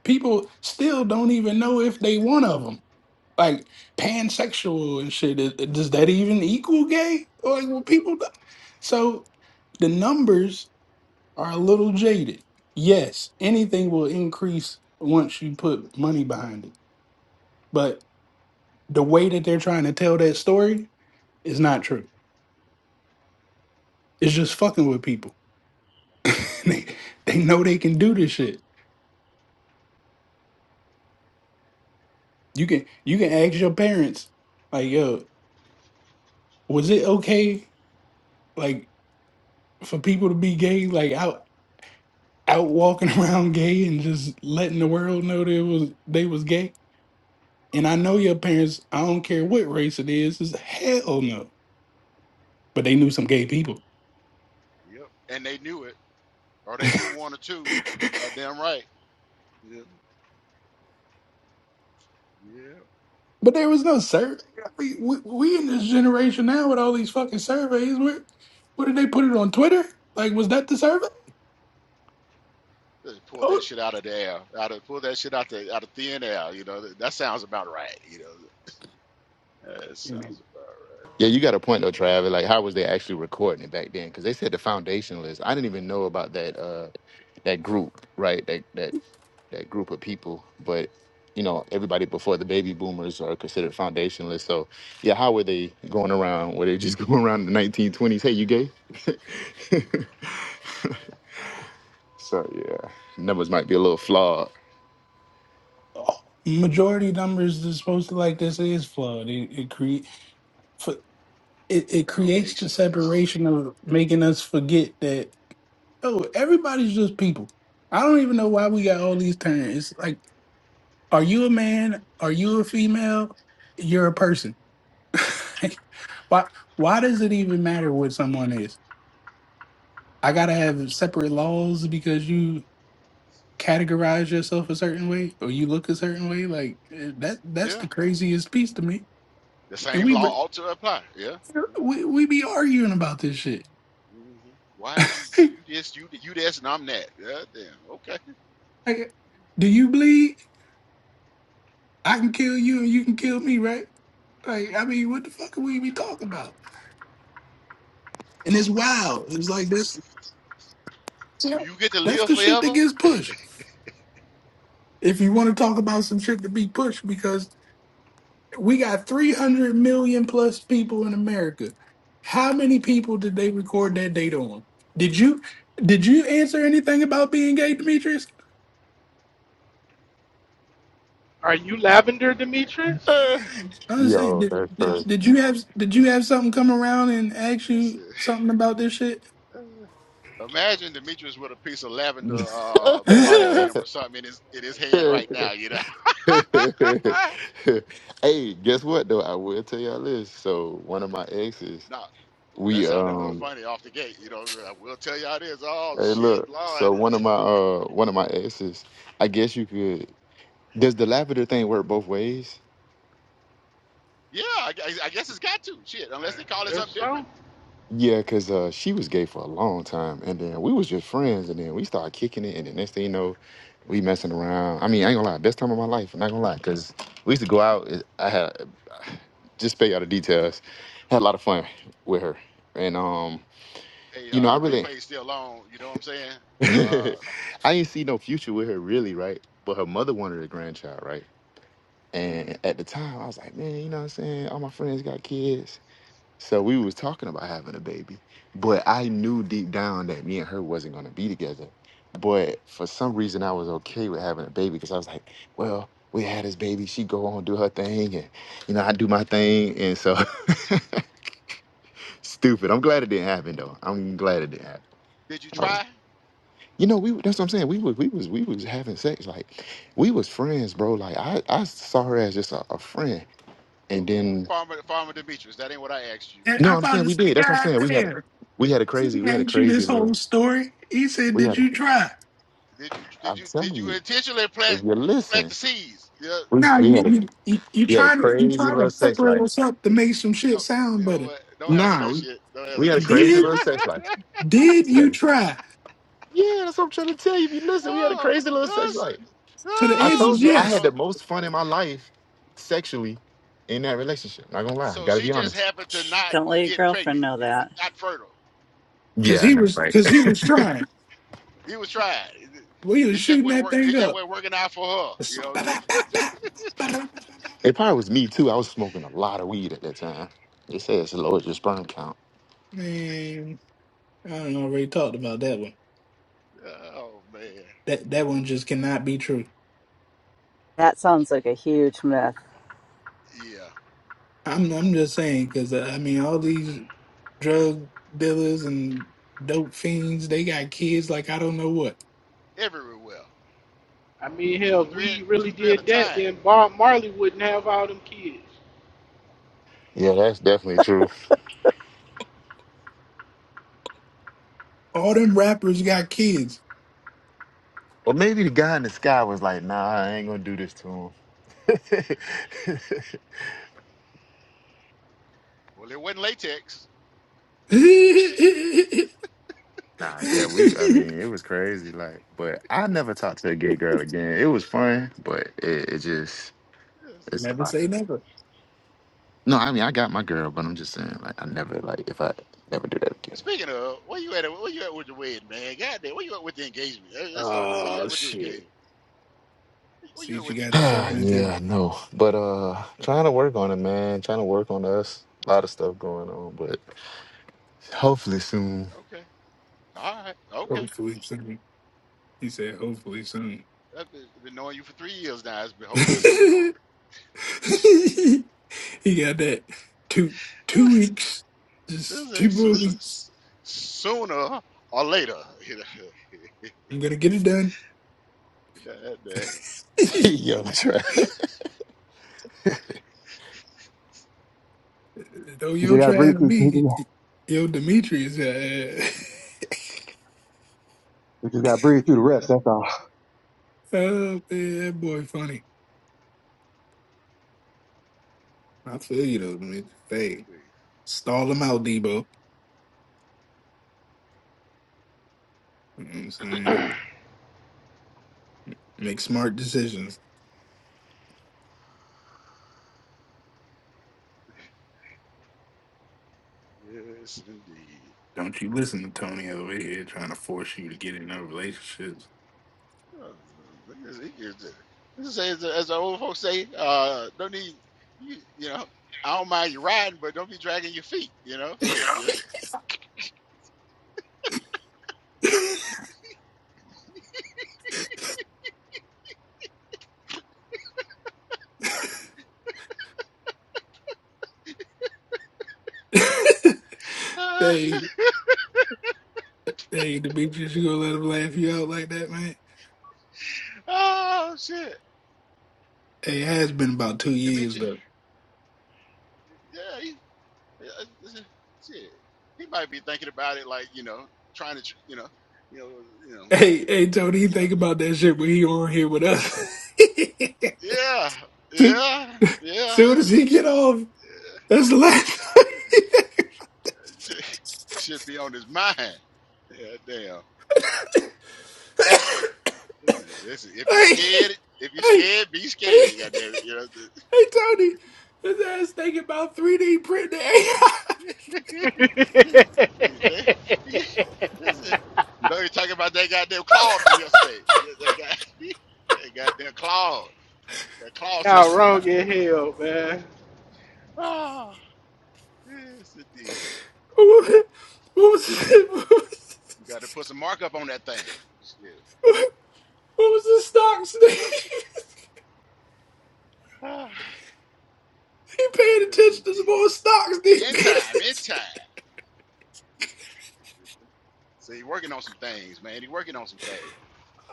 [SPEAKER 3] People still don't even know if they one of them. Like, pansexual and shit. i- Does that even equal gay? Like, well, people. d- So the numbers are a little jaded. Yes, anything will increase once you put money behind it. But the way that they're trying to tell that story is not true. It's just fucking with people. they, they know they can do this shit. You can you can ask your parents, like, yo, was it okay like for people to be gay, like out out walking around gay and just letting the world know that it was they was gay? And I know your parents, I don't care what race it is, is hell no. But they knew some gay people.
[SPEAKER 1] Yep. And they knew it, or they knew one or two. Goddamn right. Yeah. Yeah.
[SPEAKER 3] But there was no survey. I mean, we, we in this generation now with all these fucking surveys. Where, where did they put it on Twitter? Like, was that the survey?
[SPEAKER 1] They pulled that
[SPEAKER 3] Oh.
[SPEAKER 1] shit out of the air. Out of pulled that shit out the out of thin air. You know that, that sounds about right. You know that sounds about
[SPEAKER 4] yeah. You got a point though, Travis. Like, how was they actually recording it back then? Because they said the foundationalists. I didn't even know about that. uh That group, right? That that that group of people. But you know, everybody before the baby boomers are considered foundationalists. So yeah, how were they going around? Were they just going around in the 1920s? Hey, you gay? So yeah, numbers might be a little flawed.
[SPEAKER 3] majority numbers that's supposed to like this is flawed. It it create it, it
[SPEAKER 1] right.
[SPEAKER 3] creates the
[SPEAKER 1] Foundationalists.
[SPEAKER 3] separation of making us forget that oh everybody's just people. I don't even know why we got all these terms. It's like are you a man? Are you a female? You're a person. why why does it even matter what someone is? I gotta have separate laws because you categorize yourself a certain way or you look a certain way. Like eh, that that's the
[SPEAKER 1] Yeah.
[SPEAKER 3] craziest piece to me
[SPEAKER 1] The
[SPEAKER 3] and
[SPEAKER 1] same
[SPEAKER 3] we
[SPEAKER 1] law ought to apply. Yeah. Yeah.
[SPEAKER 3] We we be arguing about this shit.
[SPEAKER 1] hmm Why is you you this you th- you this and I'm that? Yeah. Damn. Okay.
[SPEAKER 3] Like, do you bleed? I can kill you and you can kill me, right? Like, I mean, what the fuck are we be talking about? And it's wild. It's like this.
[SPEAKER 1] Do you get to
[SPEAKER 3] That's
[SPEAKER 1] live
[SPEAKER 3] the shit that
[SPEAKER 1] forever?
[SPEAKER 3] gets pushed. If you want to talk about some shit to be pushed, because we got 300 million plus people in America. How many people did they record that data on? Did you did you answer anything about being gay, Demetrius?
[SPEAKER 9] Are you Lavender Demetrius?
[SPEAKER 3] I was saying,
[SPEAKER 4] Yo,
[SPEAKER 3] did,
[SPEAKER 4] that's
[SPEAKER 3] did did you have did you have something come around and ask you
[SPEAKER 1] Listen,
[SPEAKER 3] something about this shit?
[SPEAKER 1] uh, imagine Demetrius with a piece of lavender uh, body
[SPEAKER 3] and
[SPEAKER 1] film or something in his in his hand
[SPEAKER 4] crazy.
[SPEAKER 1] right now. You know.
[SPEAKER 4] hey,
[SPEAKER 1] Ah,
[SPEAKER 4] guess what though? I will tell y'all this. So one of my exes,
[SPEAKER 1] now, ooh, that
[SPEAKER 4] we
[SPEAKER 1] sounded a little
[SPEAKER 4] um
[SPEAKER 1] funny off the gate. You know, I will tell you how it is. Oh,
[SPEAKER 4] hey
[SPEAKER 1] shit,
[SPEAKER 4] look,
[SPEAKER 1] Lord.
[SPEAKER 4] so one of my uh one of my exes, I guess you could does the lavender thing work both ways?
[SPEAKER 1] yeah, I, gu- I guess it's got to. Shit, unless
[SPEAKER 9] I
[SPEAKER 1] they call it something
[SPEAKER 9] guess
[SPEAKER 1] different.
[SPEAKER 9] so.
[SPEAKER 4] Yeah, cause uh she was gay for a long time and then we was just friends and then we started kicking it and the next thing you know, we messing around. I mean, I ain't gonna lie, best time of my life, I'm not gonna lie, cause we used to go out, it- I had just spell all the details,
[SPEAKER 1] Fucking.
[SPEAKER 4] had a lot of fun with her. And um
[SPEAKER 1] Hey,
[SPEAKER 4] You know,
[SPEAKER 1] uh,
[SPEAKER 4] I
[SPEAKER 1] the
[SPEAKER 4] really,
[SPEAKER 1] replay's still on. You know what I'm saying? Uh,
[SPEAKER 4] I didn't see no future with her really, right? But her mother wanted a grandchild, right?
[SPEAKER 1] mm,
[SPEAKER 4] And at the time, I was like, man, you know what I'm saying? All my friends got kids, so we was talking about having a baby. But I knew deep down that me and her wasn't gonna be together. But for some reason, I was okay with having a baby because I was like, well, we had this baby. She go on do her thing, and you know, I do my thing, and so stupid. I'm glad it didn't happen though. I'm glad it didn't happen.
[SPEAKER 1] did you try?
[SPEAKER 4] You know, we that's what I'm saying. We was we was we was having sex like we was friends, bro. Like I I saw her as just a, a friend, and
[SPEAKER 1] Okay,
[SPEAKER 4] then
[SPEAKER 1] Farmer, Farmer Demetrius, that ain't what I asked you.
[SPEAKER 4] no,
[SPEAKER 3] I
[SPEAKER 4] I'm
[SPEAKER 3] about
[SPEAKER 4] saying
[SPEAKER 3] to
[SPEAKER 4] we
[SPEAKER 3] say,
[SPEAKER 4] did. That's what I'm
[SPEAKER 3] God
[SPEAKER 4] saying. We had a
[SPEAKER 3] damn,
[SPEAKER 4] we had a
[SPEAKER 3] he
[SPEAKER 4] crazy we had a
[SPEAKER 3] asked you this
[SPEAKER 4] crazy little
[SPEAKER 3] whole story. He said,
[SPEAKER 4] we
[SPEAKER 3] did
[SPEAKER 4] had. A,
[SPEAKER 3] you try?
[SPEAKER 1] Did you, did
[SPEAKER 4] I'm
[SPEAKER 1] you, did
[SPEAKER 4] telling
[SPEAKER 1] you
[SPEAKER 4] you,
[SPEAKER 1] intentionally
[SPEAKER 4] if
[SPEAKER 1] plant,
[SPEAKER 4] you
[SPEAKER 1] plant
[SPEAKER 4] listen,
[SPEAKER 1] the seeds? Yeah.
[SPEAKER 4] we
[SPEAKER 3] Now
[SPEAKER 4] we
[SPEAKER 3] you
[SPEAKER 4] had a
[SPEAKER 3] you you, you
[SPEAKER 4] we had a
[SPEAKER 3] trying to you
[SPEAKER 4] crazy
[SPEAKER 3] trying
[SPEAKER 4] little
[SPEAKER 3] to
[SPEAKER 4] sex
[SPEAKER 3] pepper
[SPEAKER 4] life.
[SPEAKER 3] us up to make some shit
[SPEAKER 1] No,
[SPEAKER 3] sound
[SPEAKER 1] you know
[SPEAKER 3] better.
[SPEAKER 1] what? Don't answer
[SPEAKER 4] Nah,
[SPEAKER 1] that
[SPEAKER 4] we
[SPEAKER 1] shit. Don't
[SPEAKER 4] we
[SPEAKER 1] answer
[SPEAKER 4] had a
[SPEAKER 1] that shit.
[SPEAKER 4] crazy
[SPEAKER 3] Did
[SPEAKER 4] little sex life.
[SPEAKER 3] did
[SPEAKER 4] We had
[SPEAKER 3] you
[SPEAKER 4] a-
[SPEAKER 3] try?
[SPEAKER 4] yeah, that's what I'm trying to tell you. If you listen, we had a
[SPEAKER 1] oh,
[SPEAKER 4] crazy little sex
[SPEAKER 1] that's,
[SPEAKER 4] life.
[SPEAKER 3] So the
[SPEAKER 4] I
[SPEAKER 3] answer
[SPEAKER 1] ah,
[SPEAKER 3] is
[SPEAKER 4] told you
[SPEAKER 1] so,
[SPEAKER 4] I
[SPEAKER 1] so
[SPEAKER 4] had
[SPEAKER 3] yes,
[SPEAKER 4] the most fun in my life sexually in that relationship. Not gonna lie,
[SPEAKER 1] So
[SPEAKER 4] gotta
[SPEAKER 1] she
[SPEAKER 4] be
[SPEAKER 1] just
[SPEAKER 4] honest.
[SPEAKER 1] happened to not
[SPEAKER 5] Don't let your
[SPEAKER 1] get
[SPEAKER 5] girlfriend
[SPEAKER 1] pregnant,
[SPEAKER 5] know that.
[SPEAKER 1] not fertile.
[SPEAKER 3] because
[SPEAKER 4] Yeah, I
[SPEAKER 3] he
[SPEAKER 4] know,
[SPEAKER 3] was
[SPEAKER 4] right?
[SPEAKER 3] because he was trying.
[SPEAKER 1] He was trying. It
[SPEAKER 3] We was
[SPEAKER 1] just
[SPEAKER 3] shooting
[SPEAKER 1] wasn't
[SPEAKER 3] that
[SPEAKER 1] work.
[SPEAKER 3] thing
[SPEAKER 1] It just
[SPEAKER 3] up.
[SPEAKER 1] wasn't working out for her. You know.
[SPEAKER 3] Ba-ba-ba-ba, ba-da-ba-ba-ba.
[SPEAKER 4] It probably was me too. I was smoking a lot of weed at that time. They say it's low as your sperm count.
[SPEAKER 3] Man, I don't already talked about that one.
[SPEAKER 1] Oh man.
[SPEAKER 3] that that one just cannot be true.
[SPEAKER 5] That sounds like a huge myth.
[SPEAKER 1] Yeah.
[SPEAKER 3] I'm I'm just saying because uh, I mean all these drug dealers and dope fiends they got kids like I don't know what.
[SPEAKER 1] Everywhere. well.
[SPEAKER 9] I mean,
[SPEAKER 1] Two,
[SPEAKER 9] hell, if
[SPEAKER 1] three,
[SPEAKER 9] we
[SPEAKER 1] two,
[SPEAKER 9] really
[SPEAKER 1] three at a
[SPEAKER 9] did that,
[SPEAKER 1] time.
[SPEAKER 9] then Bob Marley wouldn't have all them kids.
[SPEAKER 4] Yeah, that's definitely true.
[SPEAKER 3] All them rappers got kids.
[SPEAKER 4] Or maybe the guy in the sky was like, "Nah, I ain't gonna do this to him."
[SPEAKER 1] Well, it wasn't latex.
[SPEAKER 3] never
[SPEAKER 4] nah, yeah, we. I mean, it was crazy. Like, but I never talked to a gay girl again. It was fun, but it, it just
[SPEAKER 1] Yes.
[SPEAKER 4] it's.
[SPEAKER 3] say never.
[SPEAKER 4] No, I mean, I got my girl, but I'm just saying, like, I never like if I never do that again.
[SPEAKER 1] Speaking of, where you at? Where you at with the wedding, man? Goddamn. where you at with the engagement? Let- Let's start there. Where you
[SPEAKER 3] Oh
[SPEAKER 1] at with the
[SPEAKER 3] shit!
[SPEAKER 1] engagement? Where you
[SPEAKER 3] See
[SPEAKER 1] at
[SPEAKER 3] what you
[SPEAKER 1] with the
[SPEAKER 3] got
[SPEAKER 1] engagement?
[SPEAKER 3] yourself into.
[SPEAKER 4] yeah, no. But uh trying to work on it, man. Trying to work on us. A lot of stuff going on, but hopefully soon.
[SPEAKER 1] Okay. All right. Okay.
[SPEAKER 3] Hopefully soon. He said hopefully soon.
[SPEAKER 1] I've been, been knowing you for three years now. It's been hopefully soon.
[SPEAKER 3] he got that two two weeks,
[SPEAKER 1] This
[SPEAKER 3] just two
[SPEAKER 1] is
[SPEAKER 3] more
[SPEAKER 1] so-
[SPEAKER 3] weeks.
[SPEAKER 1] sooner or later.
[SPEAKER 3] I'm gonna get it done.
[SPEAKER 1] that day.
[SPEAKER 4] yeah, i
[SPEAKER 3] Though
[SPEAKER 12] You
[SPEAKER 3] your
[SPEAKER 12] just gotta
[SPEAKER 3] trash
[SPEAKER 12] breathe through.
[SPEAKER 3] be
[SPEAKER 12] You
[SPEAKER 3] yo Demetrius. Uh,
[SPEAKER 12] just gotta breathe through the rest. That's all.
[SPEAKER 3] oh man, that boy funny. I feel you though, man. Hey, stall him out, Debo. You know what I'm saying? Make smart decisions.
[SPEAKER 1] Yes, indeed.
[SPEAKER 3] Don't you listen to Tony over here trying to force you to get in no relationships.
[SPEAKER 1] Oh, look at this ears there. This is as, as the old folks say, uh, don't need you, you know. I don't mind you riding, but don't be dragging your feet. You know, shit. You know?
[SPEAKER 3] hey, hey, Demetrius, you gonna let him laugh you out like that, man?
[SPEAKER 1] Ah, oh shit,
[SPEAKER 3] Hey, it has been about two years
[SPEAKER 1] Demetri.
[SPEAKER 3] though.
[SPEAKER 1] Yeah, he, uh, uh, shit. He might be thinking about it, like you know, trying to, tr- you know, you know, you know,
[SPEAKER 3] Hey, hey, Tony, you
[SPEAKER 1] you know.
[SPEAKER 3] think about that shit when he on here with us.
[SPEAKER 1] Yeah, yeah, yeah.
[SPEAKER 3] Soon as he get off, that's the last. time.
[SPEAKER 1] Should, should be on his mind. Yeah, damn. Listen, listen, listen. If you are
[SPEAKER 3] hey,
[SPEAKER 1] scared, if you are
[SPEAKER 3] hey,
[SPEAKER 1] scared, be
[SPEAKER 3] hey,
[SPEAKER 1] scared. Goddamn, it,
[SPEAKER 3] hey, Tony. His ass thinking about 3D printing AI.
[SPEAKER 1] you know. the- Yeah, they- yeah, listen. No, you're talking about that goddamn Claude from yesterday. Yeah, That guy, that goddamn Claude, that Claude
[SPEAKER 9] Y'all
[SPEAKER 1] system.
[SPEAKER 9] wrong as hell, man.
[SPEAKER 1] Oh, yes indeed.
[SPEAKER 3] what was it? what was,
[SPEAKER 1] You got to put some markup on that thing. Shit.
[SPEAKER 3] what was the stocks name?
[SPEAKER 1] Ah,
[SPEAKER 3] he paying
[SPEAKER 1] yes
[SPEAKER 3] attention to some
[SPEAKER 1] indeed.
[SPEAKER 3] more stocks these
[SPEAKER 1] In
[SPEAKER 3] days.
[SPEAKER 1] time, in time. So he's working on some things, man. He's working on some things.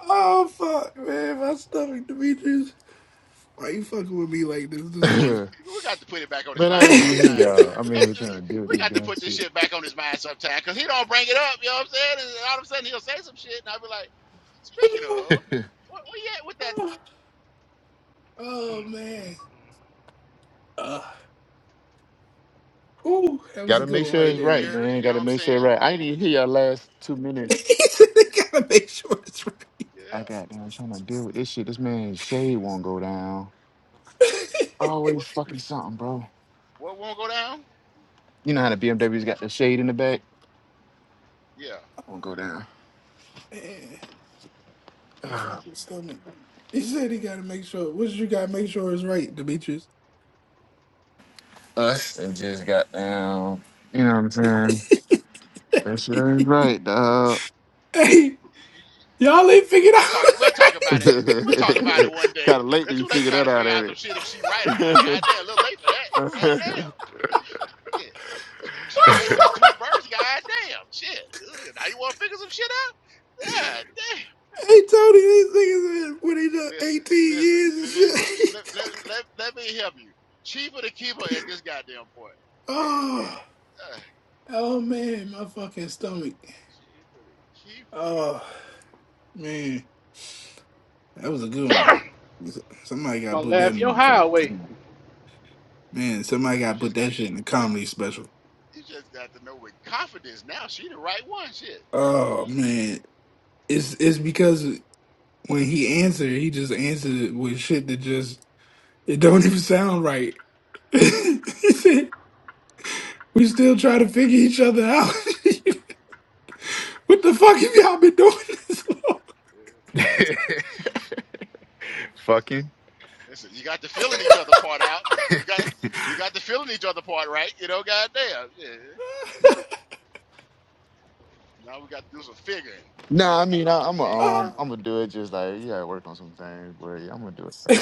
[SPEAKER 3] oh fuck, man, my stomach, Demetrius. Why you fucking with me like this this morning?
[SPEAKER 1] We got to put it back on his
[SPEAKER 4] man, I ain't
[SPEAKER 1] mind
[SPEAKER 4] even hear
[SPEAKER 1] sometime,
[SPEAKER 4] y'all.
[SPEAKER 1] though.
[SPEAKER 4] I'm
[SPEAKER 1] We
[SPEAKER 4] in
[SPEAKER 1] got
[SPEAKER 4] here
[SPEAKER 1] to,
[SPEAKER 4] trying to do
[SPEAKER 1] we
[SPEAKER 4] this
[SPEAKER 1] got to
[SPEAKER 4] damn
[SPEAKER 1] put this
[SPEAKER 4] shit.
[SPEAKER 1] shit back on his mind sometime, cause he don't bring it up. You know what I'm saying? And all of a sudden he'll say some shit, and I'll be like, "Speaking of, what where you at with that
[SPEAKER 3] oh man. Uh, whew, that was a
[SPEAKER 4] Gotta
[SPEAKER 3] good
[SPEAKER 4] make
[SPEAKER 3] one
[SPEAKER 4] sure
[SPEAKER 3] right
[SPEAKER 4] it's
[SPEAKER 1] thing,
[SPEAKER 3] there,
[SPEAKER 4] right,
[SPEAKER 3] man.
[SPEAKER 1] Bears?"
[SPEAKER 4] man.
[SPEAKER 1] You know
[SPEAKER 4] Gotta
[SPEAKER 1] what I'm
[SPEAKER 4] make sure it's
[SPEAKER 1] saying?
[SPEAKER 4] right. I ain't even hear y'all last two
[SPEAKER 3] he
[SPEAKER 4] minutes.
[SPEAKER 3] said they gotta make sure it's right.
[SPEAKER 4] I
[SPEAKER 1] Yeah.
[SPEAKER 4] got down trying to deal with this shit. This man's shade won't go down. Always
[SPEAKER 1] What
[SPEAKER 4] fucking something, bro.
[SPEAKER 1] what won't go down?
[SPEAKER 4] You know how the BMW's got the shade in the back?
[SPEAKER 1] Yeah.
[SPEAKER 4] Won't go down.
[SPEAKER 3] Man, my fucking stomach. He said he gotta make sure. What you gotta make sure is right, Demetrius?
[SPEAKER 4] us and just got down. You know what I'm saying? That shit ain't right, dog.
[SPEAKER 3] Hey, y'all ain't figured out
[SPEAKER 1] We'll talk.
[SPEAKER 3] what's
[SPEAKER 1] We'll talk about it.
[SPEAKER 3] right.
[SPEAKER 1] We'll talk about it one
[SPEAKER 4] kind
[SPEAKER 1] day.
[SPEAKER 4] of late to
[SPEAKER 1] That's
[SPEAKER 4] be
[SPEAKER 1] who they
[SPEAKER 4] figure
[SPEAKER 1] try
[SPEAKER 4] that
[SPEAKER 1] to
[SPEAKER 4] out,
[SPEAKER 1] figure out some
[SPEAKER 4] ain't
[SPEAKER 1] shit if she right or not.
[SPEAKER 4] it?
[SPEAKER 1] God damn, a little late for that. God damn. Shit. She, she right through two births, god damn. Shit. Ugh, Now you wanna figure some shit out? God damn.
[SPEAKER 3] hey, Tony, these niggas been when they done
[SPEAKER 1] Listen,
[SPEAKER 3] 18
[SPEAKER 1] listen.
[SPEAKER 3] years and
[SPEAKER 1] Let, let,
[SPEAKER 3] shit.
[SPEAKER 1] let, let, let me help you. Cheaper to keep her at this goddamn point. Yeah.
[SPEAKER 3] oh,
[SPEAKER 1] Uh,
[SPEAKER 3] oh man, my fucking stomach.
[SPEAKER 1] cheaper to keep her.
[SPEAKER 3] Oh man, that was a good one. Somebody
[SPEAKER 9] You
[SPEAKER 3] gotta
[SPEAKER 9] gonna
[SPEAKER 3] put that
[SPEAKER 9] laugh your highway.
[SPEAKER 3] in. Man,
[SPEAKER 1] You
[SPEAKER 3] somebody got
[SPEAKER 1] you
[SPEAKER 3] to put
[SPEAKER 1] just
[SPEAKER 3] that
[SPEAKER 1] got to
[SPEAKER 3] shit in the comedy special.
[SPEAKER 1] you just got to know with confidence now she the right one. Shit. You know what
[SPEAKER 3] Oh
[SPEAKER 1] I'm saying?
[SPEAKER 3] man, it's it's because when he answered, he just answered it with shit that just it don't even sound right. he said, "We still try
[SPEAKER 1] Listen,
[SPEAKER 3] to figure each other out." what the fuck have y'all been doing this long?
[SPEAKER 1] yeah.
[SPEAKER 4] Fucking.
[SPEAKER 1] Listen, you got the feeling each other part out. You got you got the feeling each other part right, you know, goddamn. Yeah. Now we got to do some figuring.
[SPEAKER 4] nah, I mean, I, I'm a,
[SPEAKER 1] Figuring.
[SPEAKER 3] Oh,
[SPEAKER 4] um, I'm gonna do it. Just like you gotta work on some things, but yeah, I'm gonna do it. So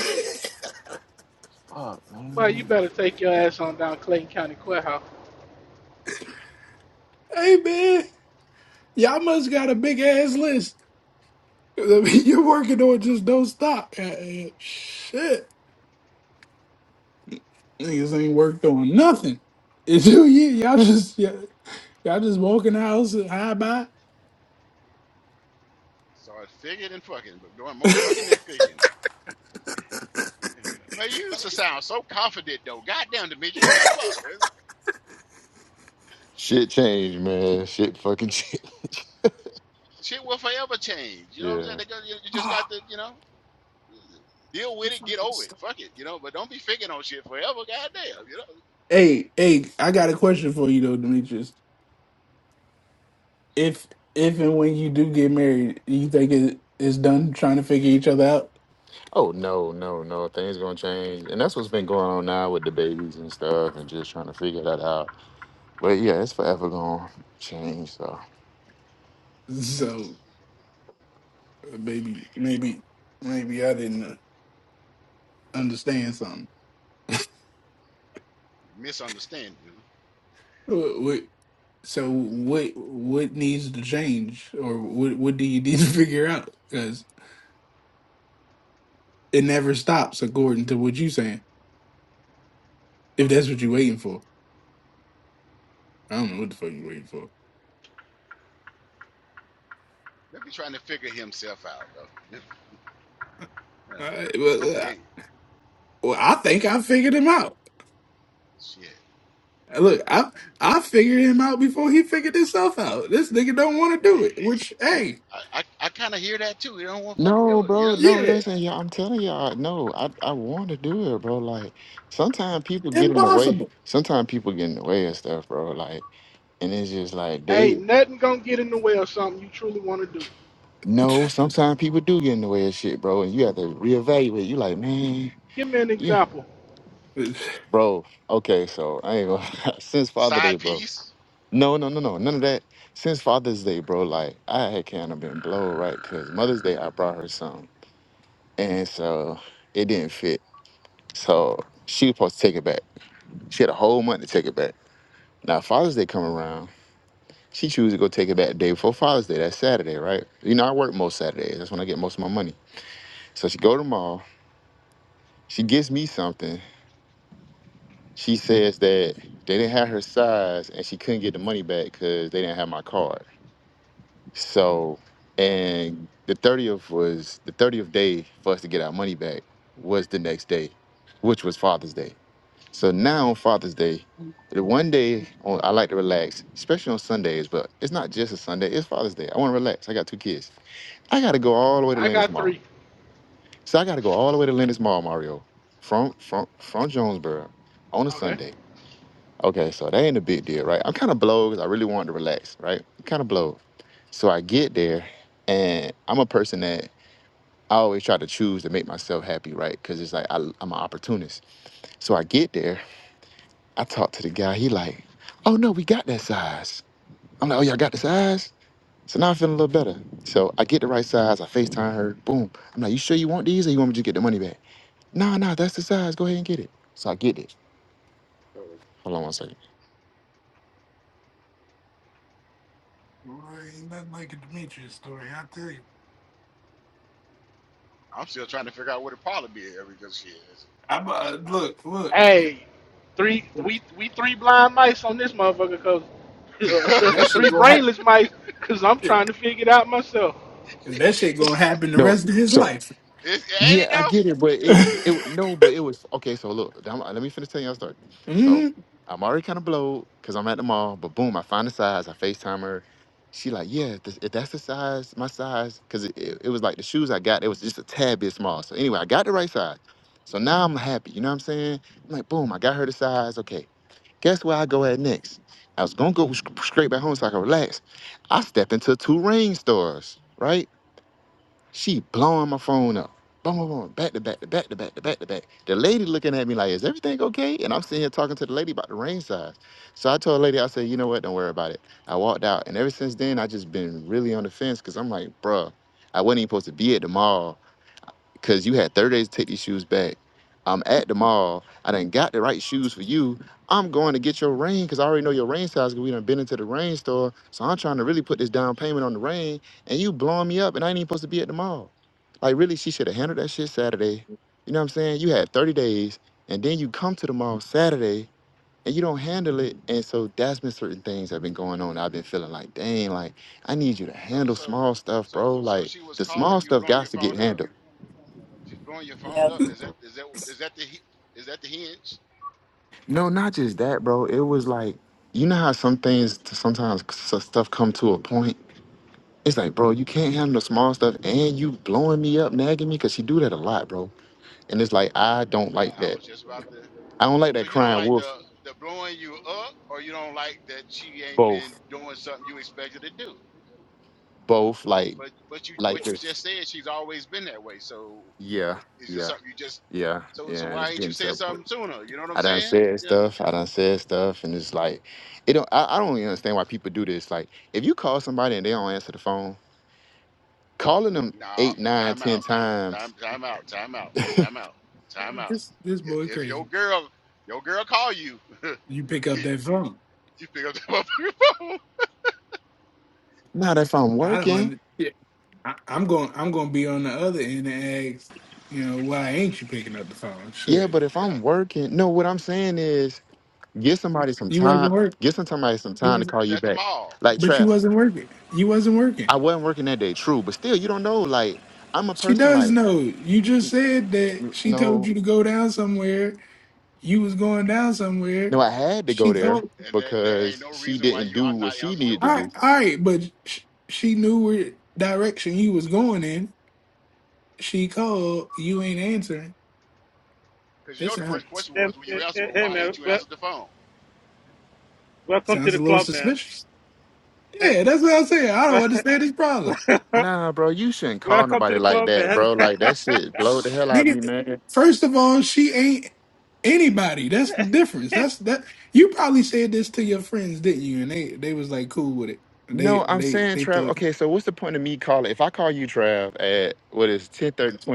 [SPEAKER 4] fuck,
[SPEAKER 9] Boy,
[SPEAKER 4] man.
[SPEAKER 9] you better take your ass on down Clayton County Courthouse.
[SPEAKER 3] hey man, y'all must got a big ass list. I mean, You're working on just don't stop. Goddamn. Shit, niggas ain't worked on nothing. It's two years. Y'all just yeah. I just walk in the house and high by.
[SPEAKER 1] Start figuring and fucking, but doing more fucking than figuring. Man, you used to sound so confident though. Goddamn, Demetrius, what the fuck?
[SPEAKER 4] Shit changed, man. Shit fucking changed.
[SPEAKER 1] Shit will forever change. You know what I'm saying?
[SPEAKER 4] Yeah.
[SPEAKER 1] They go, you, you just
[SPEAKER 3] Oh,
[SPEAKER 1] got to, you know, deal
[SPEAKER 3] I'm
[SPEAKER 1] with it, get
[SPEAKER 3] fucking
[SPEAKER 1] over it.
[SPEAKER 3] stuck.
[SPEAKER 1] Fuck it, you know. But don't be figuring on shit forever. Goddamn, you know.
[SPEAKER 3] Hey, hey, I got a question for you though, Demetrius. If if and when you do get married, you think it is done trying to figure each other out?
[SPEAKER 4] Oh no, no, no. Things gonna change, and that's what's been going on now with the babies and stuff, and just trying to figure that out. But yeah, it's forever gonna change. So
[SPEAKER 3] So uh, maybe maybe maybe I didn't understand something.
[SPEAKER 1] Misunderstanding.
[SPEAKER 3] What, what, so what what needs to change, or what what do you need to figure out? Because it never stops, according to what you're saying. If that's what you're waiting for, I don't know what the fuck you're waiting for.
[SPEAKER 1] They be trying to figure himself out though. I
[SPEAKER 3] All right,
[SPEAKER 1] Hopefully, ain't
[SPEAKER 3] Well, I think I figured him out.
[SPEAKER 1] shit.
[SPEAKER 3] Look, I
[SPEAKER 1] Oh,
[SPEAKER 3] I figured him out before he figured himself out. This nigga don't want to do
[SPEAKER 1] Man,
[SPEAKER 3] it, which hey,
[SPEAKER 1] I I, I kind of hear that too. You don't want to fucking
[SPEAKER 4] no,
[SPEAKER 1] do it. You
[SPEAKER 4] bro,
[SPEAKER 1] know,
[SPEAKER 4] no.
[SPEAKER 3] yeah,
[SPEAKER 4] Listen, y'all, I'm telling y'all, no. I I want to do it, bro. Like sometimes people get in the way.
[SPEAKER 3] impossible.
[SPEAKER 4] Sometimes people get in the way of stuff, bro. Like, and it's just like
[SPEAKER 9] Ain't
[SPEAKER 4] they
[SPEAKER 9] nothing gonna get in the way of something you truly wanna do.
[SPEAKER 4] no. Sometimes people do get in the way of shit, bro. And you have to reevaluate. You like, man,
[SPEAKER 9] Give me an
[SPEAKER 4] yeah,
[SPEAKER 9] example.
[SPEAKER 3] Boy,
[SPEAKER 4] bro. Okay, so I ain't gonna since Father Day,
[SPEAKER 1] side
[SPEAKER 4] bro.
[SPEAKER 1] piece.
[SPEAKER 4] No, no, no, no, none of that. Since Father's Day, bro, like I had kind of been blown, right? Cause Mother's Day, I brought her something. And so it didn't fit. So she was supposed to take it back. She had a whole month to take it back. Now Father's Day come around. She chooses to go take it back the day before Father's Day. That's Saturday, right? You know, I work most Saturdays. That's when I get most of my money. So she go to the mall. She gives me something. She says that they didn't have her size and she couldn't get the money back because they didn't have my card. So and the 30th was the 30th day for us to get our money back was the next day, which was Father's Day. So now on Father's Day, the one day on, I like to relax, especially on Sundays, but it's not just a Sunday, it's Father's Day. I want to relax. I got two kids. I gotta go all the way to
[SPEAKER 9] I
[SPEAKER 4] Lennox
[SPEAKER 9] got
[SPEAKER 4] Mall.
[SPEAKER 9] three.
[SPEAKER 4] So I gotta go all the way to Lennox Mall, Mario, from from from Jonesboro on a
[SPEAKER 9] Okay.
[SPEAKER 4] Sunday. Okay, so that ain't a big deal, right? I'm kind of blown 'cause I really wanted to relax, right? Kind of blown. So I get there, and I'm a person that I always try to choose to make myself happy, right? Because it's like I, I'm an opportunist. So I get there, I talked to the guy. He like, oh no, we got that size. I'm like, oh y'all got the size. So now I'm feeling a little better. So I get the right size. I Facetime her. Boom. I'm like, you sure you want these, or you want me to get the money back? Nah, nah, that's the size. Go ahead and get it. So I get it. Hold on one second.
[SPEAKER 3] ain't nothing like a Demetrius story. I tell you,
[SPEAKER 1] I'm still trying to figure out what it probably be every because she Is
[SPEAKER 3] I'm uh, look, look,
[SPEAKER 9] Hey, three
[SPEAKER 3] look.
[SPEAKER 9] we we three blind mice on this motherfucker cause
[SPEAKER 3] that shit
[SPEAKER 9] three
[SPEAKER 3] gonna
[SPEAKER 9] brainless mice cause I'm
[SPEAKER 3] happen.
[SPEAKER 9] trying to figure it out myself.
[SPEAKER 3] That shit gonna happen the
[SPEAKER 4] No.
[SPEAKER 3] rest of his life.
[SPEAKER 1] it, ain't
[SPEAKER 4] Yeah,
[SPEAKER 1] it
[SPEAKER 4] I
[SPEAKER 1] though?
[SPEAKER 4] get it, but it it w- no, but it was okay. So look, I'm- let me finish telling y'all a story.
[SPEAKER 3] hmm
[SPEAKER 4] So I'm already kind of blowed because I'm at the mall, but boom, I find the size. I Facetime her. She like, yeah, this, if that's the size, my size, because it, it, it was like the shoes I got, it was just a tad bit small. So anyway, I got the right size. So now I'm happy. You know what I'm saying? I'm like, boom, I got her the size. Okay, guess where I go at next? I was gonna go sc- straight back home so I can relax. I stepped into two rain stores, right? She blowing my phone up. Boom, boom, boom, back to back to back to back to back to back. The lady looking at me like, is everything okay? And I'm sitting here talking to the lady about the rain size. So I told the lady, I said, you know what? Don't worry about it. I walked out. And ever since then, I just been really on the fence because I'm like, bruh, I wasn't even supposed to be at the mall because you had 30 days to take these shoes back. I'm at the mall. I done got the right shoes for you. I'm going to get your rain because I already know your rain size because we done been into the rain store. So I'm trying to really put this down payment on the rain and you blowing me up and I ain't even supposed to be at the mall. Like, really, she should have handled that shit Saturday. You know what I'm saying? You had 30 days and then you come to the mall Saturday and you don't handle it. And so that's been certain things that have been going on. I've been feeling like, dang, like, I need you to
[SPEAKER 1] So
[SPEAKER 4] handle
[SPEAKER 1] so
[SPEAKER 4] small stuff,
[SPEAKER 1] so
[SPEAKER 4] bro.
[SPEAKER 1] so
[SPEAKER 4] Like,
[SPEAKER 1] she was
[SPEAKER 4] the
[SPEAKER 1] calling
[SPEAKER 4] small
[SPEAKER 1] you,
[SPEAKER 4] stuff
[SPEAKER 1] blowing
[SPEAKER 4] got
[SPEAKER 1] your
[SPEAKER 4] to get
[SPEAKER 1] phone up.
[SPEAKER 4] handled.
[SPEAKER 1] She's blowing your
[SPEAKER 5] You
[SPEAKER 1] phone
[SPEAKER 5] know,
[SPEAKER 1] up. Is that is that is that the he- is that the hinge?
[SPEAKER 4] No, not just that, bro. It was like you know how some things sometimes s- stuff come to a point. It's like, bro, you can't handle the small stuff, and you blowing me up, nagging me, cause she do that a lot, bro. And it's like I don't like
[SPEAKER 1] Uh, I
[SPEAKER 4] that.
[SPEAKER 1] was just about to.
[SPEAKER 4] I don't like
[SPEAKER 1] So
[SPEAKER 4] that
[SPEAKER 1] you don't
[SPEAKER 4] crying
[SPEAKER 1] like
[SPEAKER 4] wolf.
[SPEAKER 1] the the blowing you up, or you don't like that she ain't been
[SPEAKER 4] Both,
[SPEAKER 1] doing something you expected to do.
[SPEAKER 4] both, like,
[SPEAKER 1] But but you
[SPEAKER 4] like
[SPEAKER 1] but you
[SPEAKER 4] this.
[SPEAKER 1] just said she's always been that way. So
[SPEAKER 4] Yeah,
[SPEAKER 1] is this
[SPEAKER 4] yeah,
[SPEAKER 1] something you just
[SPEAKER 4] yeah,
[SPEAKER 1] so so
[SPEAKER 4] yeah.
[SPEAKER 1] why
[SPEAKER 4] It's
[SPEAKER 1] ain't you
[SPEAKER 4] getting to
[SPEAKER 1] said
[SPEAKER 4] a point.
[SPEAKER 1] something sooner? You know what I'm
[SPEAKER 4] I done
[SPEAKER 1] saying?
[SPEAKER 4] said
[SPEAKER 1] Yeah.
[SPEAKER 4] stuff. I done said stuff, and it's like, it don't. I, I don't even understand why people do this. Like, if you call somebody and they don't answer the phone, calling them
[SPEAKER 1] No,
[SPEAKER 4] eight, nine,
[SPEAKER 1] time
[SPEAKER 4] ten
[SPEAKER 1] out.
[SPEAKER 4] times
[SPEAKER 1] Time time out. Time out. Time out. Time out.
[SPEAKER 3] This this
[SPEAKER 1] I-
[SPEAKER 3] boy
[SPEAKER 1] If your
[SPEAKER 3] crazy.
[SPEAKER 1] girl your girl call you,
[SPEAKER 3] You pick up that
[SPEAKER 1] you
[SPEAKER 3] phone.
[SPEAKER 1] pick up the motherfucking phone.
[SPEAKER 4] Not if I'm
[SPEAKER 3] I
[SPEAKER 4] working.
[SPEAKER 3] don't. I, I'm going. I'm going to be on the other end and ask, you know, why ain't you picking up the phone?
[SPEAKER 4] Yeah,
[SPEAKER 3] Shit,
[SPEAKER 4] but if
[SPEAKER 1] Yeah,
[SPEAKER 4] I'm working, no, what I'm saying is get somebody some
[SPEAKER 3] you wasn't
[SPEAKER 4] time,
[SPEAKER 3] work.
[SPEAKER 4] get some somebody some
[SPEAKER 3] You
[SPEAKER 4] time to
[SPEAKER 3] wasn't,
[SPEAKER 1] you
[SPEAKER 4] call
[SPEAKER 1] was
[SPEAKER 4] you
[SPEAKER 1] at the
[SPEAKER 4] back.
[SPEAKER 1] mall,
[SPEAKER 4] Like
[SPEAKER 3] but you
[SPEAKER 4] Trap,
[SPEAKER 3] wasn't working. You wasn't working.
[SPEAKER 4] I wasn't working that day, true, but still you don't know. Like, I'm a
[SPEAKER 3] She
[SPEAKER 4] person
[SPEAKER 3] does
[SPEAKER 4] like
[SPEAKER 3] know. You just said that
[SPEAKER 4] n-
[SPEAKER 3] she told
[SPEAKER 4] no,
[SPEAKER 3] you to go down somewhere. You was going down somewhere.
[SPEAKER 4] no, I had to go
[SPEAKER 3] She
[SPEAKER 1] and
[SPEAKER 4] there
[SPEAKER 3] told.
[SPEAKER 1] and there, there ain't
[SPEAKER 4] because
[SPEAKER 1] no
[SPEAKER 4] she
[SPEAKER 1] reason why
[SPEAKER 4] didn't
[SPEAKER 1] you
[SPEAKER 4] do
[SPEAKER 1] ought
[SPEAKER 4] what
[SPEAKER 1] not
[SPEAKER 4] she
[SPEAKER 1] answer your
[SPEAKER 4] needed
[SPEAKER 3] All
[SPEAKER 4] to
[SPEAKER 3] right,
[SPEAKER 4] do.
[SPEAKER 1] phone.
[SPEAKER 3] all right, but sh- she knew where direction you was going in. She called. You ain't answering.
[SPEAKER 1] Cause you
[SPEAKER 3] It
[SPEAKER 1] know the first
[SPEAKER 3] sounds
[SPEAKER 1] question
[SPEAKER 11] "Em-
[SPEAKER 1] was when
[SPEAKER 11] eh,
[SPEAKER 1] you answered,
[SPEAKER 11] eh,
[SPEAKER 1] well,
[SPEAKER 11] hey,
[SPEAKER 1] why ain't
[SPEAKER 11] man,
[SPEAKER 1] you
[SPEAKER 11] wel-
[SPEAKER 1] answered the phone?
[SPEAKER 11] welcome to
[SPEAKER 3] sounds
[SPEAKER 11] the
[SPEAKER 3] a little
[SPEAKER 11] club, man.
[SPEAKER 3] suspicious. Yeah, that's what I'm saying. I don't understand this problem.
[SPEAKER 4] Nah, bro, you shouldn't call
[SPEAKER 11] welcome to
[SPEAKER 4] nobody
[SPEAKER 11] the
[SPEAKER 4] like
[SPEAKER 11] club,
[SPEAKER 4] that,
[SPEAKER 11] man.
[SPEAKER 4] bro. Like that shit blow the hell out of
[SPEAKER 3] Nigga,
[SPEAKER 4] me, man.
[SPEAKER 3] first of all, she ain't anybody. That's the difference. That's that. You probably said this to your friends, didn't you? And they they was like cool with it. They
[SPEAKER 4] No, I'm
[SPEAKER 3] they
[SPEAKER 4] saying
[SPEAKER 3] they
[SPEAKER 4] Trav.
[SPEAKER 3] thought.
[SPEAKER 4] Okay, so what's the point of me calling? If I call you Trav at what is 10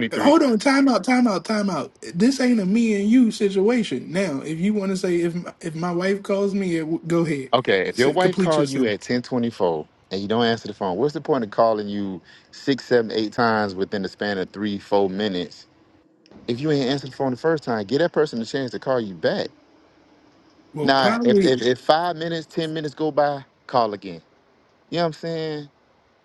[SPEAKER 4] thirty,
[SPEAKER 3] Hold on, time out, time out, time out. This ain't a me and you situation. Now, if you want to say if my- if my wife calls me, it, w- go ahead,
[SPEAKER 4] Okay, if your
[SPEAKER 3] S-
[SPEAKER 4] wife
[SPEAKER 3] complete
[SPEAKER 4] call
[SPEAKER 3] your
[SPEAKER 4] you at
[SPEAKER 3] sentence.
[SPEAKER 4] ten twenty four and you don't answer the phone, what's the point of calling you six, seven, eight times within the span of three, four minutes? If you ain't answered the phone the first time, give that person a chance to call you back.
[SPEAKER 3] Well,
[SPEAKER 4] Now, if
[SPEAKER 3] probably
[SPEAKER 4] if, if five minutes, ten minutes go by, call again. You know what I'm saying?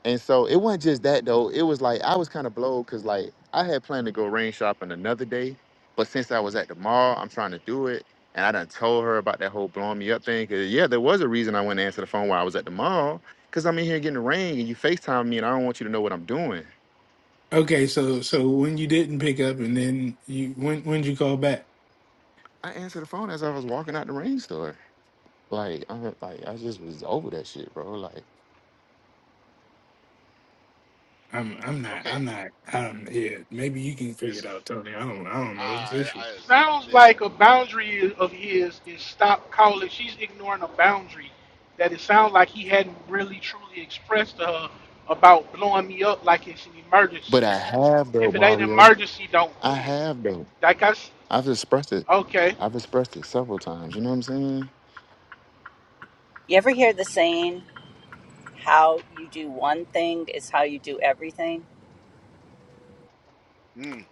[SPEAKER 4] And so it wasn't just that though. It was like I was kind of blowed because like I had planned to go rain shopping another day, but since I was at the mall, I'm trying to do it. And I done told her about that whole blowing me up thing. Cause yeah, there was a reason I went to answer the phone while I was at the mall. Cause I'm in here getting the rain and you FaceTime me and I don't want you to know what I'm doing.
[SPEAKER 3] okay. So so when you didn't pick up, and then you when when would you call back?
[SPEAKER 4] I answered the phone as I was walking out the rain store. Like, I'm like, I just was over that shit, bro. Like,
[SPEAKER 3] I'm I'm not
[SPEAKER 1] Okay,
[SPEAKER 3] I'm not I don't yeah maybe you can figure it
[SPEAKER 1] listen,
[SPEAKER 3] out Tony I don't I don't know this
[SPEAKER 1] I
[SPEAKER 3] issue
[SPEAKER 1] I
[SPEAKER 9] Sounds
[SPEAKER 1] listen.
[SPEAKER 9] like a boundary of his is stop calling. She's ignoring a boundary that it sounds like he hadn't really truly expressed to her about blowing me up like it's an emergency.
[SPEAKER 4] but I have though,
[SPEAKER 9] If it ain't an
[SPEAKER 4] Mario.
[SPEAKER 9] emergency, don't
[SPEAKER 4] I
[SPEAKER 9] do it.
[SPEAKER 4] have though.
[SPEAKER 9] Like I s-
[SPEAKER 4] I've expressed it.
[SPEAKER 9] okay,
[SPEAKER 4] I've expressed it several times. You know what I'm saying?
[SPEAKER 5] you ever hear the saying, how you do one thing is how you do everything?
[SPEAKER 1] Mm,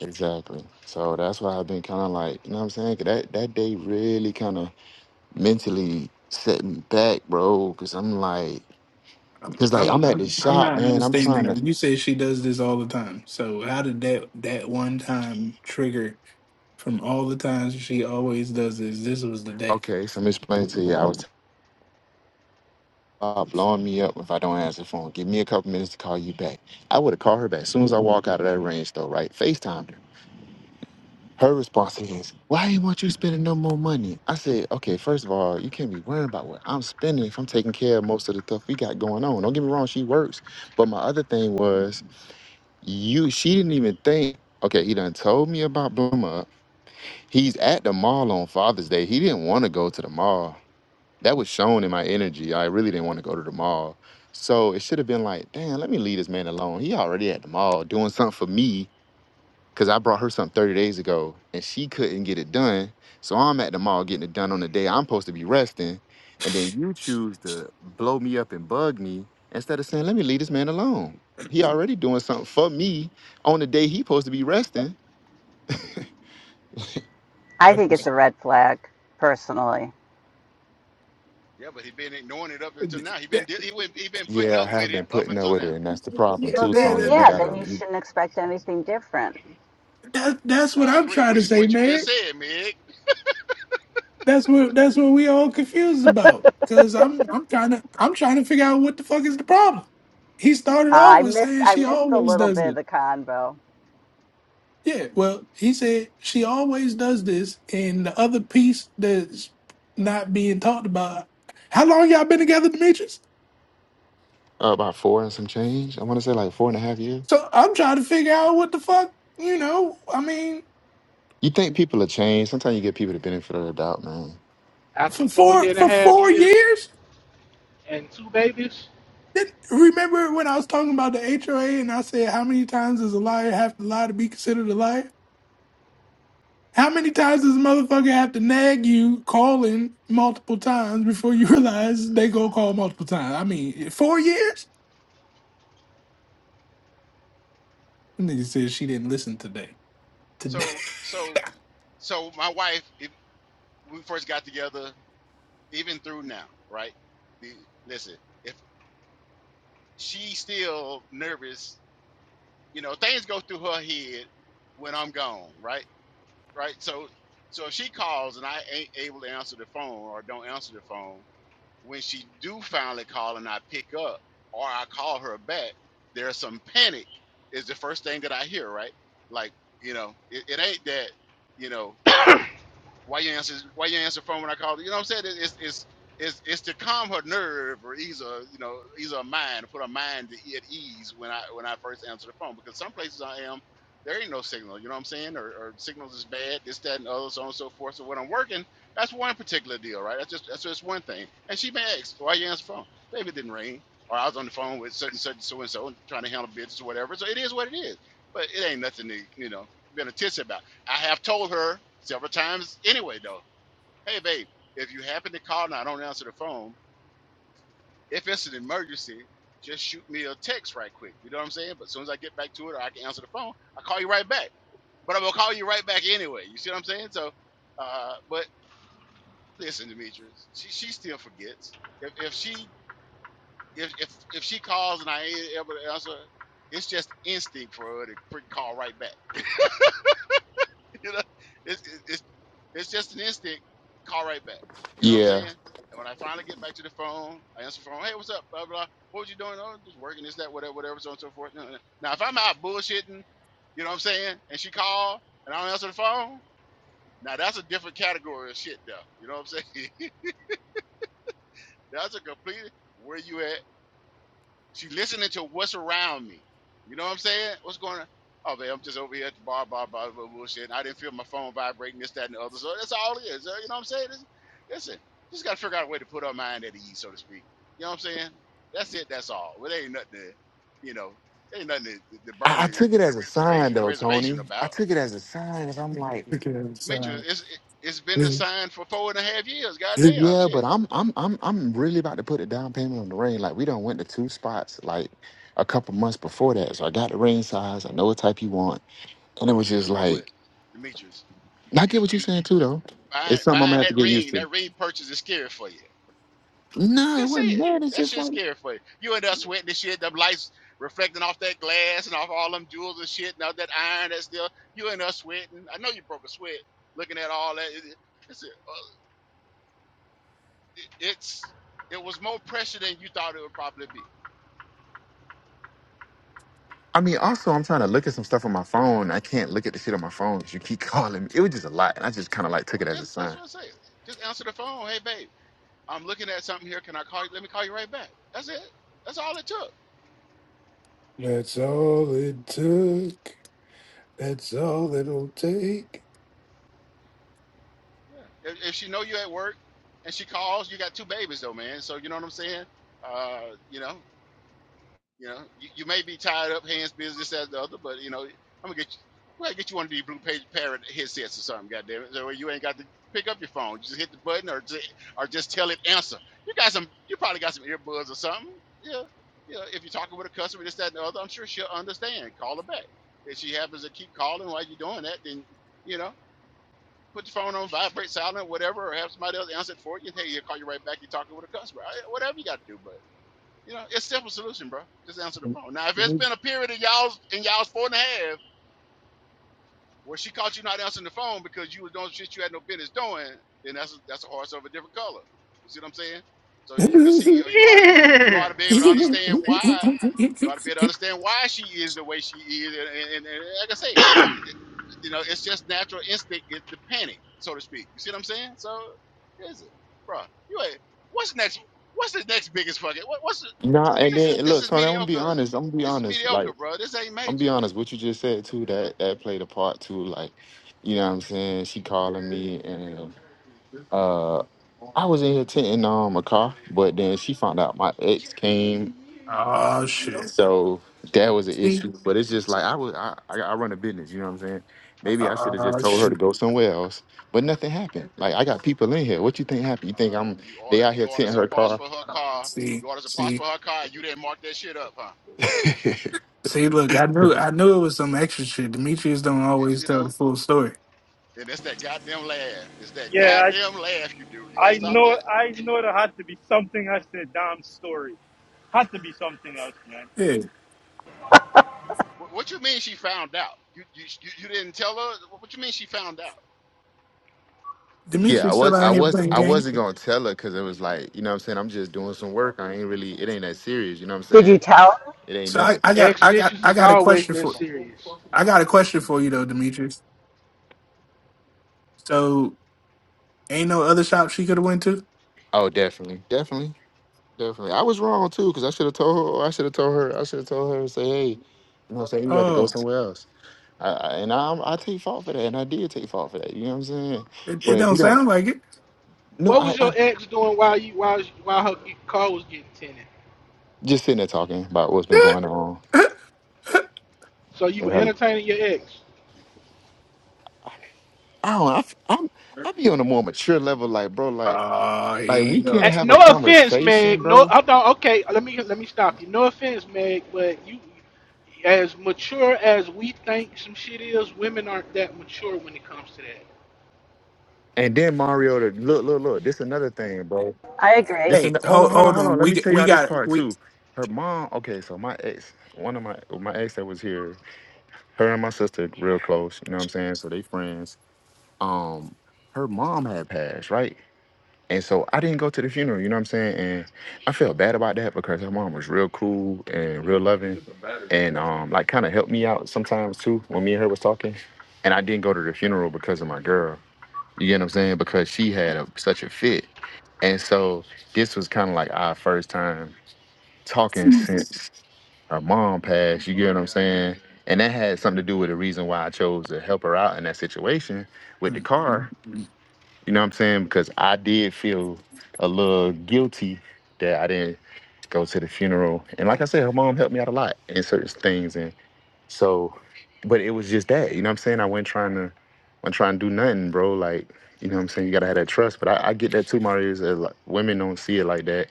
[SPEAKER 4] Exactly. So that's why I've been kind of like, you know what I'm saying? 'Cause That that day really kind of mentally set me back, bro. Cause I'm like,
[SPEAKER 3] I'm
[SPEAKER 4] cause like I'm
[SPEAKER 3] I'm
[SPEAKER 4] at the
[SPEAKER 3] I'm, I'm
[SPEAKER 4] shop,
[SPEAKER 3] not
[SPEAKER 4] man. I'm
[SPEAKER 3] understanding
[SPEAKER 4] trying
[SPEAKER 3] her
[SPEAKER 4] to.
[SPEAKER 3] you say she does this all the time so how did that that one time trigger from all the times she always does this this was the day
[SPEAKER 4] Okay, so I'm explaining to you. I was uh, blowing me up if I don't answer the phone. Give me a couple minutes to call you back. I would have called her back as soon as I walk out of that range, though. Right? Facetime. Her response is, Why ain't want you spending no more money? I said, Okay, first of all, you can't be worrying about what I'm spending if I'm taking care of most of the stuff we got going on. Don't get me wrong, she works. But my other thing was, you she didn't even think, okay, he done told me about Bluma. He's at the mall on Father's Day. He didn't want to go to the mall. That was shown in my energy. I really didn't want to go to the mall. So it should have been like, damn, let me leave this man alone. He already at the mall doing something for me because I brought her something 30 days ago and she couldn't get it done. So I'm at the mall getting it done on the day I'm supposed to be resting. And then you choose to blow me up and bug me instead of saying, let me leave this man alone. He already doing something for me on the day he supposed to be resting.
[SPEAKER 5] I
[SPEAKER 3] I
[SPEAKER 5] think it's
[SPEAKER 3] just
[SPEAKER 5] a red flag, personally.
[SPEAKER 1] yeah, but he been ignoring it up until now. He been
[SPEAKER 3] that,
[SPEAKER 1] de- he been he been putting
[SPEAKER 4] Yeah, I
[SPEAKER 1] up with
[SPEAKER 4] have
[SPEAKER 1] it
[SPEAKER 4] been
[SPEAKER 1] up
[SPEAKER 4] putting up
[SPEAKER 1] until
[SPEAKER 4] with
[SPEAKER 1] now.
[SPEAKER 4] her, and that's the
[SPEAKER 3] yeah
[SPEAKER 4] problem
[SPEAKER 5] Well,
[SPEAKER 4] too,
[SPEAKER 3] yeah
[SPEAKER 5] then,
[SPEAKER 4] Tony.
[SPEAKER 3] that,
[SPEAKER 4] You
[SPEAKER 5] yeah,
[SPEAKER 3] that,
[SPEAKER 4] got
[SPEAKER 5] then
[SPEAKER 4] her
[SPEAKER 5] you
[SPEAKER 4] you
[SPEAKER 5] shouldn't expect anything different.
[SPEAKER 3] that that's what
[SPEAKER 1] I
[SPEAKER 3] I'm
[SPEAKER 1] agree,
[SPEAKER 3] trying to
[SPEAKER 1] which is
[SPEAKER 3] say
[SPEAKER 1] what you just
[SPEAKER 3] man
[SPEAKER 1] said, Meg.
[SPEAKER 3] that's what that's what we all confused about because I'm I'm trying to I'm trying to figure out what the fuck is the problem he started
[SPEAKER 5] Uh,
[SPEAKER 3] off
[SPEAKER 5] I
[SPEAKER 3] with
[SPEAKER 5] missed,
[SPEAKER 3] saying
[SPEAKER 5] I
[SPEAKER 3] she
[SPEAKER 5] missed a
[SPEAKER 3] always
[SPEAKER 5] little
[SPEAKER 3] does it.
[SPEAKER 5] bit of the convo.
[SPEAKER 3] Yeah, well, he said she always does this, and the other piece that's not being talked about. How long y'all been together, Demetrius?
[SPEAKER 4] uh, about four and some change. I want to say like four and a half years.
[SPEAKER 3] So I'm trying to figure out what the fuck, you know. I mean,
[SPEAKER 4] You think people are changed? Sometimes you get people the benefit of the doubt, man.
[SPEAKER 9] after
[SPEAKER 3] for
[SPEAKER 9] four
[SPEAKER 3] four
[SPEAKER 9] year and a
[SPEAKER 3] for
[SPEAKER 9] half
[SPEAKER 3] four
[SPEAKER 9] years
[SPEAKER 3] years.
[SPEAKER 9] and two babies.
[SPEAKER 3] Then remember when I was talking about the HOA and I said how many times does a liar have to lie to be considered a liar? How many times does a motherfucker have to nag you calling multiple times before you realize they go call multiple times? I mean, four years. Nigga said she didn't listen today. Today.
[SPEAKER 1] So so so my wife, if we first got together, even through now, right? The, listen, if she's still nervous, you know, things go through her head when I'm gone, right? Right. So so if she calls and I ain't able to answer the phone or don't answer the phone, when she do finally call and I pick up or I call her back, there's some panic is the first thing that I hear, right? Like, you know, it, it ain't that, you know, Why you answer? Why you answer phone when I call? You know what I'm saying? It's it's it's it's to calm her nerve or ease her, you know, ease her mind, to put her mind at ease when I when I first answer the phone. Because some places I am, there ain't no signal. You know what I'm saying? Or, or signals is bad, this, that, and other, so on and so forth. So when I'm working, that's one particular deal, right? That's just that's just one thing. And she may ask, why you answer the phone? Baby it didn't ring, or I was on the phone with such and such, so and so, trying to handle business or whatever. So it is what it is. But it ain't nothing to you know be a tissy about. I have told her several times anyway, though, hey, babe, if you happen to call and I don't answer the phone, if it's an emergency, just shoot me a text right quick. You know what I'm saying? But as soon as I get back to it or I can answer the phone, i call you right back. But I'm going to call you right back anyway. You see what I'm saying? So, uh, but listen, Demetrius, she, she still forgets. If, if she if, if if she calls and I ain't able to answer, it's just instinct for her to freaking call right back. you know, it's, it's it's just an instinct. Call right back. You know what I'm
[SPEAKER 4] Yeah,
[SPEAKER 1] saying? And when I finally get back to the phone, I answer the phone. Hey, what's up? Blah blah. What was you doing? Oh, just working this, that, whatever, whatever, so on and so forth. No, no. Now, if I'm out bullshitting, you know what I'm saying? And she called, and I don't answer the phone. Now that's a different category of shit, though. You know what I'm saying? that's a complete where you at She's listening to what's around me. You know what I'm saying? What's going on? Oh, man, I'm just over here at the bar, bar, bar, bar, bullshit. And I didn't feel my phone vibrating, this, that, and the other. So that's all it is. uh, You know what I'm saying? This- listen, just got to figure out a way to put our mind at ease, so to speak. You know what I'm saying? That's it. That's all. Well, there ain't nothing to, you know, there ain't nothing to, to burn
[SPEAKER 4] I, I
[SPEAKER 1] the,
[SPEAKER 4] took it as a sign
[SPEAKER 1] the
[SPEAKER 4] though,
[SPEAKER 1] reservation
[SPEAKER 4] Tony. I
[SPEAKER 1] about.
[SPEAKER 4] took it as a sign because I'm like,
[SPEAKER 3] Look at him
[SPEAKER 1] Demetrius, it's, it, it's been the sign for four and a half years. Goddamn,
[SPEAKER 4] yeah,
[SPEAKER 1] shit.
[SPEAKER 4] but I'm I'm I'm I'm really about to put a down payment on the ring. Like we done went to two spots like a couple months before that. So I got the ring size. I know what type you want. And it was just
[SPEAKER 1] You know what,
[SPEAKER 4] like,
[SPEAKER 1] Demetrius?
[SPEAKER 4] I
[SPEAKER 1] You,
[SPEAKER 4] get what you're
[SPEAKER 1] you
[SPEAKER 4] saying too though.
[SPEAKER 1] buying,
[SPEAKER 4] It's something I'm
[SPEAKER 1] buying
[SPEAKER 4] gonna have to
[SPEAKER 1] that
[SPEAKER 4] get used
[SPEAKER 1] ring,
[SPEAKER 4] to.
[SPEAKER 1] that ring purchase is scary for you.
[SPEAKER 4] No, it
[SPEAKER 1] Just say
[SPEAKER 4] wasn't
[SPEAKER 1] it.
[SPEAKER 4] that. It's
[SPEAKER 1] That
[SPEAKER 4] just
[SPEAKER 1] shit's
[SPEAKER 4] like
[SPEAKER 1] scary for you. You end up sweating the shit, the lights reflecting off that glass and off all them jewels and shit and all that iron that's there. You end up sweating. I know you broke a sweat looking at all that. It- It's, uh, it- it's it was more pressure than you thought it would probably be.
[SPEAKER 4] I mean, also I'm trying to look at some stuff on my phone. I can't look at the shit on my phone because you keep calling me. It was just a lot. And I just kinda like took
[SPEAKER 1] Well,
[SPEAKER 4] it as a
[SPEAKER 1] just that's
[SPEAKER 4] sign.
[SPEAKER 1] what I say. Just answer the phone. Hey, babe, I'm looking at something here. Can I call you? Let me call you right back. That's it. That's all it took.
[SPEAKER 3] That's all it took. That's all it'll take.
[SPEAKER 1] Yeah. If, if she know you at work and she calls, you got two babies though, man. So you know what I'm saying. Uh, you know, You know, you, you may be tied up, hands busy, this, that, the other, but you know, I'm gonna get you. Well, get you one of these blue page parrot headsets or something, goddamn it. So you ain't got to pick up your phone. You just hit the button or just, or just tell it answer. You got some. You probably got some earbuds or something. Yeah, yeah. If you're talking with a customer, this, that, and the other, I'm sure she'll understand. Call her back. If she happens to keep calling while you're doing that, then you know, put your phone on vibrate, silent, whatever, or have somebody else answer it for you. Hey, he'll call you right back. You're talking with a customer. Whatever you got to do, but. You know, it's simple solution, bro. Just answer the phone. Now, if it's been a period in y'all's in y'all's four and a half where she caught you not answering the phone because you was doing shit you had no business doing, then that's a, that's a horse of a different color. You see what I'm saying? So you can see, or you ought to be, you ought to be able to understand why. You ought to be able to understand why she is the way she is, and and, and, and like I say, it- you know, it's just natural instinct is the panic, so to speak. You see what I'm saying? So, is it, bro? You ain't. What's next? What's the next biggest fucking? What, what's
[SPEAKER 4] Nah, and
[SPEAKER 1] this is
[SPEAKER 4] then
[SPEAKER 1] this
[SPEAKER 4] look,
[SPEAKER 1] is
[SPEAKER 4] Tony, I'm gonna be
[SPEAKER 1] mediocre.
[SPEAKER 4] honest. I'm gonna be
[SPEAKER 1] This is
[SPEAKER 4] honest. Like,
[SPEAKER 1] mediocre, bro. This ain't
[SPEAKER 4] I'm gonna be
[SPEAKER 1] major.
[SPEAKER 4] honest. What you just said too, that that played a part too. Like, you know what I'm saying? She calling me and uh I was in here tinting um a car, but then she found out my ex came,
[SPEAKER 3] oh shit.
[SPEAKER 4] so that was an
[SPEAKER 3] See?
[SPEAKER 4] issue. But it's just like I was I I, I run a business, you know what I'm saying? Maybe I should have just
[SPEAKER 3] Oh
[SPEAKER 4] told her to
[SPEAKER 3] shit.
[SPEAKER 4] go somewhere else, but nothing happened. Like I got people in here. What you think happened? You think
[SPEAKER 1] Uh,
[SPEAKER 4] I'm
[SPEAKER 1] you
[SPEAKER 4] they
[SPEAKER 1] order
[SPEAKER 4] out
[SPEAKER 1] you
[SPEAKER 4] here
[SPEAKER 1] order
[SPEAKER 4] tinting
[SPEAKER 1] some
[SPEAKER 4] her
[SPEAKER 1] parts
[SPEAKER 4] car?
[SPEAKER 1] for her car.
[SPEAKER 3] See,
[SPEAKER 1] You order some parts
[SPEAKER 3] see.
[SPEAKER 1] for her car. and You didn't mark that shit up, huh?
[SPEAKER 3] See, look, I knew I knew it was some extra shit. Demetrius don't
[SPEAKER 1] Eh,
[SPEAKER 3] always
[SPEAKER 1] You
[SPEAKER 3] tell the
[SPEAKER 1] know.
[SPEAKER 3] full story.
[SPEAKER 1] And it's that goddamn laugh. It's that
[SPEAKER 11] yeah, I,
[SPEAKER 1] goddamn laugh you do. You gotta
[SPEAKER 11] I
[SPEAKER 1] stop
[SPEAKER 11] know
[SPEAKER 1] that.
[SPEAKER 11] I know there had to be something else to the damn story. Had to be something else, man.
[SPEAKER 3] Yeah.
[SPEAKER 1] What, what you mean she found out? You, you you you didn't tell her. What what you mean she found out?
[SPEAKER 4] Yeah, I
[SPEAKER 3] Demetrius still
[SPEAKER 4] was, I
[SPEAKER 3] out here
[SPEAKER 4] was,
[SPEAKER 3] playing
[SPEAKER 4] I
[SPEAKER 3] games.
[SPEAKER 4] wasn't gonna tell her because it was like, you know, what I'm saying, I'm just doing some work. I ain't really, it ain't that serious. You know, what I'm
[SPEAKER 5] Did you
[SPEAKER 4] saying,
[SPEAKER 5] tell? him?
[SPEAKER 4] it ain't
[SPEAKER 3] So I,
[SPEAKER 4] nothing.
[SPEAKER 3] I got
[SPEAKER 9] Ex
[SPEAKER 3] I got
[SPEAKER 9] bitches
[SPEAKER 3] I
[SPEAKER 9] is
[SPEAKER 3] got a
[SPEAKER 9] always
[SPEAKER 3] question
[SPEAKER 9] that
[SPEAKER 3] for
[SPEAKER 9] serious.
[SPEAKER 3] I got a question for you though, Demetrius. So Ain't no other shop she could have went to.
[SPEAKER 4] Oh, definitely, definitely, definitely. I was wrong too because I should have told her. I should have told her. I should have told her to say, hey, you know, what I'm saying you got to go
[SPEAKER 3] Oh,
[SPEAKER 4] somewhere else. I, I, and I, I take fault for that, and I did take fault for that. You know what I'm saying?
[SPEAKER 3] it, it
[SPEAKER 4] But if you
[SPEAKER 3] don't
[SPEAKER 4] don't,
[SPEAKER 3] sound like it.
[SPEAKER 4] no,
[SPEAKER 9] What
[SPEAKER 4] I,
[SPEAKER 9] was your
[SPEAKER 4] I
[SPEAKER 9] ex doing while you while while her car was getting tinted?
[SPEAKER 4] just sitting there talking about what's been going on
[SPEAKER 9] So you
[SPEAKER 4] in
[SPEAKER 9] were
[SPEAKER 4] her.
[SPEAKER 9] entertaining your ex.
[SPEAKER 4] I don't. I, am I'm. I be on a more mature level, like bro, like.
[SPEAKER 3] oh, here
[SPEAKER 4] Like we
[SPEAKER 3] you go.
[SPEAKER 9] Eh,
[SPEAKER 4] can't have
[SPEAKER 9] No
[SPEAKER 4] a
[SPEAKER 9] offense, Meg.
[SPEAKER 4] conversation,
[SPEAKER 9] No,
[SPEAKER 4] bro.
[SPEAKER 9] I don't. Okay, let me let me stop you. No offense, Meg, but you, as mature as we think some shit is, women aren't that mature when it comes to that.
[SPEAKER 4] And then Mario, to look, look, look. This another thing, bro.
[SPEAKER 5] I agree.
[SPEAKER 4] This an-
[SPEAKER 3] Hey,
[SPEAKER 4] hold on,
[SPEAKER 3] hold,
[SPEAKER 4] hold on,
[SPEAKER 3] hold
[SPEAKER 4] hold
[SPEAKER 3] on.
[SPEAKER 4] on. Let
[SPEAKER 3] We
[SPEAKER 4] me
[SPEAKER 3] g-
[SPEAKER 4] tell
[SPEAKER 3] we
[SPEAKER 4] y'all this
[SPEAKER 3] got
[SPEAKER 4] part
[SPEAKER 3] we.
[SPEAKER 4] too. Her mom. Okay, so my ex, one of my my ex that was here, her and my sister real close. You know what I'm saying? So they friends. Um, her mom had passed, right? And so I didn't go to the funeral. You know what I'm saying? And I felt bad about that because her mom was real cool and real loving, and um, like kind of helped me out sometimes too when me and her was talking. And I didn't go to the funeral because of my girl. You get what I'm saying? Because she had a, such a fit. And so this was kind of like our first time talking since her mom passed. You get what I'm saying? And that had something to do with the reason why I chose to help her out in that situation with the car. You know what I'm saying? Because I did feel a little guilty that I didn't go to the funeral. And like I said, her mom helped me out a lot in certain things. So, but it was just that, you know what I'm saying? I wasn't trying to, I wasn't trying to do nothing, bro. Like, you know what I'm saying? You gotta have that trust. But I, I get that too, Mario. Is that like, women don't see it like that.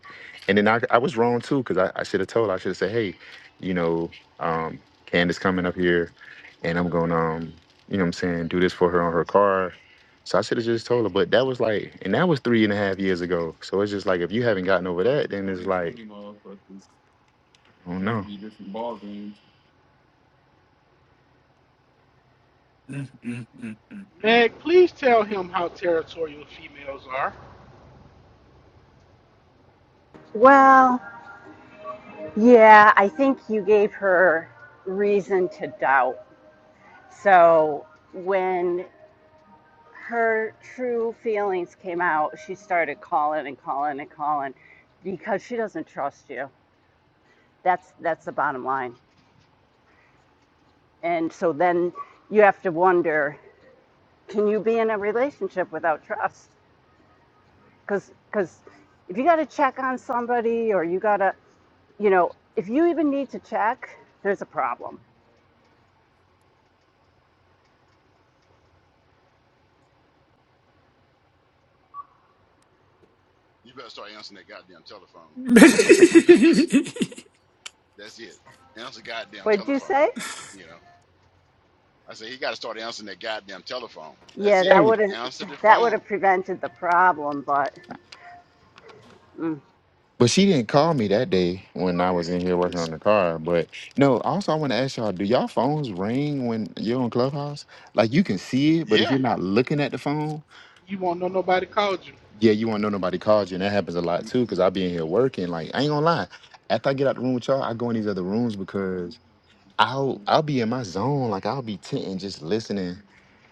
[SPEAKER 4] And then I, I was wrong too, because I, I should have told. her. I should have said, hey, you know, um, Candace coming up here, and I'm gonna, um, you know what I'm saying, do this for her on her car. So I should have just told her. But that was like, and that was three and a half years ago. So it's just like, if you haven't gotten over that, then it's like, I don't know.
[SPEAKER 3] Mm, mm, mm, mm, mm, mm,
[SPEAKER 9] Meg, please tell him how territorial females are.
[SPEAKER 5] Well, yeah, I think you gave her reason to doubt. So when her true feelings came out, she started calling and calling and calling because she doesn't trust you. That's that's the bottom line. And so then you have to wonder, can you be in a relationship without trust? Cuz cuz if you got to check on somebody or you got to, you know, if you even need to check, there's a problem.
[SPEAKER 1] You better start answering that goddamn telephone.
[SPEAKER 3] mm, mm.
[SPEAKER 1] That's it. Answer the goddamn
[SPEAKER 5] What'd you
[SPEAKER 1] telephone.
[SPEAKER 5] say?
[SPEAKER 1] You know. I say he got to start answering that goddamn telephone. That's
[SPEAKER 5] Yeah,
[SPEAKER 1] it.
[SPEAKER 5] that
[SPEAKER 4] Hey.
[SPEAKER 5] would have
[SPEAKER 1] Answer the
[SPEAKER 5] that would
[SPEAKER 1] phone.
[SPEAKER 5] have prevented the problem, but mm.
[SPEAKER 4] But she didn't call me that day when I was in here working on
[SPEAKER 1] Listen.
[SPEAKER 4] the car. But no, also I want to ask y'all, do y'all phones ring when you're on Clubhouse? Like you can see it, but if
[SPEAKER 1] Yeah.
[SPEAKER 4] you're not looking at the phone,
[SPEAKER 9] You won't know nobody called you.
[SPEAKER 4] yeah, you won't know nobody called you. And that happens a lot too, because I be in here working. Like, I ain't gonna lie. After I get out the room with y'all, I go in these other rooms because I'll I'll be in my zone. Like I'll be tent just listening.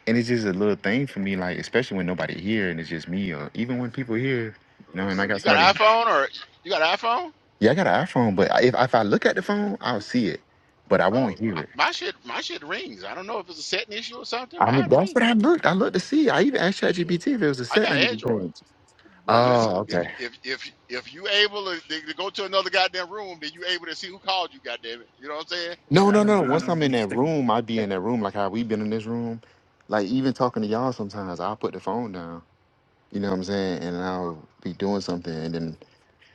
[SPEAKER 4] And it's just a little thing for me, like, especially when nobody here and it's just me, or even when people here, you know, and I
[SPEAKER 1] Was-
[SPEAKER 4] got
[SPEAKER 1] You got
[SPEAKER 4] somebody.
[SPEAKER 1] an iPhone or you got an iPhone?
[SPEAKER 4] Yeah, I got an iPhone, but I- if if I look at the phone, I'll see it, but I
[SPEAKER 1] Oh,
[SPEAKER 4] won't hear it.
[SPEAKER 1] my my shit, my shit rings. I don't know if it's a setting issue or something.
[SPEAKER 4] I mean,
[SPEAKER 1] Mine
[SPEAKER 4] that's
[SPEAKER 1] ring.
[SPEAKER 4] what I looked. I looked to see. I even asked ChatGPT if it was a
[SPEAKER 1] I
[SPEAKER 4] setting I
[SPEAKER 1] got
[SPEAKER 4] need to
[SPEAKER 1] Android.
[SPEAKER 4] change.
[SPEAKER 1] But listen,
[SPEAKER 4] Oh,
[SPEAKER 1] if
[SPEAKER 4] okay.
[SPEAKER 1] if if if you able to, to go to another goddamn room, then you able to see who called you. Goddamn it, you know what I'm saying?
[SPEAKER 3] yeah,
[SPEAKER 4] No,
[SPEAKER 3] I
[SPEAKER 4] no,
[SPEAKER 3] don't.
[SPEAKER 4] no.
[SPEAKER 3] I
[SPEAKER 4] Once
[SPEAKER 3] don't
[SPEAKER 4] I'm in that
[SPEAKER 3] understand.
[SPEAKER 4] room, I be in
[SPEAKER 3] That
[SPEAKER 4] that room like how we been in this room. Like even talking to y'all, sometimes I'll put the phone down. You know what I'm saying? And I'll be doing something, and then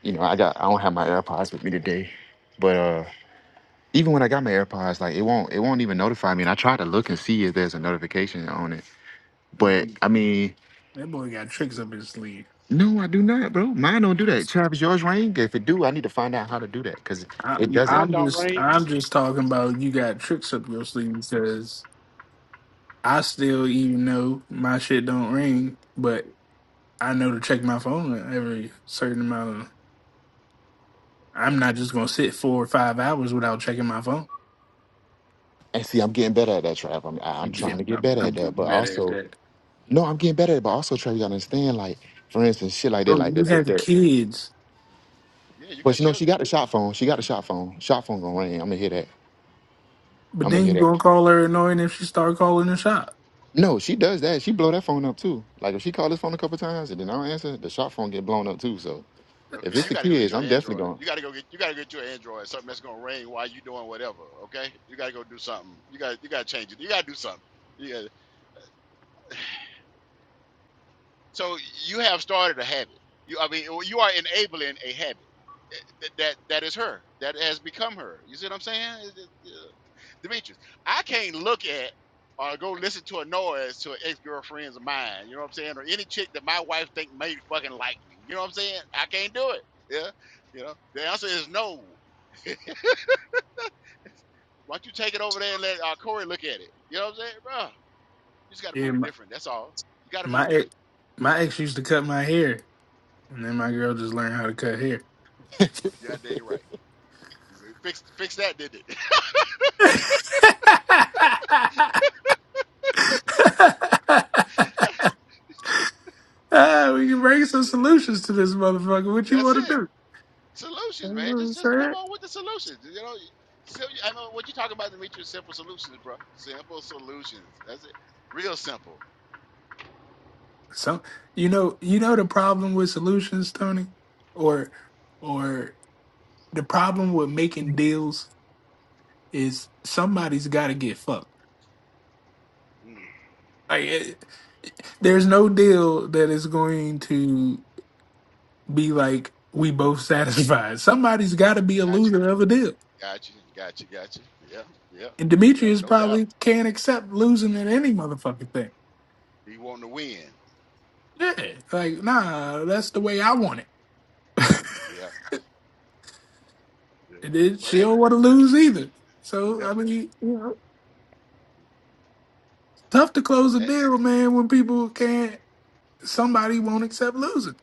[SPEAKER 4] you know I got I don't have my AirPods with me today, but uh. Even when I got my AirPods, like it won't, it won't even notify me. And I tried to look and see if there's a notification on it,
[SPEAKER 3] boy,
[SPEAKER 4] but I mean,
[SPEAKER 3] that boy got tricks up his sleeve.
[SPEAKER 4] No, I do not, bro. Mine don't do that. Travis, yours ring? If it do, I need to find out how to do that because
[SPEAKER 3] I,
[SPEAKER 4] it doesn't.
[SPEAKER 9] Mine
[SPEAKER 3] I'm
[SPEAKER 9] don't
[SPEAKER 3] just.
[SPEAKER 9] ring
[SPEAKER 3] I'm
[SPEAKER 9] either.
[SPEAKER 3] just talking about you got tricks up your sleeve because I still even know my shit don't ring, but I know to check my phone every certain amount of
[SPEAKER 1] Yeah,
[SPEAKER 3] I'm not just gonna sit four or five hours without checking my phone.
[SPEAKER 4] And see, I'm getting better at that, Trav. I'm, I- I'm
[SPEAKER 3] I'm
[SPEAKER 4] trying to
[SPEAKER 3] getting,
[SPEAKER 4] get
[SPEAKER 3] I'm,
[SPEAKER 4] better
[SPEAKER 3] I'm
[SPEAKER 4] at that.
[SPEAKER 3] getting
[SPEAKER 4] But
[SPEAKER 3] better at
[SPEAKER 4] also,
[SPEAKER 3] that.
[SPEAKER 4] no, I'm getting better at it. But also, Trav, you gotta understand, like, for instance, shit like that,
[SPEAKER 3] So
[SPEAKER 4] like
[SPEAKER 3] you
[SPEAKER 4] that. that-
[SPEAKER 3] have
[SPEAKER 4] that-
[SPEAKER 3] kids,
[SPEAKER 1] yeah. You
[SPEAKER 4] But
[SPEAKER 1] got
[SPEAKER 4] you know, she
[SPEAKER 1] children.
[SPEAKER 4] got the shot phone. She got the shot phone. Shot phone gonna ring. I'm gonna hear that.
[SPEAKER 3] but
[SPEAKER 4] I'm gonna
[SPEAKER 3] then
[SPEAKER 4] hear
[SPEAKER 3] you
[SPEAKER 4] that.
[SPEAKER 3] gonna call her annoying if she start calling the shop.
[SPEAKER 4] No, she does that. She blow that phone up too. Like if she called this phone a couple times and then I don't answer, the shot phone get blown up too. So if
[SPEAKER 1] Okay,
[SPEAKER 4] it's
[SPEAKER 1] you
[SPEAKER 4] the
[SPEAKER 1] got to go get
[SPEAKER 4] kids,
[SPEAKER 1] your
[SPEAKER 4] I'm definitely
[SPEAKER 1] Android.
[SPEAKER 4] going.
[SPEAKER 1] You got to go get you got to get your Android. Something that's gonna ring while you doing whatever. Okay, you got to go do something. You got you got to change it. You got to do something. Yeah. So you have started a habit. You, I mean, or you are enabling a habit eh, that, that that is her. That has become her. You see what I'm saying, It- it- uh, Demetrius? I can't look at or go listen to a noise to an ex girlfriends of mine. You know what I'm saying? Or any chick that my wife think may fucking like me. You know what I'm saying? I can't do it. Yeah. You know the answer is no. Why don't you take it over there and let uh, Corey look at it? You know what I'm saying, bro? You just got to
[SPEAKER 3] Yeah,
[SPEAKER 1] move
[SPEAKER 3] my,
[SPEAKER 1] different. That's all. You got to
[SPEAKER 3] my
[SPEAKER 1] move
[SPEAKER 3] ex,
[SPEAKER 1] different.
[SPEAKER 3] my ex used to cut my hair, and then my girl just learned how to cut hair.
[SPEAKER 1] Yeah, dang right. See, Fix fix that, did it?
[SPEAKER 3] Ah, we can bring some
[SPEAKER 1] Yeah.
[SPEAKER 3] solutions to this motherfucker. What you
[SPEAKER 1] That's
[SPEAKER 3] want to
[SPEAKER 1] it.
[SPEAKER 3] do? You
[SPEAKER 1] Solutions,
[SPEAKER 3] know what
[SPEAKER 1] man.
[SPEAKER 3] I'm
[SPEAKER 1] Just just come
[SPEAKER 3] saying?
[SPEAKER 1] on with the solutions. You know, so, I know what you're talking about, Demetrius. Simple solutions, bro. Simple solutions. That's it. Real simple.
[SPEAKER 3] So you know, you know the problem with solutions, Tony, or or the problem with making deals is somebody's got to get fucked.
[SPEAKER 1] Mm,
[SPEAKER 3] Like, it, there's no deal that is going to be like we both satisfied. Somebody's got to be a
[SPEAKER 1] gotcha.
[SPEAKER 3] loser of a deal,
[SPEAKER 1] Gotcha. Gotcha. Gotcha. Yeah. Yeah.
[SPEAKER 3] and
[SPEAKER 1] Yep.
[SPEAKER 3] Demetrius
[SPEAKER 1] No doubt.
[SPEAKER 3] probably can't accept losing at any motherfucking thing.
[SPEAKER 1] He wanting to win.
[SPEAKER 3] Yeah, like nah, that's the way I want it.
[SPEAKER 1] Yeah. Yeah.
[SPEAKER 3] And then
[SPEAKER 1] But
[SPEAKER 3] she
[SPEAKER 1] hey,
[SPEAKER 3] don't
[SPEAKER 1] bro.
[SPEAKER 3] want to lose either. So
[SPEAKER 1] Yeah.
[SPEAKER 3] I mean, you know, it's tough to close a
[SPEAKER 1] Eh,
[SPEAKER 3] deal, man, when people can't. Somebody won't accept losing.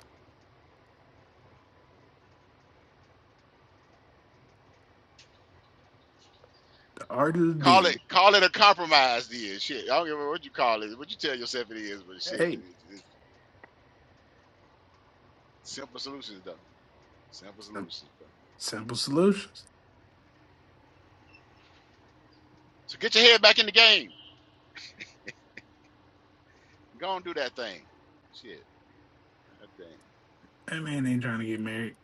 [SPEAKER 3] The art of the
[SPEAKER 1] Call it
[SPEAKER 3] deal.
[SPEAKER 1] call it a compromise, then. Shit. I don't give a what you call it. What you tell yourself it is, but shit.
[SPEAKER 3] Hey.
[SPEAKER 1] It's simple solutions, though. Simple solutions, bro.
[SPEAKER 3] Simple solutions.
[SPEAKER 1] So get your head back in the game. Go and do that thing. Shit. That thing.
[SPEAKER 3] That man ain't trying to get married.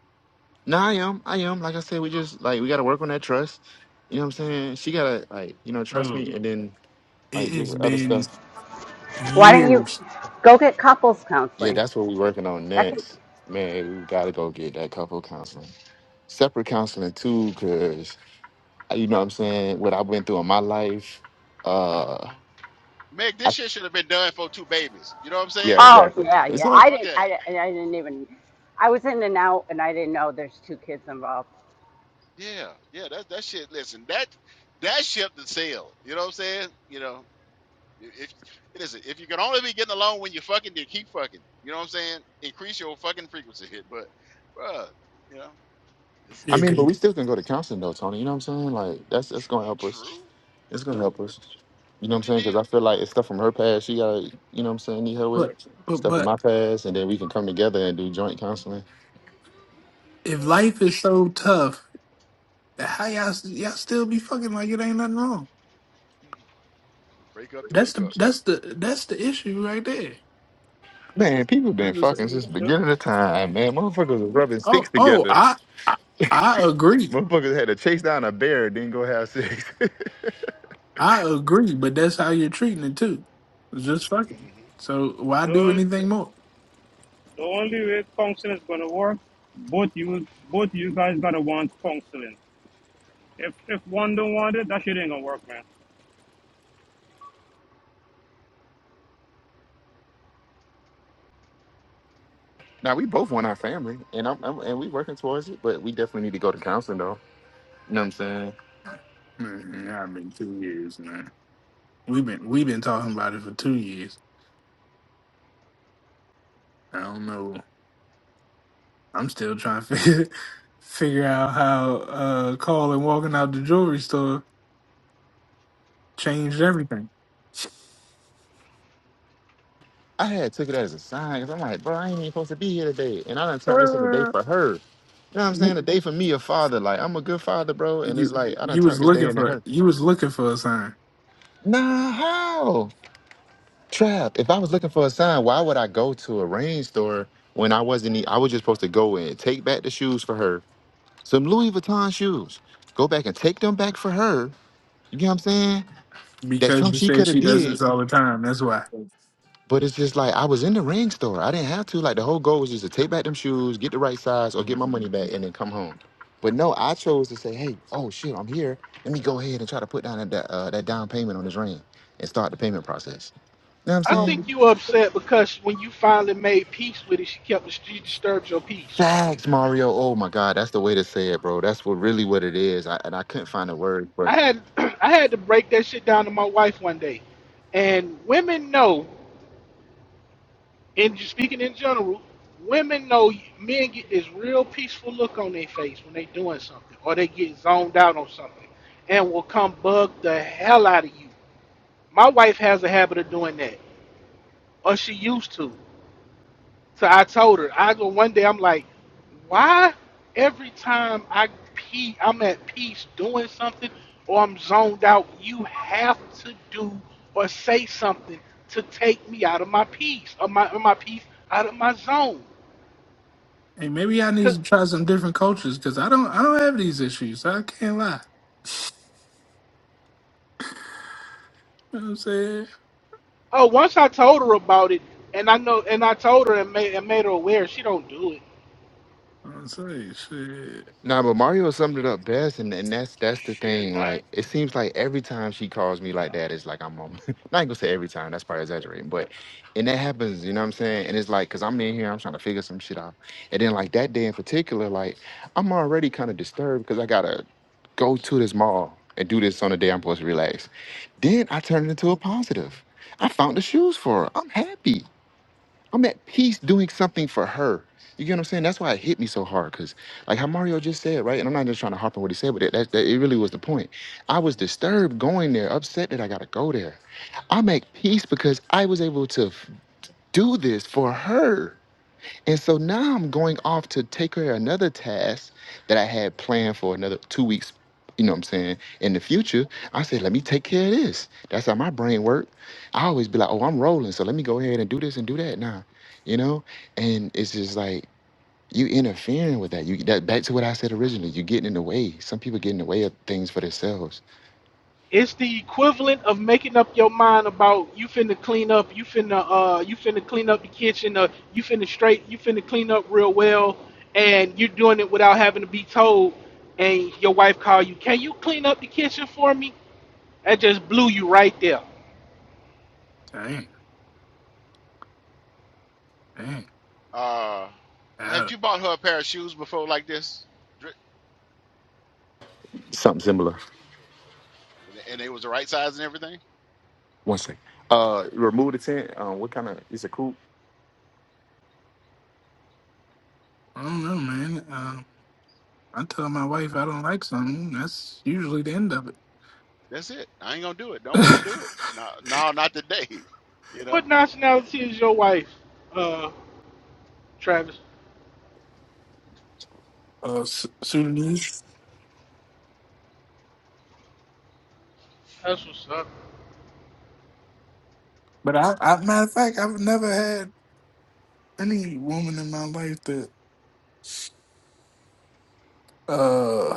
[SPEAKER 4] No, I am. I am. Like I said, we just like we gotta work on that trust. You know what I'm saying? She gotta like, you know, trust
[SPEAKER 3] Bro,
[SPEAKER 4] me and then like
[SPEAKER 3] it
[SPEAKER 4] do
[SPEAKER 3] has
[SPEAKER 4] the other
[SPEAKER 3] been
[SPEAKER 4] stuff.
[SPEAKER 5] why don't you
[SPEAKER 3] years.
[SPEAKER 5] go get couples
[SPEAKER 4] Yeah,
[SPEAKER 5] counseling?
[SPEAKER 4] that's what we're working on
[SPEAKER 5] That can
[SPEAKER 4] next. Man, we gotta go get that couple counseling. Separate counseling too, cause uh, you know what I'm saying, what I went through in my life. Uh
[SPEAKER 1] Meg, this
[SPEAKER 4] I,
[SPEAKER 1] shit should have been done for two babies. You know what I'm
[SPEAKER 4] yeah,
[SPEAKER 1] saying?
[SPEAKER 5] Oh
[SPEAKER 4] exactly.
[SPEAKER 5] yeah, yeah.
[SPEAKER 4] Exactly.
[SPEAKER 5] I
[SPEAKER 1] Fuck
[SPEAKER 5] didn't.
[SPEAKER 1] that.
[SPEAKER 5] I, di- I didn't even. I was in and out, and I didn't know there's two kids involved.
[SPEAKER 1] Yeah, yeah, that that shit. Listen, that that ship to sail. You know what I'm saying? You know, if listen, if you can only be getting along when you're fucking, then keep fucking. You know what I'm saying? Increase your fucking frequency. here. But, bruh, you know, listen,
[SPEAKER 4] I
[SPEAKER 3] It
[SPEAKER 4] mean, but
[SPEAKER 3] could-
[SPEAKER 4] we still can go to counseling though, Tony. You know what I'm saying? Like that's that's gonna
[SPEAKER 1] true,
[SPEAKER 4] help us.
[SPEAKER 1] true,
[SPEAKER 4] It's gonna help
[SPEAKER 1] but
[SPEAKER 4] us. You know what
[SPEAKER 1] do
[SPEAKER 4] I'm
[SPEAKER 1] the
[SPEAKER 4] saying? Because I
[SPEAKER 1] deal.
[SPEAKER 4] feel like it's stuff from her past. She got, you know what I'm saying, need help with
[SPEAKER 3] But but
[SPEAKER 4] stuff from
[SPEAKER 3] but
[SPEAKER 4] my past, and then we can come together and do joint counseling.
[SPEAKER 3] if life is so tough, how y'all y'all still be fucking like it ain't nothing wrong?
[SPEAKER 1] Mhm. Break up the
[SPEAKER 3] That's the
[SPEAKER 1] makeup.
[SPEAKER 3] that's the that's the issue right there.
[SPEAKER 4] Man, people
[SPEAKER 3] I
[SPEAKER 4] been
[SPEAKER 3] just
[SPEAKER 4] fucking since the
[SPEAKER 11] The,
[SPEAKER 4] beginning of time. Man, motherfuckers was rubbing sticks
[SPEAKER 3] oh oh
[SPEAKER 4] together.
[SPEAKER 3] I I, I agree
[SPEAKER 4] Motherfuckers had to chase down a bear, and then go have sex.
[SPEAKER 3] I agree, but that's how you're treating it too. It's just fucking.
[SPEAKER 1] Mm-hmm.
[SPEAKER 3] So why
[SPEAKER 11] the,
[SPEAKER 3] do
[SPEAKER 11] the,
[SPEAKER 3] anything more?
[SPEAKER 11] the only way counseling is going to work, both you both you guys got to want counseling. If, if one don't want it, that shit ain't going to work, man.
[SPEAKER 4] now we both want our family, and I'm, I'm and we working towards it, but we definitely need to go to counseling though. You know what I'm saying?
[SPEAKER 3] Man, yeah, I've been two years, man. We've been we've been talking about it for two years. I don't know. I'm still trying to figure, figure out how uh calling walking out the jewelry store changed everything.
[SPEAKER 4] I had took it as a sign because I'm like, bro, I ain't even supposed to be here today. And I done turned this into a day
[SPEAKER 3] Uh,
[SPEAKER 4] for her. You know what I'm saying?
[SPEAKER 3] you,
[SPEAKER 4] A day for me, a father. Like, I'm a good father, bro. And it's
[SPEAKER 3] you
[SPEAKER 4] like, I done
[SPEAKER 3] you was
[SPEAKER 4] turned this day
[SPEAKER 3] looking
[SPEAKER 4] into
[SPEAKER 3] for
[SPEAKER 4] her.
[SPEAKER 3] you was looking for a sign
[SPEAKER 4] Nah, how? Trap. If I was looking for a sign, why would I go to a rain store when I wasn't, e- I was just supposed to go and take back the shoes for her, some Louis Vuitton shoes. Go back and take them back for her. You get what I'm saying? That's
[SPEAKER 3] because
[SPEAKER 4] something
[SPEAKER 3] you
[SPEAKER 4] she
[SPEAKER 3] said
[SPEAKER 4] could have
[SPEAKER 3] she does
[SPEAKER 4] did.
[SPEAKER 3] this all the time. That's why.
[SPEAKER 4] But it's just like I was in the ring store. I didn't have to. Like the whole goal was just to take back them shoes, get the right size, or get my money back, and then come home. But no, I chose to say, "Hey, oh shit, I'm here. Let me go ahead and try to put down that uh, that down payment on this ring and start the payment process." You know what I'm
[SPEAKER 9] I
[SPEAKER 5] Well,
[SPEAKER 9] think
[SPEAKER 4] saying?
[SPEAKER 9] you upset because when you finally made peace with it, she kept she disturbed your peace.
[SPEAKER 4] Facts, Mario. Oh my God, that's the way to say it, bro. That's what really what it is. I, and I couldn't find a word for
[SPEAKER 9] I
[SPEAKER 4] it.
[SPEAKER 9] had I had to break that shit down to my wife one day, and women know. And just speaking in general, women know men get this real peaceful look on their face when they doing something or they get zoned out on something, and will come bug the hell out of you. My wife has a habit of doing that, or she used to. So I told her, I go one day, I'm like, why every time I pee, I'm at peace doing something or I'm zoned out, you have to do or say something to take me out of my peace, of my, of my peace, out of my zone.
[SPEAKER 3] Hey, maybe I need
[SPEAKER 9] Cause
[SPEAKER 3] to try some different cultures because I don't I don't have these issues. I can't lie. You know what I'm saying?
[SPEAKER 9] oh, once I told her about it, and I know, and I told her and made, and made her aware, she don't do it.
[SPEAKER 3] I'm saying shit.
[SPEAKER 4] Nah, but Mario summed it up best, and, and that's that's the
[SPEAKER 11] Shit,
[SPEAKER 4] thing.
[SPEAKER 11] I,
[SPEAKER 4] Like, it seems like every time she calls me like that, it's like I'm on. not gonna say every time. That's probably exaggerating, but and that happens. You know what I'm saying? And it's like, cause I'm in here, I'm trying to figure some shit out, and then like that day in particular, like I'm already kind of disturbed because I gotta go to this mall and do this on the day I'm supposed to relax. Then I turned it into a positive. I found the shoes for her. I'm happy. I'm at peace doing something for her. You get what I'm saying? That's why it hit me so hard. Cause like how Mario just said, right? And I'm not just trying to harp on what he said, but that, that, that it really was the point. I was disturbed going there, upset that I gotta go there. I'm at peace because I was able to f- do this for her and so now I'm going off to take care of another task that I had planned for another two weeks, you know what I'm saying, in the future. I said, let me take care of this. That's how my brain works. I always be like, oh, I'm rolling. So let me go ahead and do this and do that now, you know? And it's just like, you interfering with that. You that back to what I said originally. You getting in the way. Some people get in the way of things for themselves.
[SPEAKER 9] It's the equivalent of making up your mind about you finna clean up, you finna uh, you finna clean up the kitchen, uh, you finna straight, you finna clean up real well, and you're doing it without having to be told. And your wife call you, can you clean up the kitchen for me? That just blew you right there.
[SPEAKER 3] Dang, dang.
[SPEAKER 1] Uh, have
[SPEAKER 3] I,
[SPEAKER 1] you bought her a pair of shoes before like this?
[SPEAKER 4] Something similar.
[SPEAKER 1] and and they was the right size and everything.
[SPEAKER 4] One second. Uh, remove the tent. Um, what kind of? It's a coupe.
[SPEAKER 3] I don't know, man. Um, I tell my wife I don't like something. That's usually the end of it.
[SPEAKER 1] That's it. I ain't gonna do it. Don't want to do it. No, no, not today. You
[SPEAKER 9] What
[SPEAKER 1] know, It-
[SPEAKER 9] nationality is your wife, uh, Travis?
[SPEAKER 3] uh, Su- Sudanese.
[SPEAKER 9] That's what's up.
[SPEAKER 3] But I, I, matter of fact, I've never had any woman in my life that uh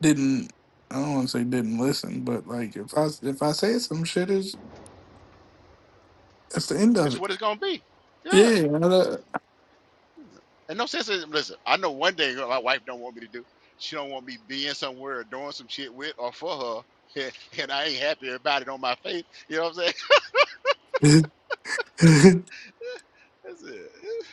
[SPEAKER 3] didn't I don't want to say didn't listen, but like if I if I say some shit is that's the end of
[SPEAKER 1] it's
[SPEAKER 3] it.
[SPEAKER 1] what it's gonna be. Yeah.
[SPEAKER 3] Yeah. I know.
[SPEAKER 1] This- And no sense. in- Listen, I know one thing my wife don't want me to do. She don't want me being somewhere or doing some shit with or for her, and, and I ain't happy about it on my face. You know what I'm saying? That's it.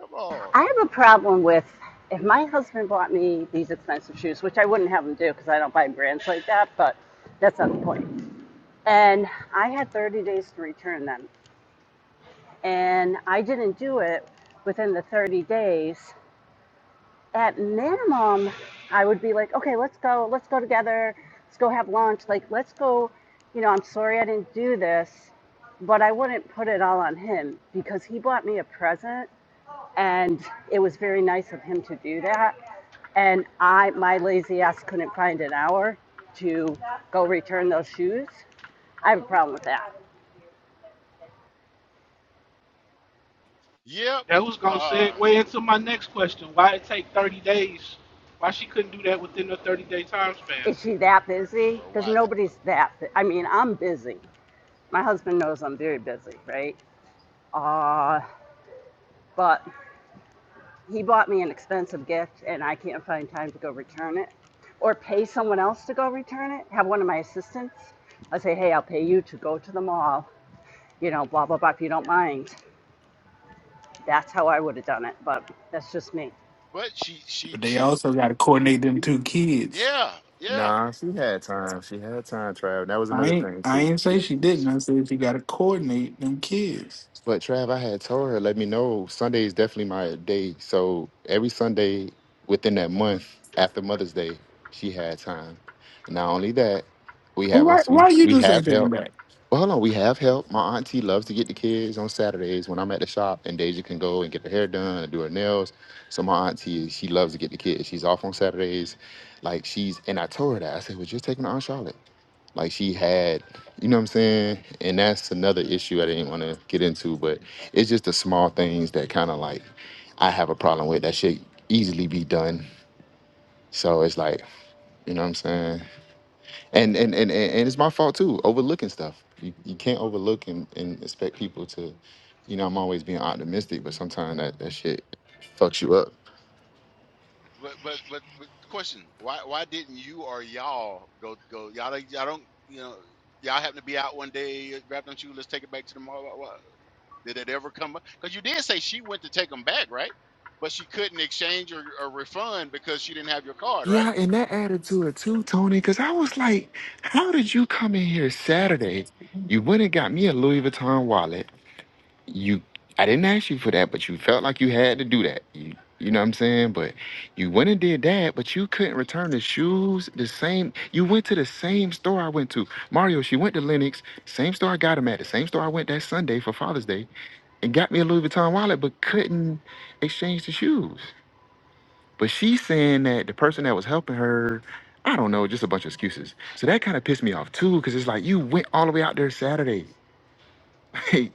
[SPEAKER 1] Come on.
[SPEAKER 5] I have a problem with if my husband bought me these expensive shoes, which I wouldn't have him do because I don't buy brands like that. But that's not the point. And I had 30 days to return them, and I didn't do it within the 30 days. at minimum, I would be like, okay, let's go, let's go together, let's go have lunch. Like, let's go, you know, I'm sorry I didn't do this, but I wouldn't put it all on him because he bought me a present and it was very nice of him to do that. And I, my lazy ass couldn't find an hour to go return those shoes. I have a problem with that.
[SPEAKER 1] Yep.
[SPEAKER 9] That was gonna
[SPEAKER 1] Uh,
[SPEAKER 9] segue into my next question. Why it take 30 days? Why she couldn't do that within a 30 day time span?
[SPEAKER 5] Is she that busy?
[SPEAKER 1] or
[SPEAKER 5] Because
[SPEAKER 1] why is it?
[SPEAKER 5] nobody's that. bu- I mean, I'm busy. My husband knows I'm very busy, right? Uh, but He bought me an expensive gift and I can't find time to go return it or pay someone else to go return it. Have one of my assistants. I say, hey, I'll pay you to go to the mall, you know, blah, blah, blah, if you don't mind. That's how I would have done it, but that's just me.
[SPEAKER 1] But she, she,
[SPEAKER 3] but they
[SPEAKER 1] she.
[SPEAKER 3] also got to coordinate them two kids.
[SPEAKER 1] Yeah, yeah.
[SPEAKER 4] Nah, she had time. She had time, Trav. That was
[SPEAKER 3] I
[SPEAKER 4] another
[SPEAKER 3] ain't
[SPEAKER 4] thing
[SPEAKER 3] I
[SPEAKER 4] too.
[SPEAKER 3] ain't say she didn't.
[SPEAKER 1] Listen,
[SPEAKER 3] I said she got to coordinate them kids.
[SPEAKER 4] But Trav,
[SPEAKER 1] but
[SPEAKER 4] I had told her, let me know. Sunday is definitely my day. So every Sunday within that month after Mother's Day, she had time. Not only that, we
[SPEAKER 3] Well,
[SPEAKER 4] have
[SPEAKER 3] why
[SPEAKER 4] us. We,
[SPEAKER 3] why you
[SPEAKER 4] we
[SPEAKER 3] just ain't
[SPEAKER 4] have
[SPEAKER 3] taking
[SPEAKER 4] help.
[SPEAKER 3] back?
[SPEAKER 4] Well, hold on. We have help. My auntie loves to get the kids on Saturdays when I'm at the shop, and Deja can go and get her hair done and do her nails. So my auntie, she loves to get the kids. She's off on Saturdays, like she's. And I told her that. I said, "Was you taking her Aunt Charlotte?" like she had you know what i'm saying and that's another issue i didn't want to get into but it's just the small things that kind of like i have a problem with that should easily be done so it's like you know what i'm saying and and and, and, and it's my fault too overlooking stuff you, you can't overlook and, and expect people to you know i'm always being optimistic but sometimes that, that shit fucks you up
[SPEAKER 1] But but but, but question: Why why didn't you or y'all go go? Y'all don't- y'all don't you know y'all happen to be out one day, grabbed on you. Let's take it back to the mall. Why- why- Did it ever come up? Because you did say she went to take them back, right? But she couldn't exchange or, or refund because she didn't have your card, right?
[SPEAKER 4] yeah and that added to it too tony because i was like how did you come in here saturday you went and got me a louis vuitton wallet you I didn't ask you for that, but you felt like you had to do that. You you know what I'm saying? But you went and did that, but you couldn't return the shoes the same. You went to the same store I went to. Mario, she went to Lennox, same store I got them at, the same store I went that Sunday for Father's Day, and got me a Louis Vuitton wallet, but couldn't exchange the shoes. But she's saying that the person that was helping her, I don't know, just a bunch of excuses. So that kind of pissed me off too, because it's like you went all the way out there Saturday.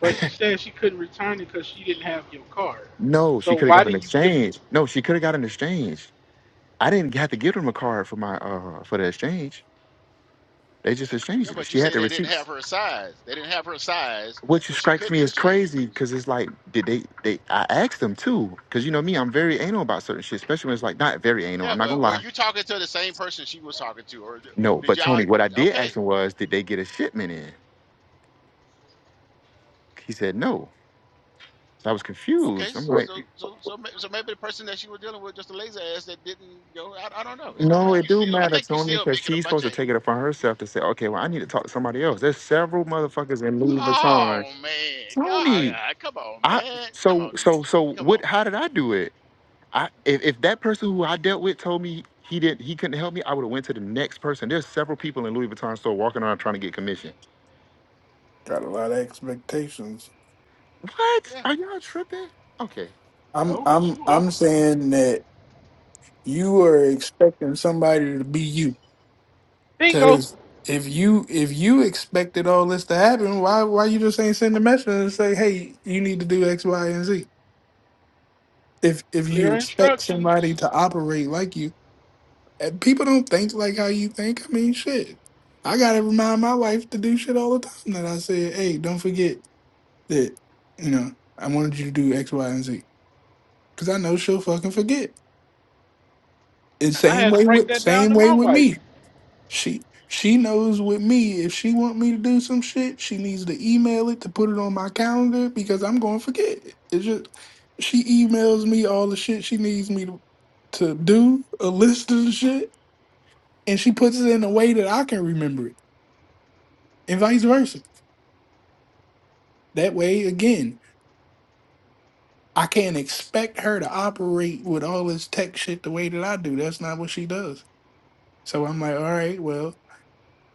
[SPEAKER 9] But she said she couldn't return it because she didn't have your card.
[SPEAKER 4] No,
[SPEAKER 9] So
[SPEAKER 4] she could have
[SPEAKER 9] why
[SPEAKER 4] got an
[SPEAKER 9] didn't you give it?
[SPEAKER 4] exchange. No, she could have got an exchange. I didn't have to give them a card for my uh for the exchange. They just
[SPEAKER 1] Yeah,
[SPEAKER 4] exchanged it.
[SPEAKER 1] but you
[SPEAKER 4] She had
[SPEAKER 1] say
[SPEAKER 4] the
[SPEAKER 1] they didn't
[SPEAKER 4] receipts.
[SPEAKER 1] have her size. They didn't have her size,
[SPEAKER 4] Which
[SPEAKER 1] so she
[SPEAKER 4] strikes me
[SPEAKER 1] couldn't
[SPEAKER 4] as
[SPEAKER 1] exchange.
[SPEAKER 4] crazy because it's like, did they they I asked them too, because you know me, I'm very anal about certain shit, especially when it's like not very anal,
[SPEAKER 1] Yeah,
[SPEAKER 4] I'm not gonna
[SPEAKER 1] but were
[SPEAKER 4] lie.
[SPEAKER 1] you talking to the same person she was talking to, or
[SPEAKER 4] No,
[SPEAKER 1] did
[SPEAKER 4] but
[SPEAKER 1] y'all?
[SPEAKER 4] Tony, what I did ask
[SPEAKER 1] Okay,
[SPEAKER 4] him was, did they get a shipment in? He said no. So I was
[SPEAKER 1] Okay,
[SPEAKER 4] confused. I'm
[SPEAKER 1] s-
[SPEAKER 4] like,
[SPEAKER 3] Well,
[SPEAKER 1] so so so may- so maybe the person that you were dealing with just a lazy ass that didn't go. I, I don't know. It don't
[SPEAKER 4] no, it
[SPEAKER 1] matter.
[SPEAKER 4] do
[SPEAKER 1] I
[SPEAKER 4] matter,
[SPEAKER 1] think you
[SPEAKER 4] Tony,
[SPEAKER 1] still
[SPEAKER 4] because
[SPEAKER 1] making a
[SPEAKER 4] she's
[SPEAKER 1] bunch
[SPEAKER 4] supposed to
[SPEAKER 1] of.
[SPEAKER 4] take it upon
[SPEAKER 1] y-
[SPEAKER 4] herself to say, okay, well, I need to talk to somebody else. There's several motherfuckers in Louis Vuitton
[SPEAKER 1] Oh man, God,
[SPEAKER 4] Tony,
[SPEAKER 1] ah, come on,
[SPEAKER 4] I
[SPEAKER 1] man, come
[SPEAKER 4] so
[SPEAKER 1] on,
[SPEAKER 4] so
[SPEAKER 1] Demetrius,
[SPEAKER 4] so
[SPEAKER 1] come on.
[SPEAKER 4] what? How did I do it? I if, if that person who I dealt with told me he didn't he couldn't help me, I would have went to the next person. There's several people in Louis Vuitton store walking around trying to get commission.
[SPEAKER 3] Got a lot of expectations.
[SPEAKER 4] What?
[SPEAKER 1] Yeah,
[SPEAKER 4] Are y'all tripping? Okay,
[SPEAKER 3] I'm
[SPEAKER 9] No, but
[SPEAKER 3] I'm
[SPEAKER 9] you are.
[SPEAKER 3] I'm saying that you are expecting somebody to be you.
[SPEAKER 9] Bingo.
[SPEAKER 3] Because if you if you expected all this to happen, why why you just ain't send a message and say, hey, you need to do X, Y, and Z? If if you
[SPEAKER 9] Clear
[SPEAKER 3] expect somebody
[SPEAKER 9] instructions.
[SPEAKER 3] to operate like you, and people don't think like how you think. I mean, shit. I gotta remind my wife to do shit all the time that I said, hey, don't forget that you know I wanted you to do X, Y, and Z because I know
[SPEAKER 1] hmm
[SPEAKER 3] she'll fucking forget. And
[SPEAKER 9] And I
[SPEAKER 3] same
[SPEAKER 9] had to
[SPEAKER 3] way
[SPEAKER 9] break
[SPEAKER 3] with
[SPEAKER 9] that down
[SPEAKER 3] same
[SPEAKER 9] to
[SPEAKER 3] way
[SPEAKER 9] my
[SPEAKER 3] with
[SPEAKER 9] wife.
[SPEAKER 3] me. She she knows with me if she want me to do some shit, she needs to email it to put it on my calendar because I'm going to forget. It's just she emails me all the shit she needs me to to do, a list of the shit, and she puts it in a way that I can remember it, and vice versa. That way, again, I can't expect her to operate with all this tech shit the way that I do. That's not what she does. So I'm like, all right, well,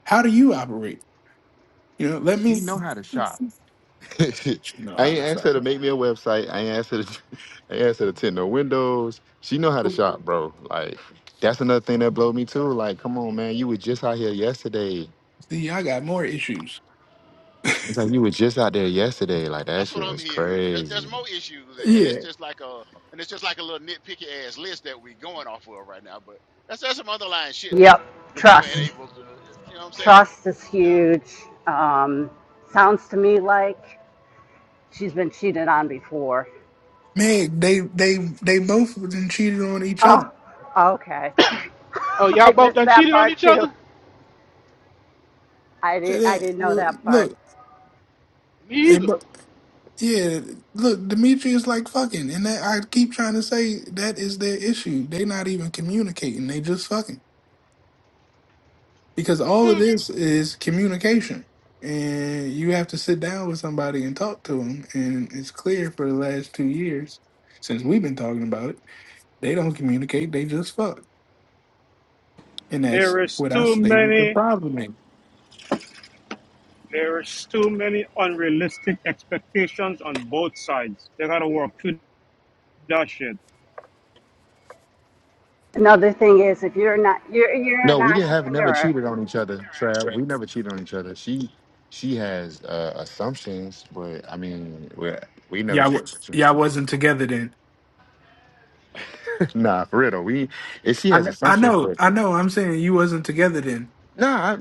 [SPEAKER 3] how do you operate? You know, let
[SPEAKER 4] she
[SPEAKER 3] me.
[SPEAKER 4] know how to shop.
[SPEAKER 3] She know
[SPEAKER 4] I
[SPEAKER 3] how
[SPEAKER 4] ain't
[SPEAKER 3] to.
[SPEAKER 4] asked her to make me a website. I ain't asked her to I ain't asked her to tint no windows. She know how to shop, bro. Like that's another thing that blow me too. Like, come on, man, you were just out here yesterday.
[SPEAKER 3] See, I got more issues.
[SPEAKER 4] It's like you was just out there yesterday. Like that
[SPEAKER 1] that's what
[SPEAKER 4] shit
[SPEAKER 1] I'm
[SPEAKER 4] was
[SPEAKER 1] hearing. There's there's
[SPEAKER 4] crazy.
[SPEAKER 1] more issues, and it's
[SPEAKER 3] Yeah,
[SPEAKER 1] just like a and it's just like a little nitpicky ass list that we going off of right now. But that's that's some underlying shit that
[SPEAKER 5] Yep,
[SPEAKER 1] that you ain't
[SPEAKER 5] trust.
[SPEAKER 1] able to. You know what I'm saying?
[SPEAKER 5] Trust is
[SPEAKER 1] Yeah.
[SPEAKER 5] huge. Um, sounds to me like she's been cheated on before.
[SPEAKER 3] man, they they they both then cheated on each other.
[SPEAKER 5] Oh, okay.
[SPEAKER 9] Oh, y'all
[SPEAKER 5] I
[SPEAKER 9] both
[SPEAKER 5] missed
[SPEAKER 9] done
[SPEAKER 5] that
[SPEAKER 9] cheated on
[SPEAKER 5] part
[SPEAKER 9] each
[SPEAKER 5] too.
[SPEAKER 9] other?
[SPEAKER 5] I,
[SPEAKER 3] And
[SPEAKER 5] did, I
[SPEAKER 3] that-
[SPEAKER 5] didn't know
[SPEAKER 3] well,
[SPEAKER 5] that part.
[SPEAKER 3] Look,
[SPEAKER 9] Me
[SPEAKER 3] they
[SPEAKER 9] either.
[SPEAKER 3] bo- yeah, look, Dimitri is like fucking, and that I keep trying to say that is their issue. They not even communicating; they just fucking because all of
[SPEAKER 9] Hmm.
[SPEAKER 3] this is communication, and you have to sit down with somebody and talk to them. And it's clear for the last two years since we've been talking about it, they don't communicate; they just fuck. And that's
[SPEAKER 11] there is
[SPEAKER 3] what I
[SPEAKER 11] too
[SPEAKER 3] stated the
[SPEAKER 11] many.
[SPEAKER 3] problem is.
[SPEAKER 11] There is too many unrealistic expectations on both sides. They gotta work through that shit.
[SPEAKER 5] Another thing is, if you're not, you're you're
[SPEAKER 4] No,
[SPEAKER 5] an
[SPEAKER 4] we didn't have never
[SPEAKER 5] entrepreneur,
[SPEAKER 4] cheated on each other, Trav.
[SPEAKER 3] Right.
[SPEAKER 4] We never cheated on each other. She she has uh, assumptions, but I mean we we never
[SPEAKER 3] Y'all, wa-
[SPEAKER 4] cheated. on each other.
[SPEAKER 3] y'all wasn't together then.
[SPEAKER 4] nah, for real though. We if she
[SPEAKER 3] I,
[SPEAKER 4] has
[SPEAKER 3] kn- I
[SPEAKER 4] assumptions,
[SPEAKER 3] know,
[SPEAKER 4] but
[SPEAKER 3] I know. I'm saying you wasn't together then.
[SPEAKER 4] nah, I,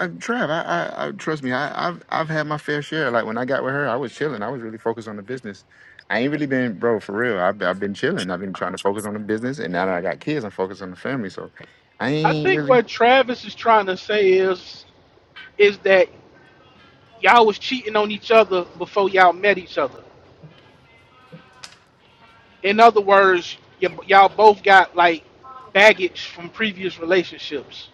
[SPEAKER 4] I, Trav, I, I, I trust me. I, I've I've had my fair share. Like when I got with her, I was chilling. I was really focused on the business. I ain't really been, bro, for real. I've, I've been chilling. I've been trying to focus on the business, and now that I got kids, I'm focused on the family. So I
[SPEAKER 9] I
[SPEAKER 4] ain't
[SPEAKER 9] think
[SPEAKER 4] really
[SPEAKER 9] what Travis is trying to say is is that y'all was cheating on each other before y'all met each other. In other words, y- y'all both got like baggage from previous relationships.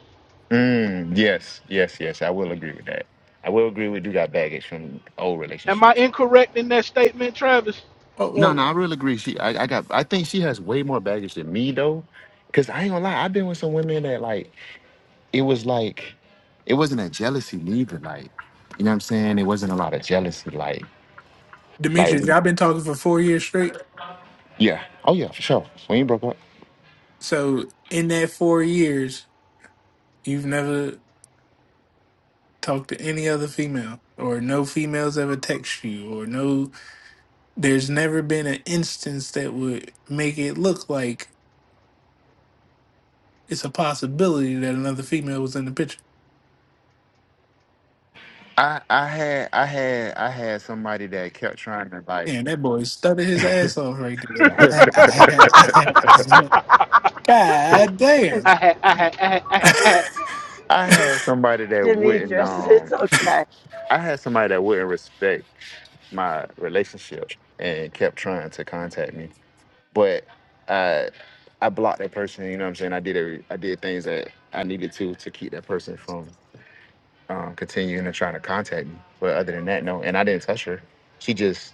[SPEAKER 4] Mm, yes, yes, yes. I will agree with that. I will agree we do got baggage from old
[SPEAKER 9] Am I
[SPEAKER 4] relationships.
[SPEAKER 9] incorrect in that statement, Travis?
[SPEAKER 3] Well,
[SPEAKER 4] No, no,
[SPEAKER 3] well,
[SPEAKER 4] I really agree. She, I, I got. I think she has way more baggage than me though, because I ain't gonna lie. I've been with some women that like it was like it wasn't a jealousy neither. Like you know what I'm saying? It wasn't a lot of jealousy. Like like
[SPEAKER 3] Demetrius,
[SPEAKER 4] we-
[SPEAKER 3] y'all been talking for four years straight.
[SPEAKER 4] yeah. Oh yeah, for sure. We ain't broke up.
[SPEAKER 3] So in that four years, you've never talked to any other female, or no females ever text you, or no. There's never been an instance that would make it look like it's a possibility that another female was in the picture.
[SPEAKER 4] I, I had I had I had somebody that kept trying to like
[SPEAKER 3] Man, that boy studied his ass off right there. I,
[SPEAKER 9] I
[SPEAKER 3] I, I, had, I, had, I, had. God damn.
[SPEAKER 9] had, I had, I had, I had, I
[SPEAKER 3] I
[SPEAKER 9] had
[SPEAKER 4] I had somebody that wouldn't
[SPEAKER 5] Demetrius. It's
[SPEAKER 4] um
[SPEAKER 5] okay.
[SPEAKER 4] I had somebody that wouldn't respect my relationship and kept trying to contact me, but I I blocked that person. You know what I'm saying? I did every, I did things that I needed to to keep that person from um, continuing to trying to contact me. But other than that, no. And I didn't touch her. She just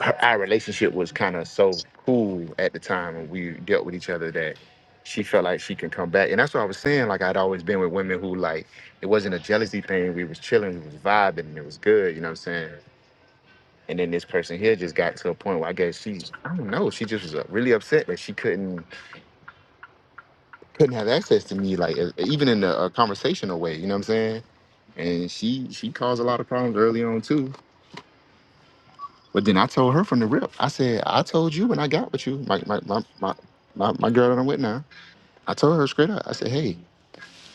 [SPEAKER 4] her, our relationship was kind of so cool at the time and we dealt with each other that she felt like she can come back and that's what i was saying like i'd always been with women who like it wasn't a jealousy thing we was chilling we was vibing and it was good you know what i'm saying and then this person here just got to a point where i guess she i don't know she just was uh, really upset that she couldn't couldn't have access to me like uh, even in a, a conversational way you know what i'm saying and she she caused a lot of problems early on too But then I told her from the rip. I said, I told you when I got with you, my my my my, my, my girl that I'm with now. I told her straight up. I said, hey,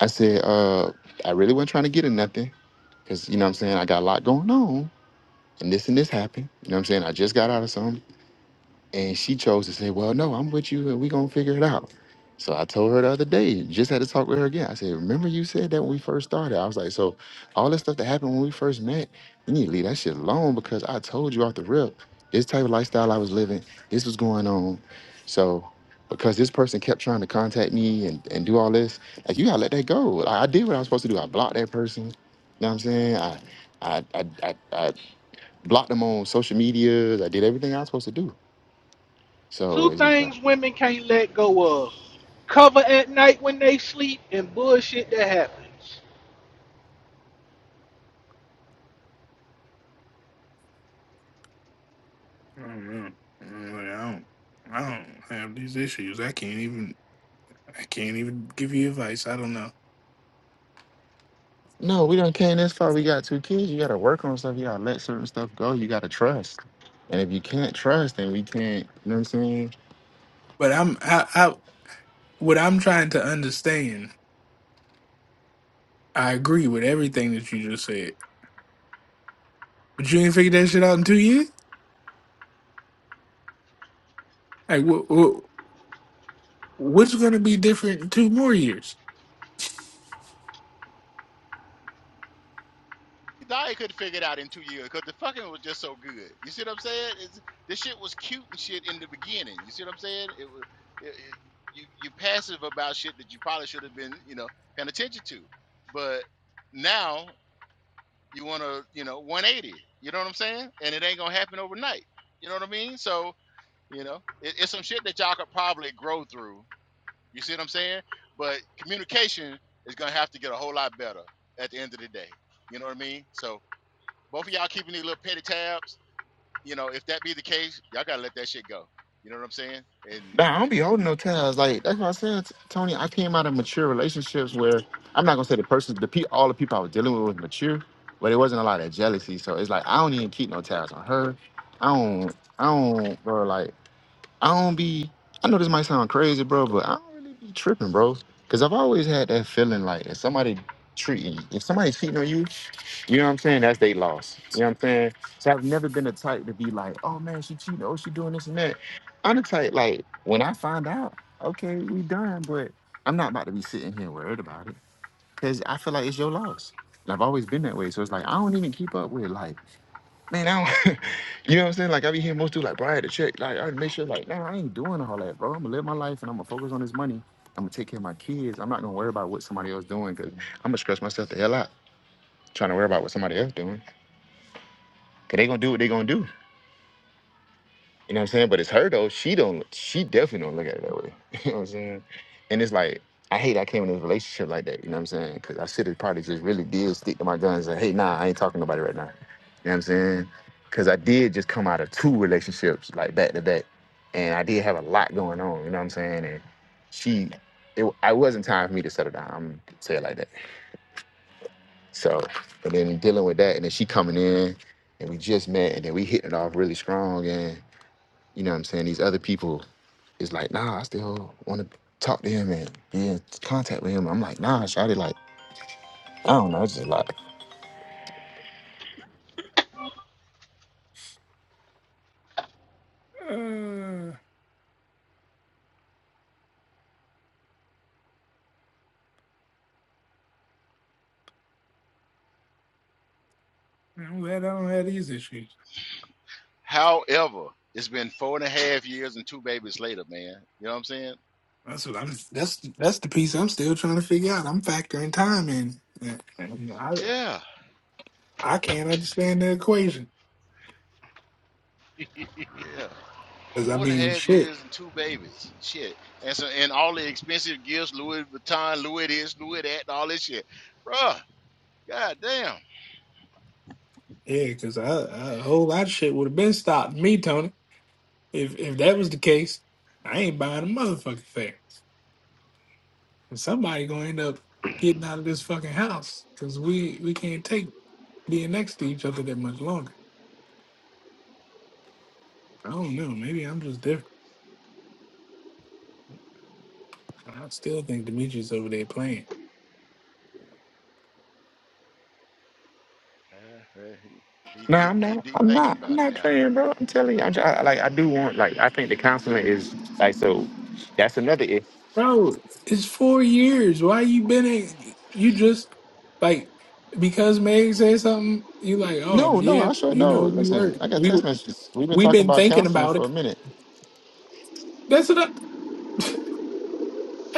[SPEAKER 4] I said, uh, I really wasn't trying to get in nothing, cause you know what I'm saying. I got a lot going on, and this and this happened. You know what I'm saying. I just got out of something. And she chose to say, Well, no, I'm with you and we're gonna figure it out. So I told her the other day, just had to talk with her again. I said, Remember you said that when we first started? I was like, So all this stuff that happened when we first met, you need to leave that shit alone because I told you off the rip, this type of lifestyle I was living, this was going on. So because this person kept trying to contact me and, and do all this, like you gotta let that go. Like, I did what I was supposed to do. I blocked that person. You know what I'm saying? I I I I, I blocked them on social media. I did everything I was supposed to do. So
[SPEAKER 9] two
[SPEAKER 4] it's just like,
[SPEAKER 9] things women can't let go of: cover at night when they sleep and bullshit that happens.
[SPEAKER 3] don't know. I'm like, I don't, I don't have these issues. I can't even. I can't even give you advice. I don't know.
[SPEAKER 4] no, we don't came this far. We got two kids. You got to work on stuff. You got to let certain stuff go. You got to trust. And if you can't trust, then we can't. You know what I'm saying?
[SPEAKER 3] But I'm. I. I what I'm trying to understand. I agree with everything that you just said. But you ain't figured that shit out in two years. Like what? what what's going to be different in two more years?
[SPEAKER 1] Zaya could not figure it out in two years because the fucking was just so good. You see what I'm saying? It's, this shit was cute and shit in the beginning. You see what I'm saying? It was it, it- you you passive about shit that you probably should have been you know paying attention to, but now you want to you know 180. You know what I'm saying? And it ain't gonna happen overnight. You know what I mean? So you know it, it's some shit that y'all could probably grow through. You see what I'm saying? But communication is gonna have to get a whole lot better at the end of the day. You know what I mean? So both of y'all keeping these little petty tabs. You know, if that be the case, y'all gotta let that shit go. You know what I'm saying? And
[SPEAKER 4] Nah, I don't be
[SPEAKER 1] and
[SPEAKER 4] holding no ties. Like that's what I said, T- Tony. I came out of mature relationships where I'm not gonna say the person, the pe- all the people I was dealing with was mature, but it wasn't a lot of jealousy. So it's like I don't even keep no tabs on her. I don't. I don't, bro. Like. I don't be. I know this might sound crazy, bro, but I don't really be tripping, bro. Cause I've always had that feeling like if somebody treating you, if somebody cheating on you, you know what I'm saying? That's they loss. You know what I'm saying? So I've never been the type to be like, oh man, she cheating, oh she doing this and that. I'm the type like when I find out, okay, we done, but I'm not about to be sitting here worried about it. Cause I feel like it's your loss. And I've always been that way. So it's like I don't even keep up with like man, I don't, you know what I'm saying? Like I be hearing most dudes like, bro, I had to check. Like I had to make sure, like, nah, I ain't doing all that, bro. I'm gonna live my life and I'm gonna focus on this money. I'm gonna take care of my kids. I'm not gonna worry about what somebody else doing because I'm gonna stress myself the hell out trying to worry about what somebody else doing. Cause they gonna do what they gonna do. You know what I'm saying? But it's her though. She don't. She definitely don't look at it that way. you know what I'm saying? And it's like I hate I came in this relationship like that. You know what I'm saying? Because I should have probably just really did stick to my guns and hey, nah, I ain't talking to nobody right now. You know what I'm saying? Because I did just come out of two relationships like back to back, and I did have a lot going on. You know what I'm saying? And she, it, I wasn't time for me to settle down. I'm gonna say it like that. So, but then dealing with that, and then she coming in, and we just met, and then we hitting it off really strong, and you know what I'm saying? These other people it's like, nah, I still want to talk to him and be in contact with him. I'm like, nah, Shotty, like, I don't know. It's just like,
[SPEAKER 3] Uh, I'm glad I don't have these issues.
[SPEAKER 1] however, it's been four and a half years and two babies later, man. You know what I'm saying?
[SPEAKER 3] That's what I'm. That's that's the piece I'm still trying to figure out. I'm factoring time in. And, and I
[SPEAKER 1] Yeah,
[SPEAKER 3] I can't understand the equation
[SPEAKER 1] yeah.
[SPEAKER 3] because I
[SPEAKER 1] Four and a
[SPEAKER 3] mean
[SPEAKER 1] half
[SPEAKER 3] shit.
[SPEAKER 1] years and two babies. Shit. And so and all the expensive gifts, Louis Vuitton, Louis this, Louis that, and all this shit. Bruh, god damn.
[SPEAKER 3] Yeah, because a whole lot of shit would have been stopped me, Tony. If if that was the case, I ain't buying a motherfucking thing. And somebody gonna end up getting out of this fucking house because we we can't take being next to each other that much longer. I don't know. Maybe I'm just different. I still think Demetrius over there playing.
[SPEAKER 1] he, he
[SPEAKER 4] nah,
[SPEAKER 1] he
[SPEAKER 4] I'm not,
[SPEAKER 1] deep
[SPEAKER 4] I'm
[SPEAKER 1] thinking
[SPEAKER 4] not, I'm
[SPEAKER 1] about it
[SPEAKER 4] not
[SPEAKER 1] now.
[SPEAKER 4] playing, bro. I'm telling you, I'm just, I, like, I do want, like, I think the counseling is like, so that's another if.
[SPEAKER 3] Bro, it's four years. Why you been in? You just like because Meg said something. You like, oh
[SPEAKER 4] No, no,
[SPEAKER 3] yeah,
[SPEAKER 4] I sure
[SPEAKER 3] you
[SPEAKER 4] no.
[SPEAKER 3] know we were
[SPEAKER 4] Listen, I got
[SPEAKER 3] we
[SPEAKER 4] text messages. We've been
[SPEAKER 3] we
[SPEAKER 4] talking
[SPEAKER 3] been
[SPEAKER 4] about
[SPEAKER 3] thinking
[SPEAKER 4] counseling
[SPEAKER 3] about
[SPEAKER 4] for a
[SPEAKER 3] it.
[SPEAKER 4] minute.
[SPEAKER 3] That's what I,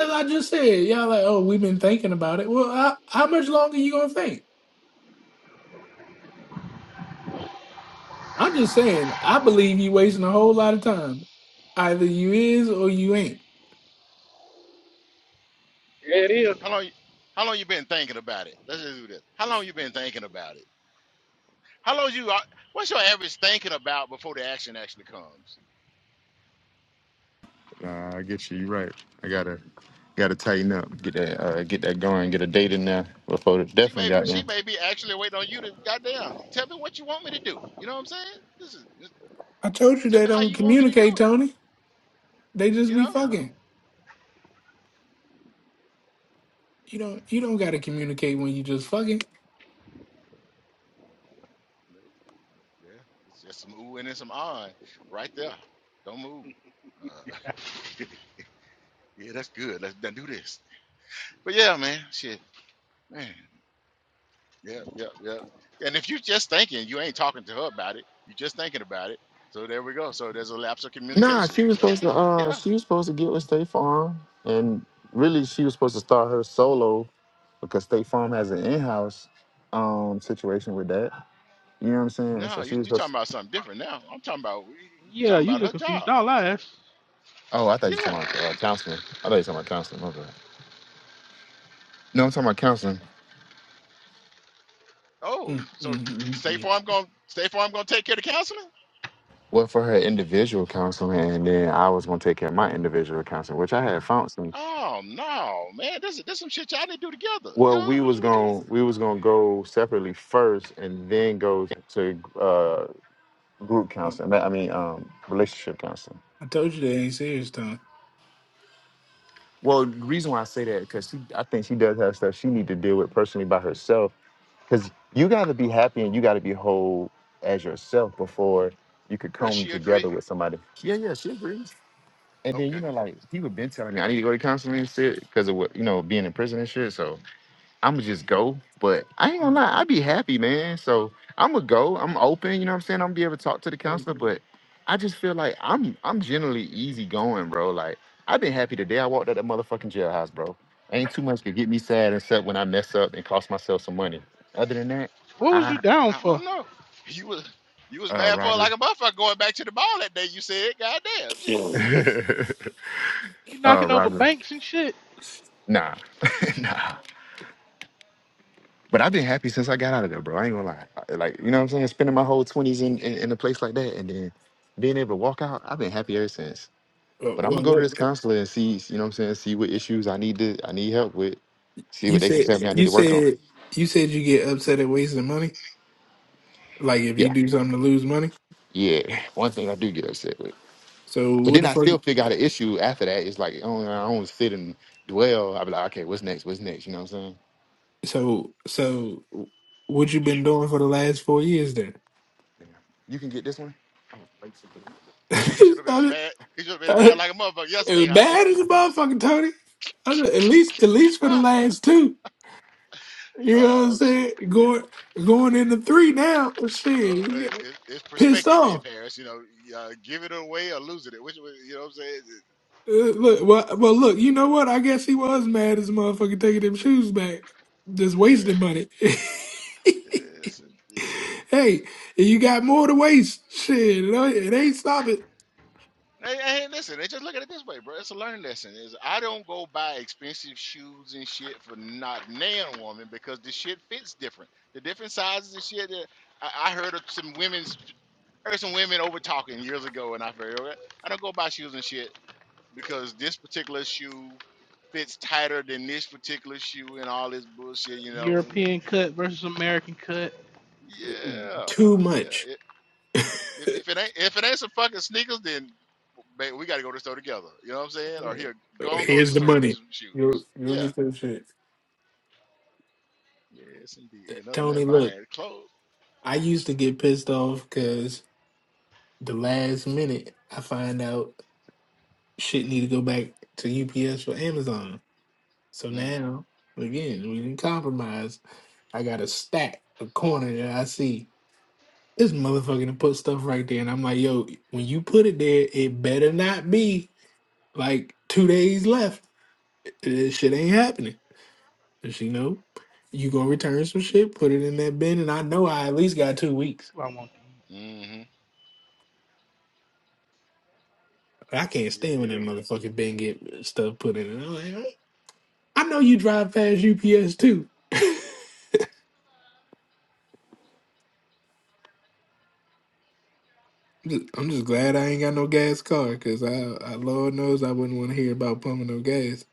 [SPEAKER 3] as I just said. Y'all like, oh we've been thinking about it. Well, I, how much longer you gonna think? I'm just saying. I believe you wasting a whole lot of time. Either you is or you ain't.
[SPEAKER 9] There it is.
[SPEAKER 1] How long how long you been thinking about it? Let's just do this. How long you been thinking about it? How long you? uh, What's your average thinking about before the action actually comes?
[SPEAKER 4] Nah, I get you. You're right. I gotta, gotta tighten up. Get that, uh, get that going. Get a date in there before the
[SPEAKER 1] She
[SPEAKER 4] definitely
[SPEAKER 1] may
[SPEAKER 4] got there.
[SPEAKER 1] she may be actually waiting on you to goddamn tell me what you want me to do. You know what I'm saying? This is this-
[SPEAKER 3] I told you
[SPEAKER 1] tell
[SPEAKER 3] they
[SPEAKER 1] me how
[SPEAKER 3] don't
[SPEAKER 1] you want me to
[SPEAKER 3] communicate,
[SPEAKER 1] do it.
[SPEAKER 3] Tony. They just
[SPEAKER 1] You
[SPEAKER 3] be
[SPEAKER 1] know?
[SPEAKER 3] fucking. You don't you don't gotta communicate when you just fucking.
[SPEAKER 1] No. Yeah. It's just some ooh and then some ah right there. Don't move. Uh, yeah, that's good. Let's done do this. But yeah, man, shit, man. Yep, yep, yep. And if you are just thinking, you ain't talking to her about it. you are just thinking about it. So there we go. So there's a lapse of
[SPEAKER 4] Nah, she
[SPEAKER 1] communication.
[SPEAKER 4] was
[SPEAKER 1] So
[SPEAKER 4] supposed to. Uh,
[SPEAKER 1] yeah,
[SPEAKER 4] she was supposed to get with State Farm, and really, she was supposed to start her solo because State Farm has an in-house um situation with that. You know what I'm saying? So
[SPEAKER 1] No, you
[SPEAKER 4] she was
[SPEAKER 1] you
[SPEAKER 4] supposed.
[SPEAKER 1] talking
[SPEAKER 4] To,
[SPEAKER 1] about something different now. I'm talking about you you
[SPEAKER 9] Yeah,
[SPEAKER 1] talking
[SPEAKER 9] you
[SPEAKER 1] about
[SPEAKER 9] just
[SPEAKER 1] her job.
[SPEAKER 9] confused all ass.
[SPEAKER 4] oh, I thought you were
[SPEAKER 1] Yeah.
[SPEAKER 4] talking about uh, counseling. I thought you were talking about counseling. My bad. No, I'm talking about counseling.
[SPEAKER 1] Oh,
[SPEAKER 3] Mm,
[SPEAKER 1] so
[SPEAKER 3] mm, mm,
[SPEAKER 1] State
[SPEAKER 3] mm.
[SPEAKER 1] Farm going to State Farm going to take care of the counseling?
[SPEAKER 4] Well, for her individual counseling, and then I was gonna take care of my individual counseling, which I had found some.
[SPEAKER 1] Oh no, man, this is this some shit y'all need to do together. You
[SPEAKER 4] Well,
[SPEAKER 1] know
[SPEAKER 4] we
[SPEAKER 1] what
[SPEAKER 4] was
[SPEAKER 1] you what you?
[SPEAKER 4] gonna we was gonna go separately first, and then go to uh, group
[SPEAKER 3] mm.
[SPEAKER 4] counseling. I mean, um, relationship counseling.
[SPEAKER 3] I told you they ain't serious, Tom.
[SPEAKER 4] Well, the reason why I say that because she, I think she does have stuff she need to deal with personally by herself. Because you got to be happy and you got to be whole as yourself before you could
[SPEAKER 1] Does
[SPEAKER 4] come
[SPEAKER 1] she
[SPEAKER 4] together
[SPEAKER 1] agree?
[SPEAKER 4] with somebody. Yeah, yeah, she agrees. And then you
[SPEAKER 1] Okay,
[SPEAKER 4] know, like people been telling me I need to go to counseling and shit because of what you know being in prison and shit. So I'ma just go. But I ain't gonna lie, I'd be happy, man. So I'ma go. I'm open, you know what I'm saying? I'm gonna be able to talk to the counselor, but I just feel like I'm I'm generally easy going, bro. Like I've been happy today. I walked out that motherfucking jailhouse, bro. Ain't too much to get me sad except when I mess up and cost myself some money. Other than that,
[SPEAKER 9] What was you
[SPEAKER 4] I
[SPEAKER 1] I
[SPEAKER 9] down for?
[SPEAKER 1] don't know. You was you was
[SPEAKER 4] uh
[SPEAKER 1] mad for her
[SPEAKER 4] robbery.
[SPEAKER 1] like a motherfucker going back to the ball that day. You said, Goddamn. damn, shit.
[SPEAKER 3] Well,
[SPEAKER 9] You
[SPEAKER 4] uh
[SPEAKER 9] knocking over
[SPEAKER 4] robbery.
[SPEAKER 9] banks and shit.
[SPEAKER 4] Nah. nah. But I've been happy since I got out of there, bro. I ain't gonna lie. I- Like, you know what I'm saying? Spending my whole 20s in, in, in a place like that and then being able to walk out, I've been happy ever since. But I'm gonna
[SPEAKER 3] well,
[SPEAKER 4] go to
[SPEAKER 3] look,
[SPEAKER 4] this counselor and see, you know what I'm saying, see what issues I need to I need help with, see
[SPEAKER 3] you
[SPEAKER 4] what they can
[SPEAKER 3] said
[SPEAKER 4] tell me I need
[SPEAKER 3] you
[SPEAKER 4] to work on.
[SPEAKER 3] said you said you get upset at wasting money. Like if you
[SPEAKER 4] Yeah.
[SPEAKER 3] do something to lose money.
[SPEAKER 4] Yeah. One thing I do get upset with.
[SPEAKER 3] So
[SPEAKER 4] But
[SPEAKER 3] what
[SPEAKER 4] then
[SPEAKER 3] the
[SPEAKER 4] I
[SPEAKER 3] fuck?
[SPEAKER 4] still figure out an issue after that. It's like I don't, I don't sit and dwell. i be like, okay, what's next? What's next? You know what I'm saying?
[SPEAKER 3] So so what you been doing for the last four years then?
[SPEAKER 4] Yeah. You can get this one? Oh, thanks.
[SPEAKER 1] You say he should have been a
[SPEAKER 3] I-
[SPEAKER 1] mad. He should have been
[SPEAKER 3] I-
[SPEAKER 1] mad like a motherfucker
[SPEAKER 3] it was
[SPEAKER 1] yesterday, huh?
[SPEAKER 3] bad
[SPEAKER 4] That's my
[SPEAKER 3] as a
[SPEAKER 4] bad.
[SPEAKER 3] motherfucker, Tony. I don't- At least at least for the last two. You know what I'm
[SPEAKER 1] oh
[SPEAKER 3] saying?
[SPEAKER 1] shit.
[SPEAKER 3] Going going into three
[SPEAKER 1] Well,
[SPEAKER 3] now. Shit,
[SPEAKER 1] Uh,
[SPEAKER 3] you
[SPEAKER 1] it,
[SPEAKER 3] get
[SPEAKER 1] it, it's
[SPEAKER 3] pissed
[SPEAKER 1] perspective then,
[SPEAKER 3] off.
[SPEAKER 1] Paris. You know, y- uh, give it away or lose it. Which way- you know what I'm saying? It's,
[SPEAKER 3] Uh, look,
[SPEAKER 1] it's,
[SPEAKER 3] well, well, look, you know what? I guess he was mad as a motherfucker taking them shoes back, just wasting
[SPEAKER 1] yeah,
[SPEAKER 3] money.
[SPEAKER 1] it's, indeed.
[SPEAKER 3] hey, you got more to waste. Shit, it ain't it ain't stopping
[SPEAKER 1] hey, hey, listen. They just look at it this way, bro. It's a learning lesson. Is I don't go buy expensive shoes and shit for not nan woman because the shit fits different. The different sizes and shit. That I, I heard of some women's, heard some women over talking years ago, and I heard. okay, I don't go buy shoes and shit because this particular shoe fits tighter than this particular shoe and all this bullshit, you know. uh,
[SPEAKER 9] European cut versus American cut.
[SPEAKER 1] Yeah,
[SPEAKER 3] too
[SPEAKER 1] yeah.
[SPEAKER 3] much.
[SPEAKER 1] It, if if it ain't if it ain't some fucking sneakers, then ba- we got to go to the store together. You know what I'm saying? Or here, go and go to
[SPEAKER 3] Here's
[SPEAKER 1] the
[SPEAKER 3] the
[SPEAKER 1] store and get
[SPEAKER 3] money.
[SPEAKER 1] you some
[SPEAKER 3] You'll
[SPEAKER 1] shoes.
[SPEAKER 3] you'll
[SPEAKER 1] Yeah.
[SPEAKER 3] get some shit.
[SPEAKER 1] Yes, indeed. And other than
[SPEAKER 3] Tony,
[SPEAKER 1] that,
[SPEAKER 3] look,
[SPEAKER 1] buying clothes.
[SPEAKER 3] I used to get pissed off because the last minute I find out shit need to go back to UPS or Amazon. So
[SPEAKER 1] Mm,
[SPEAKER 3] now, again, we didn't compromise. I got a stack, a corner that I see. This motherfucker done put stuff right there. And I'm like, yo, when you put it there, it better not be like two days left. This shit ain't happening. And she know you gonna return some shit, put it in that bin, and I know I at least got two weeks.
[SPEAKER 9] What I want.
[SPEAKER 1] mm-hmm.
[SPEAKER 3] I can't stand when that
[SPEAKER 1] Yeah.
[SPEAKER 3] motherfucking bin get stuff put in it. I'm like, "Hey, I know you drive past UPS too. I'm just, I'm just glad I ain't got no gas car because I, I, Lord knows, I wouldn't want to hear about pumping no gas.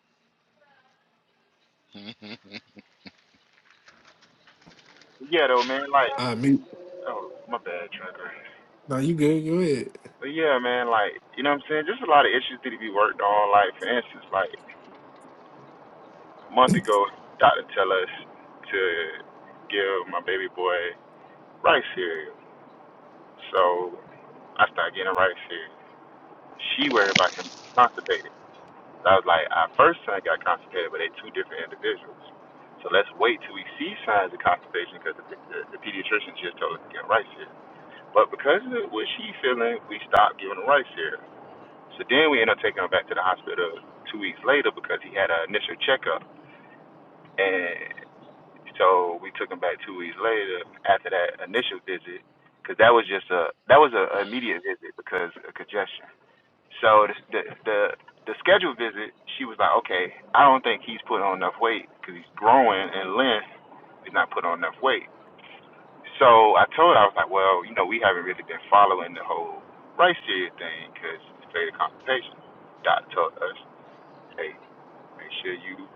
[SPEAKER 4] Yeah, though, man. Like,
[SPEAKER 3] I mean,
[SPEAKER 4] oh, my bad, Trevor.
[SPEAKER 3] no, you good? Go
[SPEAKER 4] But yeah, man, like, you know what I'm saying? Just a lot of issues need to be worked on. Like, for instance, like, a month ago, doctor tell us to give my baby boy rice cereal. So I started getting rice cereal. She worried about him constipated. So I was like, our first son got constipated, but they two different individuals. So let's wait till we see signs of constipation because the, the, the pediatrician just told us to get rice cereal. But because of what she feeling, we stopped giving her rice cereal. So then we ended up taking him back to the hospital two weeks later because he had an initial checkup. And so we took him back two weeks later after that initial visit because that was just a that was an immediate visit because of congestion. So the the the, the scheduled visit, she was like, okay, I don't think he's put on enough weight because he's growing in length. He's not put on enough weight. So I told her I was like, well, you know, we haven't really been following the whole rice seed thing because it's fatal constipation. Doc told us. Hey, make sure you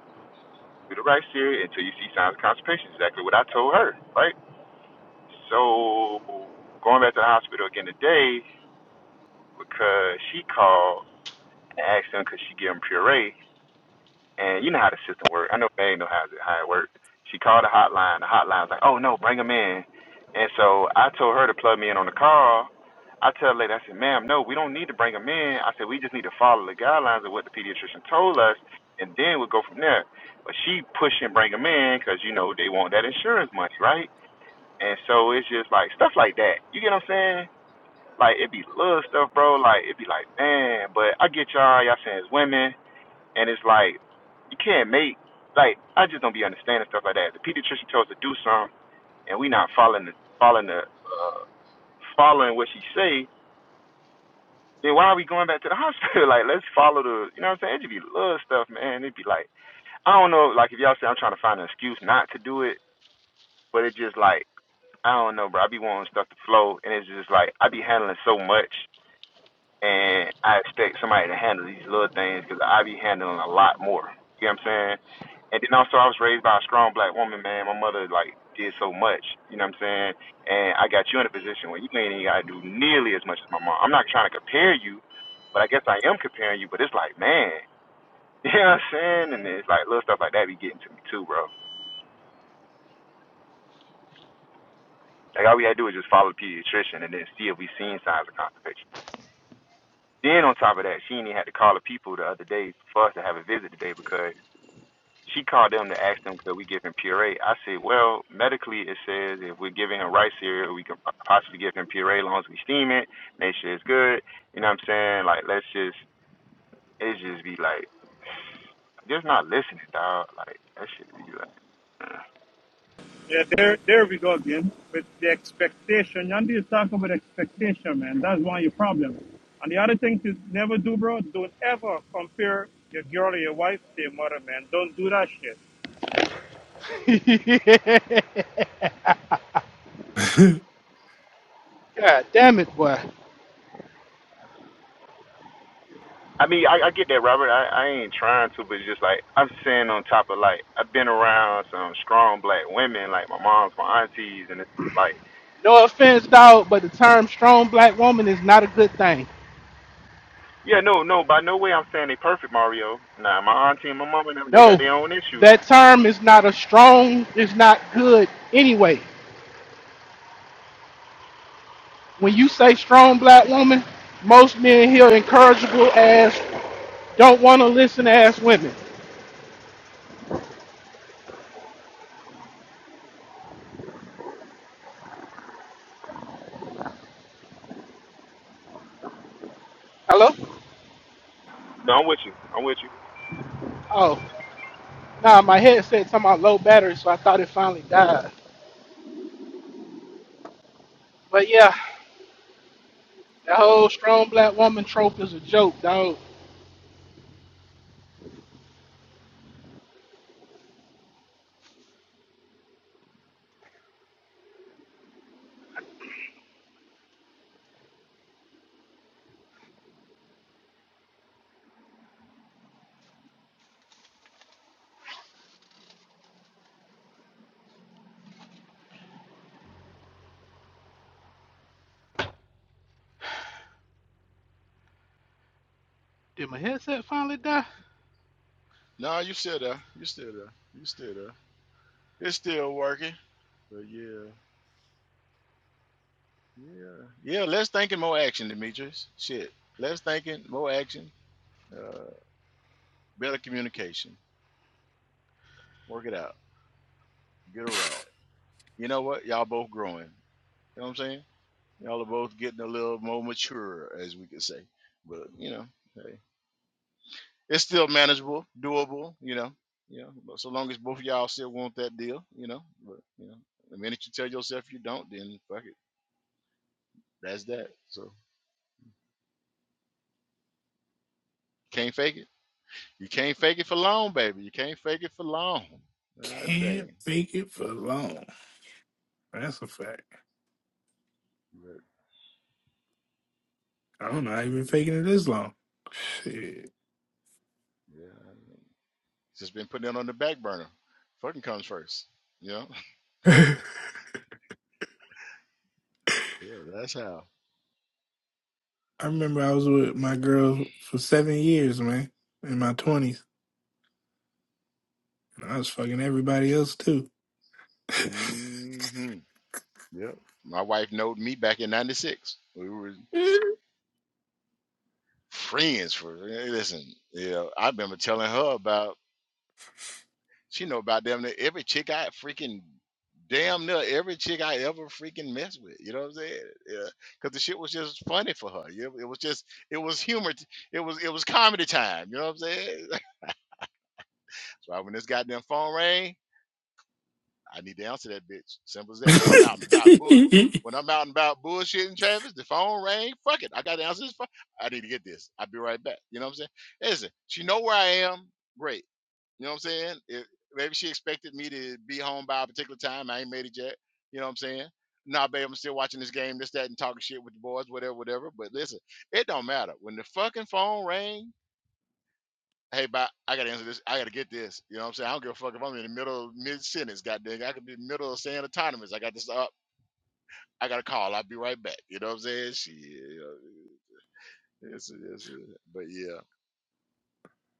[SPEAKER 4] do the right steer until you see signs of constipation. Exactly what I told her, right? So going back to the hospital again today because she called and asked them could she give them puree and you know how the system works. I know Meg know how it how it worked. She called the hotline. The hotline's like, "Oh no, bring him in." And so I told her to plug me in on the call. I tell the lady, I said, "Ma'am, no, we don't need to bring him in." I said, "We just need to follow the guidelines of what the pediatrician told us, and then we'll go from there." But she pushed and bring him in because you know they want that insurance money, right? And so it's just like stuff like that. You get what I'm saying? Like it'd be little stuff, bro. Like it'd be like, man, but I get y'all. Y'all saying it's women and it's like, you can't make, like, I just don't be understanding stuff like that. The pediatrician tells us to do something, and we not following the, following the, uh, following what she say, then why are we going back to the hospital? like, let's follow the, you know what I'm saying? It just be little stuff, man. It'd be like, I don't know, like, if y'all say I'm trying to find an excuse not to do it, but it just like, I don't know, bro. I be wanting stuff to flow, and it's just like, I be handling so much. and I expect somebody to handle these little things because I be handling a lot more. You know what I'm saying? And then also, I was raised by a strong black woman, man. My mother like did so much. You know what I'm saying? And I got you in a position where you ain't even gotta do nearly as much as my mom. I'm not trying to compare you, but I guess I am comparing you. But it's like, man, you know what I'm saying? And it's like little stuff like that be getting to me too, bro. Like all we had to do is just follow the pediatrician and then see if we seen signs of constipation. Then on top of that, she ain't even had to call the people the other day for us to have a visit today because She called them to ask them could we give him puree. I said, well, medically it says if we're giving him rice cereal, we can possibly give him puree as long as we steam it, make sure it's good. You know what I'm saying? Like let's just it just be like just not listening, dog. Like that shit be like. uh.
[SPEAKER 11] Yeah, there, there we go again with the expectation. Yandy is talk about expectation, man. That's one of your problem. And the other thing to never do, bro, don't ever compare your girl or your wife to your mother, man. Don't do that shit.
[SPEAKER 9] to eat.
[SPEAKER 3] ahead.
[SPEAKER 9] God damn it, boy.
[SPEAKER 4] I mean, I, I get that, Robert. I, I ain't trying to, but it's just like I'm saying on top of like I've been around some strong black women, like my moms, my aunties, and it's like
[SPEAKER 9] No offense, dog, but the term strong black woman is not a good thing.
[SPEAKER 4] Yeah, no, no, by no way I'm saying they perfect, Mario. Nah, my auntie and my mama, and them, they got
[SPEAKER 9] No,
[SPEAKER 4] their own issues.
[SPEAKER 9] that term is not a strong, It's not good anyway. When you say strong black woman, most men hear incorrigible ass, don't want to listen ass women. Hello?
[SPEAKER 4] No, I'm with you. I'm with you.
[SPEAKER 9] Oh, nah, my headset talking about low battery, so I thought it finally died. But yeah, that whole strong black woman trope is a joke, dog. Did my headset finally die?
[SPEAKER 1] no, you still there. You still there. You still there. It's still working. But yeah. Yeah, yeah. Less thinking, more action, Demetrius. Shit, less thinking, more action. Uh, better communication. Work it out. Get a ride. You know what? Y'all both growing. You know what I'm saying? Y'all are both getting a little more mature, as we could say. But you know, hey, it's still manageable, doable. You know, you know. but So long as both of y'all still want that deal, you know. But you know, the minute you tell yourself you don't, then fuck it. That's that. So can't fake it. You can't fake it for long, baby. You can't fake it for long. God
[SPEAKER 3] Can't
[SPEAKER 1] dang.
[SPEAKER 3] fake it for long. That's a fact.
[SPEAKER 1] But
[SPEAKER 3] I don't know how you been
[SPEAKER 1] yep,
[SPEAKER 3] faking it
[SPEAKER 1] yep,
[SPEAKER 3] this long. Shit.
[SPEAKER 1] yeah. Just been putting it on the back burner. Fucking comes first. Yeah.
[SPEAKER 3] I
[SPEAKER 1] Yeah, that's how.
[SPEAKER 3] remember I was with my girl for seven years, man, in my twenties. And I was fucking everybody else too.
[SPEAKER 1] Mm-hmm. Yep. My wife knowed me back in ninety six. We were
[SPEAKER 3] you
[SPEAKER 1] friends for listen, yeah. I remember telling her about She know about damn near every chick I freaking damn near every chick I ever freaking messed with. You know what I'm saying? Yeah, because the shit was just funny for her. You know, it was just it was humor. t- It was it was comedy time. You know what I'm saying? so I, when this goddamn phone rang, I need to answer that bitch. Simple as that. When I'm out and about and bull, when I'm out and about bullshitting Travis, the phone rang. Fuck it, I got to answer this phone. I need to get this. I'll be right back. You know what I'm saying? Listen, she know where I am. Great. You know what I'm saying? If, maybe she expected me to be home by a particular time. I ain't made it yet. You know what I'm saying? Nah, babe, I'm still watching this game, this, that, and talking shit with the boys, whatever, whatever. But listen, it don't matter. When the fucking phone rang, hey, bye, I gotta answer this. I gotta get this. You know what I'm saying? I don't give a fuck if I'm in the middle of mid sentence, goddamn. I could be in the middle of saying autonomous. I got this up. I got a call. I'll be right back. You know what I'm saying? Shit. You know, it's, it's, but yeah,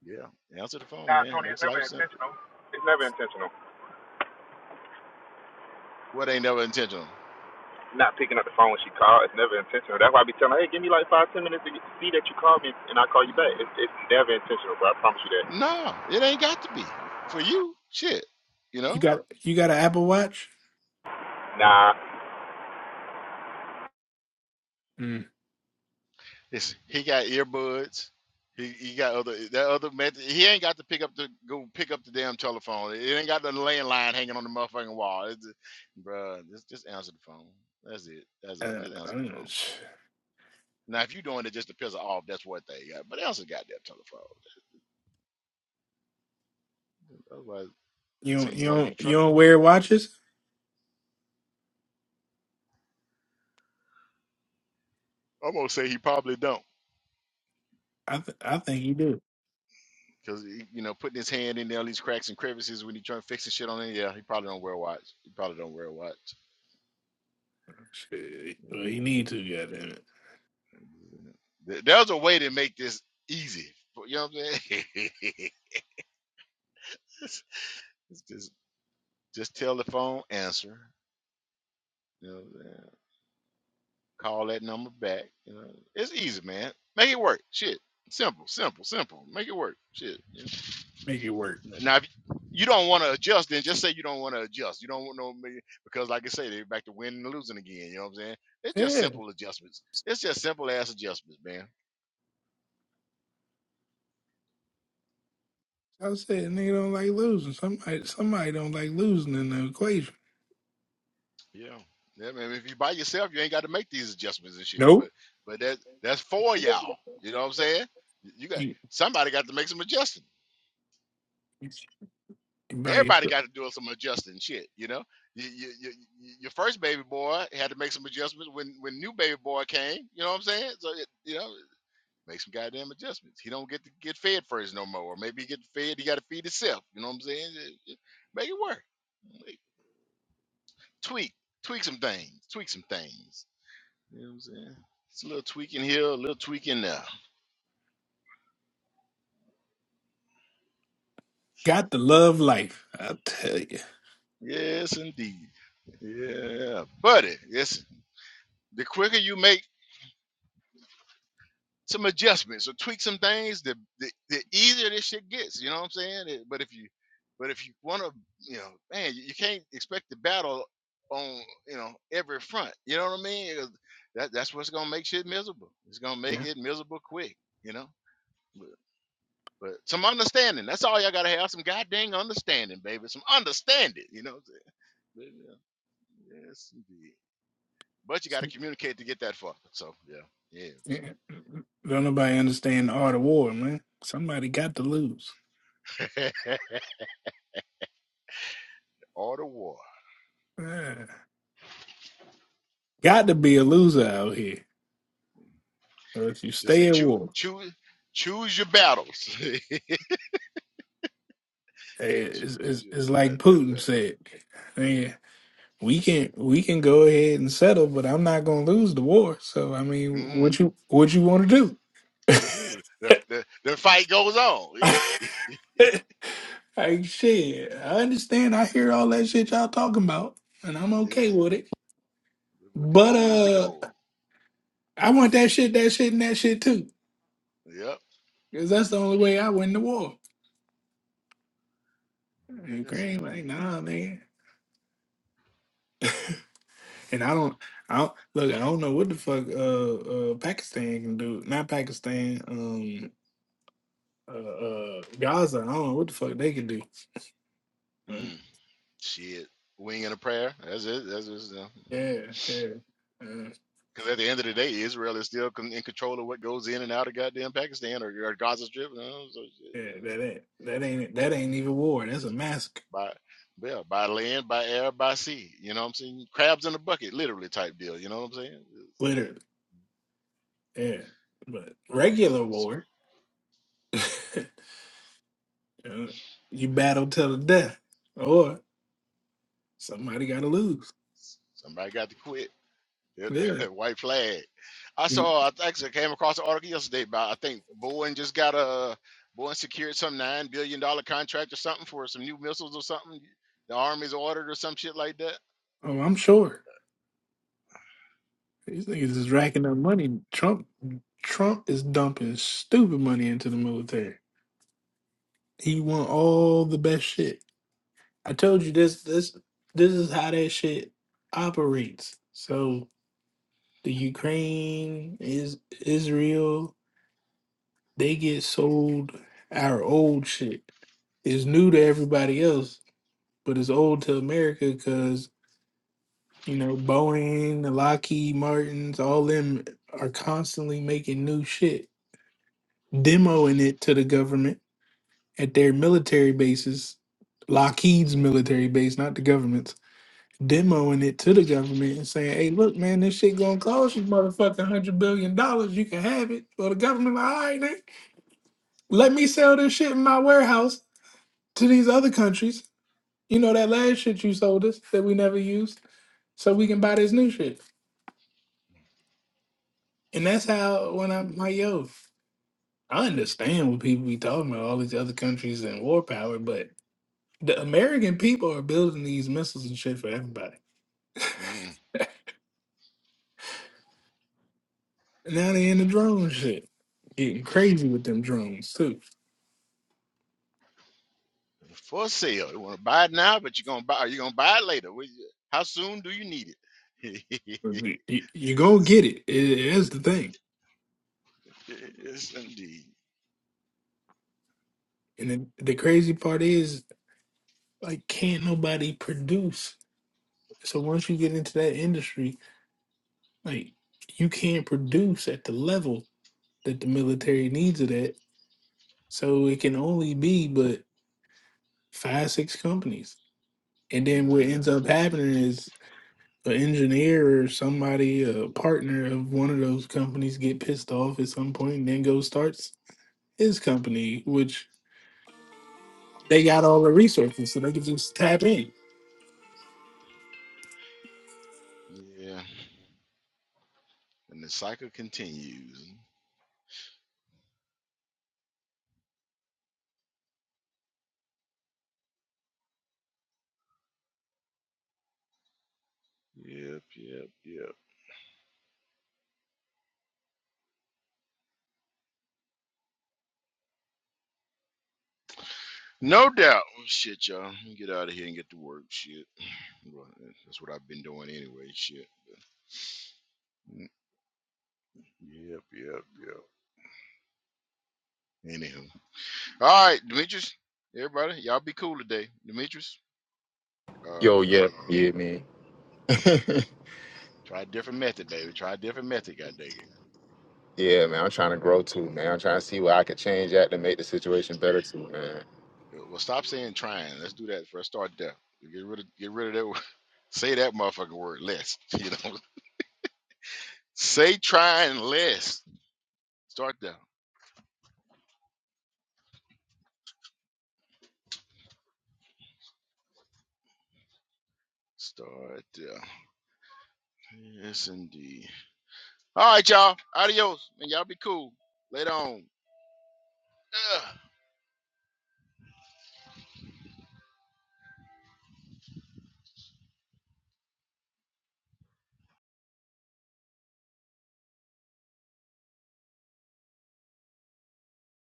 [SPEAKER 1] yeah. Answer the phone,
[SPEAKER 4] Nah,
[SPEAKER 1] man.
[SPEAKER 4] Tony, it's
[SPEAKER 1] Makes
[SPEAKER 4] never
[SPEAKER 1] life simple.
[SPEAKER 4] intentional. It's never intentional.
[SPEAKER 1] What ain't never intentional?
[SPEAKER 4] Not picking up the phone when she called, it's never intentional. That's why I be telling her, hey, give me like five, ten minutes to get- see that you called me and I call you back. It's, it's never intentional, bro. I promise you that.
[SPEAKER 1] No, it ain't got to be for you. Shit, you know,
[SPEAKER 3] got you got an Apple Watch?
[SPEAKER 4] Nah.
[SPEAKER 3] Mm.
[SPEAKER 1] it's he got earbuds. He, he got other that other method. He ain't got to pick up the go pick up the damn telephone. It ain't got the landline hanging on the motherfucking wall. It's, bruh, just just answer the phone. That's it. That's all.
[SPEAKER 3] Uh,
[SPEAKER 1] Just
[SPEAKER 3] I
[SPEAKER 1] answer the
[SPEAKER 3] don't
[SPEAKER 1] phone.
[SPEAKER 3] know.
[SPEAKER 1] Now, if you are doing it just to piss her off, that's what they got. But answer the goddamn telephone. Otherwise,
[SPEAKER 3] You don't,
[SPEAKER 1] send you
[SPEAKER 3] you
[SPEAKER 1] one of
[SPEAKER 3] don't
[SPEAKER 1] these
[SPEAKER 3] you
[SPEAKER 1] truck.
[SPEAKER 3] don't wear watches?
[SPEAKER 1] I'm gonna say he probably don't.
[SPEAKER 3] I th- I think you do.
[SPEAKER 1] Cause you know, putting his hand in there, all these cracks and crevices when he trying to fix the shit on it. Yeah, he probably don't wear a watch. He probably don't wear a watch.
[SPEAKER 3] Shit. Well,
[SPEAKER 1] Yeah,
[SPEAKER 3] you need to, goddamn it.
[SPEAKER 1] There- There's a way to make this easy. You know what I'm saying? just, just just tell the phone answer. You know, what I'm saying? call that number back. You know, it's easy, man. Make it work. Shit, simple, simple, simple. Make it work. Shit.
[SPEAKER 3] Make it work.
[SPEAKER 1] Now, if you don't want to adjust, then just say you don't want to adjust. You don't want no million because, like I say, they're back to winning and losing again. You know what I'm saying? It's just
[SPEAKER 3] Yeah.
[SPEAKER 1] simple adjustments. It's just simple ass adjustments, man.
[SPEAKER 3] I was saying nigga don't like losing. Somebody somebody don't like losing in the equation.
[SPEAKER 1] Yeah. Yeah, man. If you by yourself, you ain't got to make these adjustments and shit. But
[SPEAKER 3] Nope.
[SPEAKER 1] but that that's for y'all. You know what I'm saying? You got
[SPEAKER 3] You, you
[SPEAKER 1] somebody got to make some adjusting.
[SPEAKER 3] buy it.
[SPEAKER 1] Everybody got to do some adjusting shit. You know, you, you, you, your first baby boy had to make some adjustments when when new baby boy came. You know what I'm saying? So it, you know. Make some goddamn adjustments. He don't get to get fed first no more. Or maybe he get fed, he got to feed himself. You know what I'm saying? Make it work. Make- Tweak, tweak some things, tweak some things. You know what I'm saying? It's a little tweaking here, a little tweaking there.
[SPEAKER 3] got the love life, I tell you.
[SPEAKER 1] Yes, indeed. Yeah, buddy. Yes, the quicker you make some adjustments or tweak some things, the, the the easier this shit gets. You know what I'm saying? It- but if you but if you want to, you know, man, you, you can't expect the battle on you know every front. You know what I mean? 'Cause That that's what's gonna make shit miserable. It's gonna make
[SPEAKER 3] Yeah.
[SPEAKER 1] it miserable quick. You know. But, but some understanding. That's all y'all gotta have. Some goddamn understanding, baby. Some understanding. You know. what I'm saying? But, yeah, Yes, indeed. But you gotta communicate to get that far. So yeah,
[SPEAKER 3] Yeah.
[SPEAKER 1] yeah.
[SPEAKER 3] Don't nobody understand the art of war, man. Somebody got to lose.
[SPEAKER 1] shit. All the war.
[SPEAKER 3] Yeah. Got to be a
[SPEAKER 1] Mm-mm-mm.
[SPEAKER 3] loser out here. But if you
[SPEAKER 1] Just say
[SPEAKER 3] stay at
[SPEAKER 1] choose
[SPEAKER 3] war.
[SPEAKER 1] choose choose your battles. choose
[SPEAKER 3] It's, it's,
[SPEAKER 1] your
[SPEAKER 3] it's like
[SPEAKER 1] goddamn
[SPEAKER 3] Putin
[SPEAKER 1] battle.
[SPEAKER 3] said. I mean, we can we can go ahead and settle, but I'm not gonna lose the war. So I mean,
[SPEAKER 1] Mm.
[SPEAKER 3] what you what you want to
[SPEAKER 1] That's
[SPEAKER 3] do?
[SPEAKER 1] it. The, the, the fight goes on.
[SPEAKER 3] like shit, I
[SPEAKER 1] yeah.
[SPEAKER 3] understand. I hear all that shit y'all talking about, and I'm okay
[SPEAKER 1] The
[SPEAKER 3] with it.
[SPEAKER 1] the
[SPEAKER 3] But
[SPEAKER 1] goal is the
[SPEAKER 3] uh,
[SPEAKER 1] goal.
[SPEAKER 3] I want that shit, that shit, and that shit too,
[SPEAKER 1] Yep.
[SPEAKER 3] because that's the only way I win the war.
[SPEAKER 1] Yes,
[SPEAKER 3] Ukraine, like
[SPEAKER 1] indeed.
[SPEAKER 3] nah, man. And I don't, I don't look. I don't know what the fuck uh, uh Pakistan can do. Not Pakistan. Um, uh, uh, Gaza. I don't know what the fuck they can do. Right?
[SPEAKER 1] Mm. Shit. Wing and a prayer. That's it. That's just
[SPEAKER 3] Yeah, yeah, uh,
[SPEAKER 1] because at the end of the day, Israel is still con- in control of what goes in and out of goddamn Pakistan or, or Gaza Strip. You know, so
[SPEAKER 3] yeah.
[SPEAKER 1] you know,
[SPEAKER 3] That ain't that ain't it. that ain't even war. That's a massacre,
[SPEAKER 1] by yeah, by land, by air, by sea. You know what I'm saying? Crabs in a bucket, literally type deal. You know what I'm saying?
[SPEAKER 3] literally. Yeah, but
[SPEAKER 1] See,
[SPEAKER 3] regular
[SPEAKER 1] so
[SPEAKER 3] war, uh, you battle till the death, or somebody got to lose.
[SPEAKER 1] somebody got to quit. Yeah, the
[SPEAKER 3] There.
[SPEAKER 1] white flag. I
[SPEAKER 3] You-
[SPEAKER 1] saw. I actually came across an article yesterday about. I think Boeing just got a Boeing secured some nine billion dollar contract or something for some new missiles or something. The Army's ordered or some shit like that.
[SPEAKER 3] Oh, I'm sure. These niggas is racking up money. Trump Trump is dumping stupid money into the military. He want all the best shit. I told you this this this is how that shit operates. So the Ukraine is Israel, they get sold our old shit. It's new to everybody else, but it's old to America because you know Boeing, Lockheed Martins, all them are constantly making new shit demoing it to the government at their military bases, Lockheed's military base, not the government's, demoing it to the government and saying, hey, look, man, this shit gonna cost you motherfucking hundred billion dollars. You can have it. Or the government, like, all right, then, let me sell this shit in my warehouse to these other countries. You know that last shit you sold us that we never used, so we can buy this new shit. And that's how when I'm like, yo, I understand what people be talking about, all these other countries and war power, but The American people are building these missiles and shit for everybody.
[SPEAKER 1] Mm.
[SPEAKER 3] And now they in the drone shit. Getting crazy with them drones too.
[SPEAKER 1] For sale. You want to buy it now, but you're gonna buy. Are you gonna buy it later? What How soon do you need it?
[SPEAKER 3] You, you
[SPEAKER 1] yes,
[SPEAKER 3] gonna get it. It is the thing.
[SPEAKER 1] yes, indeed.
[SPEAKER 3] And then the crazy part is like can't nobody produce. So once you get into that industry, like you can't produce at the level that the military needs it at. So it can only be but five, six companies. And then what
[SPEAKER 1] hmm
[SPEAKER 3] ends up happening is an engineer or somebody, a partner of one of those companies, get pissed off at some point and then go starts his company, which they got all the resources, so they can just tap in.
[SPEAKER 1] Yeah, and the cycle continues. Yep, yep, yep. No doubt. Well, Shit, y'all. Let me Get out of here and get to work. Shit. Well, That's what I've been doing anyway. Shit. Mm, Yep, yep, yep. Anyhow. All right, Demetrius. Everybody, y'all be cool today. Demetrius,
[SPEAKER 4] Yo,
[SPEAKER 1] uh,
[SPEAKER 4] yeah, yeah, man.
[SPEAKER 1] try a different method, baby. Try a different method, god dang
[SPEAKER 4] yeah, man, I'm trying to grow too, man. I'm trying to see where I could change at to make the situation better too, man.
[SPEAKER 1] it. Uh, Well, stop saying trying. Let's do that first. Start there. Get rid of get rid of that word. Say that motherfucking word less. You know? Say trying less. Start there. Start there. Yes indeed. All right, y'all. Adios. And y'all be cool. Later on. Ugh.